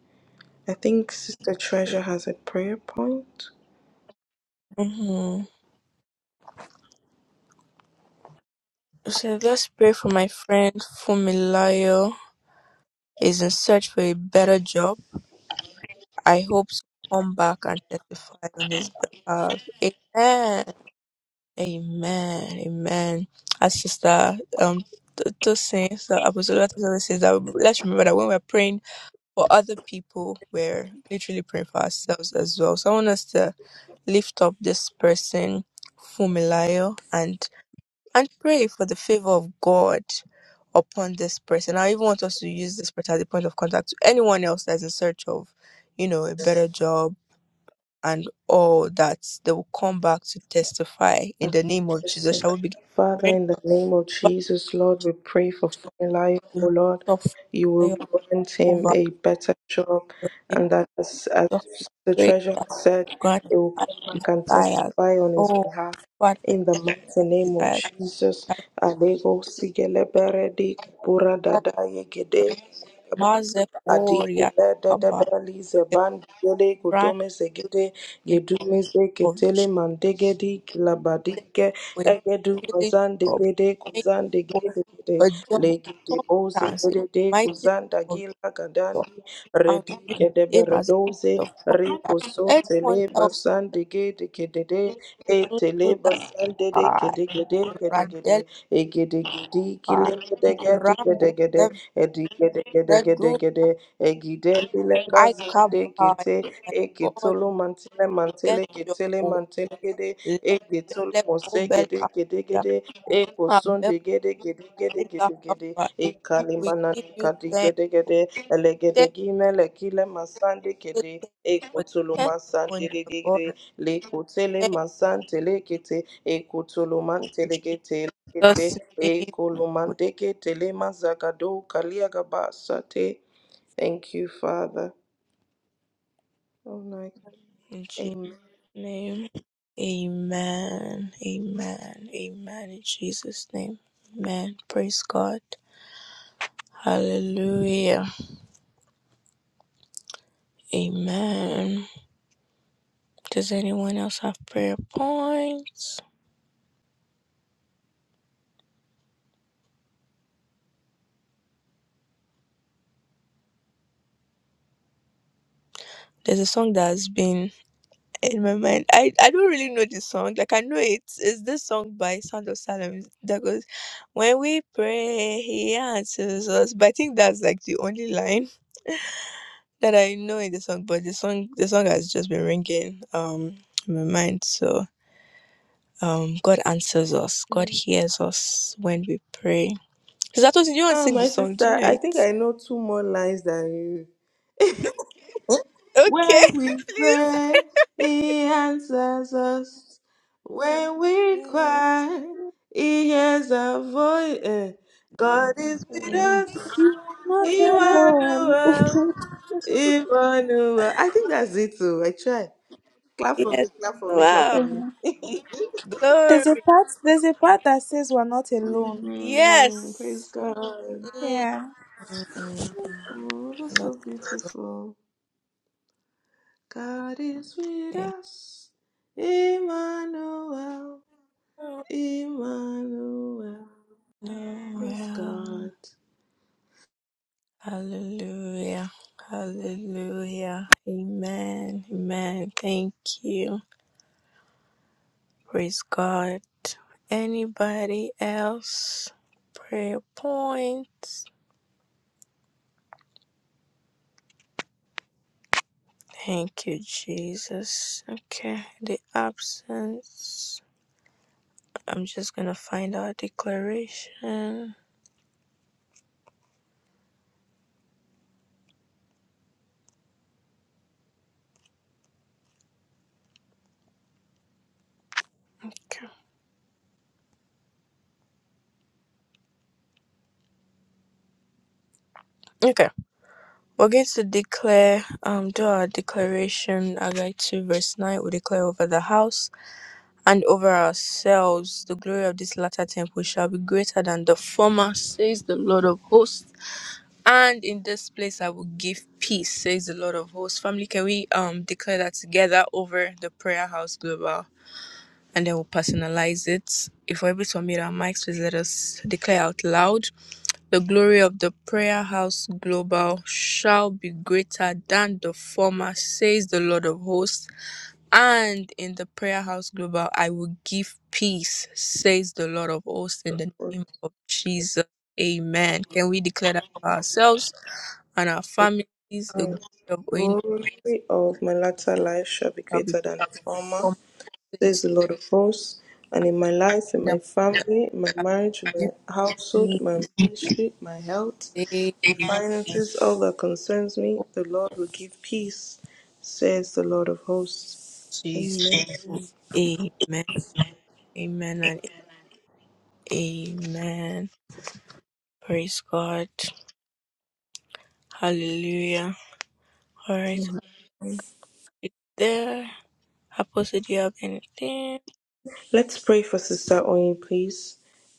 S2: I think Sister Treasure has a prayer point.
S1: hmm So let's pray for my friend Fumilayo. Is in search for a better job. I hope to come back and testify on his behalf. Amen. Amen. Amen. As Sister um th- those saints, the apostolic says that let's remember that when we're praying for other people, we're literally praying for ourselves as well. So I want us to lift up this person, Fumilayo, and and pray for the favor of God upon this person. I even want us to use this person as a point of contact to anyone else that's in search of, you know, a better job and all that they will come back to testify in the name of Jesus.
S2: So,
S1: Shall we begin
S2: Father,
S1: praying?
S2: in the name of
S1: Father,
S2: Jesus, Lord, we pray for Funny life.
S1: we
S2: oh
S1: lift
S2: Lord,
S1: up
S2: you will
S1: fire
S2: grant him
S1: over
S2: a better job,
S1: the name
S2: and that as, as
S1: of Jesus.
S2: the
S1: Pray
S2: treasurer
S1: that you
S2: said,
S1: grant
S2: they will
S1: our
S2: come back and
S1: desires.
S2: testify on his
S1: Oh,
S2: behalf.
S1: Father,
S2: In the
S1: grant our
S2: mighty name of
S1: desires.
S2: Jesus,
S1: Grant
S2: Alebo
S1: them
S2: Sigelebere Di Kabura
S1: out
S2: Dada
S1: of
S2: Yegede.
S1: Mazep
S2: Adi
S1: Oria
S2: gele de de
S1: Kaba,
S2: beli ze
S1: the
S2: bandi gele
S1: brand
S2: godome segede
S1: name
S2: gedume ze
S1: of
S2: ketele
S1: Jesus.
S2: mandegedi kilabadike
S1: With
S2: egedu
S1: village
S2: mazan de
S1: job,
S2: gede
S1: thank
S2: kuzan de
S1: you for
S2: gede gede
S1: a job
S2: legede
S1: of
S2: bo ze
S1: substance in the
S2: gede de
S1: mighty name
S2: kuzan da
S1: of
S2: gila
S1: Jesus.
S2: gadandi
S1: and we view him as a
S2: Kedeberedoze
S1: point of
S2: Rico
S1: contact. Anyone
S2: Sontele
S1: else is the
S2: Basande Gede Kedede
S1: Lulu
S2: Etele
S1: that
S2: Basande de
S1: guy,
S2: Kede Gede Kede Gede
S1: Radel
S2: Egede Gede
S1: guy,
S2: Kile Gede Gede
S1: Rambo,
S2: Gede Gede Edi Gede Gede Gede
S1: Redu,
S2: Gede Egide Bile Kazande
S1: Ikabai,
S2: Gete
S1: and God
S2: Ekitolo
S1: will
S2: Mantele
S1: get
S2: Mantele
S1: your
S2: Getele
S1: own.
S2: Mantele Gede Egitolo
S1: Lebele,
S2: Mose
S1: Obel,
S2: Gede Gede
S1: Asia,
S2: Gede Eko
S1: Abel,
S2: Sonde Gede Gede Gede Gede Gede
S1: Lakabai. We give
S2: Ekalimanani
S1: you
S2: Kadi
S1: thanks.
S2: Gede
S1: for-
S2: Gede
S1: Thank
S2: Elegedegime
S1: you.
S2: lekile masande
S1: Thank
S2: kede
S1: you for the
S2: ekotolo masande
S1: testimony of
S2: legede
S1: God.
S2: lekotele
S1: Thank
S2: masante
S1: you.
S2: lekete ekotolo mante legete
S1: In
S2: lekete
S1: Jesus' name.
S2: ekolo
S1: we-
S2: mante kete le mazagado kaliagaba sate. Thank you, Father. Oh my God.
S1: In
S2: Amen.
S1: name. Amen. Amen. Amen. In Jesus' name. Amen. Praise God. Hallelujah. Amen. Does anyone else have prayer points? There's a song that has been in my mind. I, I don't really know this song. Like I know it is this song by Sound of Salem that goes, When we pray, he answers us. But I think that's like the only line. that I know in the song, but the song the song has just been ringing um in my mind. So um God answers us. God hears us when we pray. Zato, do you want to
S2: Ah,
S1: sing the
S2: my
S1: song? Do you
S2: sister,
S1: know
S2: I
S1: it?
S2: think I know two more lines than you. When
S1: Okay,
S2: we
S1: please.
S2: pray, He answers us. When we
S1: Yes.
S2: cry, He hears our voice. God is with
S1: Mm.
S2: us,
S3: Not alone.
S2: Emmanuel, Emmanuel. I think that's it too. I try. Clap for
S1: Yes.
S2: me, clap for me, clap
S1: Wow.
S2: for me.
S3: there's a
S1: Glory.
S3: part. There's a part that says we're not alone.
S2: Mm, praise
S1: Yes.
S2: God.
S3: Yeah.
S1: Mm.
S2: Oh, that's
S1: Not
S2: so beautiful. God is with
S1: okay.
S2: us, Emmanuel, Emmanuel. Praise
S1: Well.
S2: God.
S1: Hallelujah. Hallelujah. Amen. Amen. Thank you. Praise God. Anybody else? Prayer points. Thank you, Jesus. Okay. The absence. I'm just going to find our declaration. Okay. Okay. We're going to declare, um, do our declaration, Agai 2, verse 9. We declare over the house. and over ourselves. The glory of this latter temple shall be greater than the former, says the Lord of hosts. And in this place I will give peace, says the Lord of hosts. Family, can we um declare that together over the prayer house global? And then we'll personalize it. If we're able to unmute our mics, please let us declare out loud. The glory of the prayer house global shall be greater than the former, says the Lord of hosts and in the Prayer House Global, I will give peace, says the Lord of hosts, in the
S2: For
S1: name of Jesus. Amen. Can we declare that for ourselves and our families? The glory
S2: Christ.
S1: of Oina
S2: Glory of my latter life shall be
S1: shall be
S2: greater
S1: great
S2: than the former,
S1: for my sakes,
S2: says the Lord of hosts. And in my life,
S1: to
S2: in
S1: them
S2: my
S1: that
S2: family, in my
S1: have
S2: marriage, in my household,
S1: given
S2: my
S1: peace,
S2: ministry, my health,
S1: says
S2: my
S1: the
S2: finances, all that concerns me,
S1: Lord of
S2: the Lord will give peace, says the Lord of hosts.
S1: Jesus.
S2: Amen.
S1: Amen. Amen and amen. Praise God. Hallelujah. All right. It's There. I posted, do you have anything?
S2: Let's pray for Sister Oyin, please.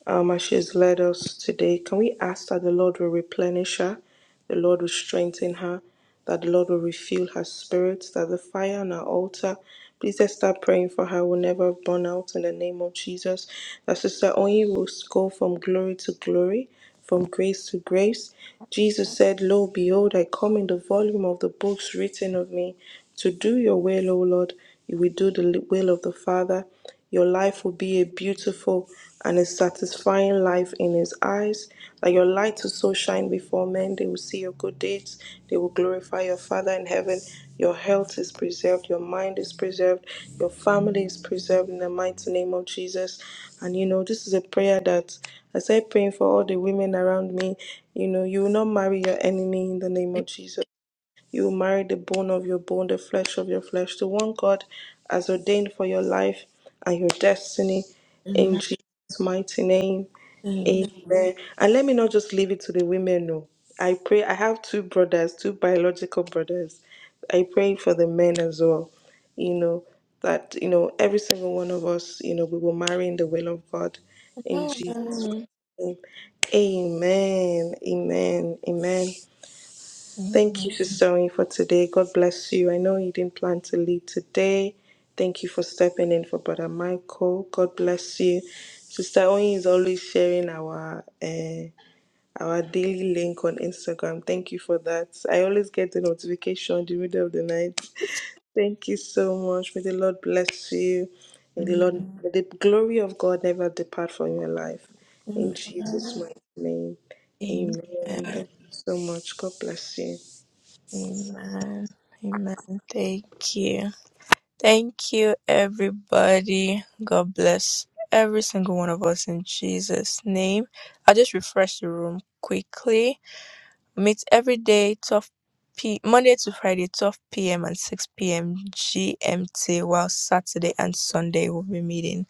S2: Um, as she has led us today, can we ask that the Lord will replenish her, the Lord will strengthen her, that the Lord will refuel her spirit, that the fire on her altar, please let's start praying for her, will never burn out in the name of Jesus, that Sister Oyin will go from glory to glory from grace to grace. Jesus said, Lo, behold, I come in the volume of the books written of me. To do your will, O Lord, you will do the will of the Father. Your life will be a beautiful and a satisfying life in His eyes. That your light will so shine before men and they will see your good deeds. They will glorify your Father in heaven. Your health is preserved, your mind is preserved, your family is preserved in the mighty name of Jesus. And you know, this is a prayer that as I said praying for all the women around me. You know, you will not marry your enemy in the name of Jesus. You will marry the bone of your bone, the flesh of your flesh, the one God has ordained for your life and your destiny in
S1: Amen.
S2: Jesus' mighty name.
S1: Amen.
S2: Amen. And let me not just leave it to the women. No, I pray. I have two brothers, two biological brothers. I pray for the men as well. You know that you know every single one of us. You know we will marry in the will of God, in Jesus' name. Amen. Amen. Amen. Thank you, Sister, Oyin, for today. God bless you. I know you didn't plan to lead today. Thank you for stepping in for Brother Michael. God bless you. Sister Oyin is always sharing our uh, our daily link on Instagram. Thank you for that. I always get the notification in the middle of the night. Thank you so much. May the Lord bless you. May the Lord, may the glory of God never depart from your life. In Jesus'
S1: Amen.
S2: mighty name, Amen.
S1: Amen.
S2: Thank you so much. God bless you.
S1: Amen. Amen. Thank you. Thank you, everybody. God bless every single one of us in Jesus' name. I'll just refresh the room quickly. We meet every day, 12 p. Monday to Friday, 12 p.m. and 6 p.m. GMT, while Saturday and Sunday we'll be meeting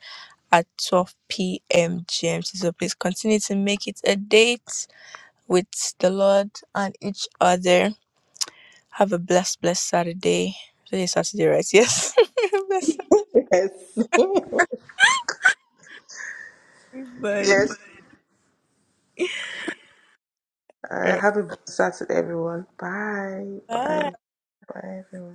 S1: at 12 p.m. GMT. So please continue to make it a date with the Lord and each other. Have a blessed, blessed Saturday. Today is Saturday, right? Yes. blessed
S2: Yes,
S1: Saturday, bud.
S2: yes.
S1: Alright.
S2: Uh, have a blessed Saturday, everyone. Bye,
S1: Bye.
S2: bye, bye, everyone.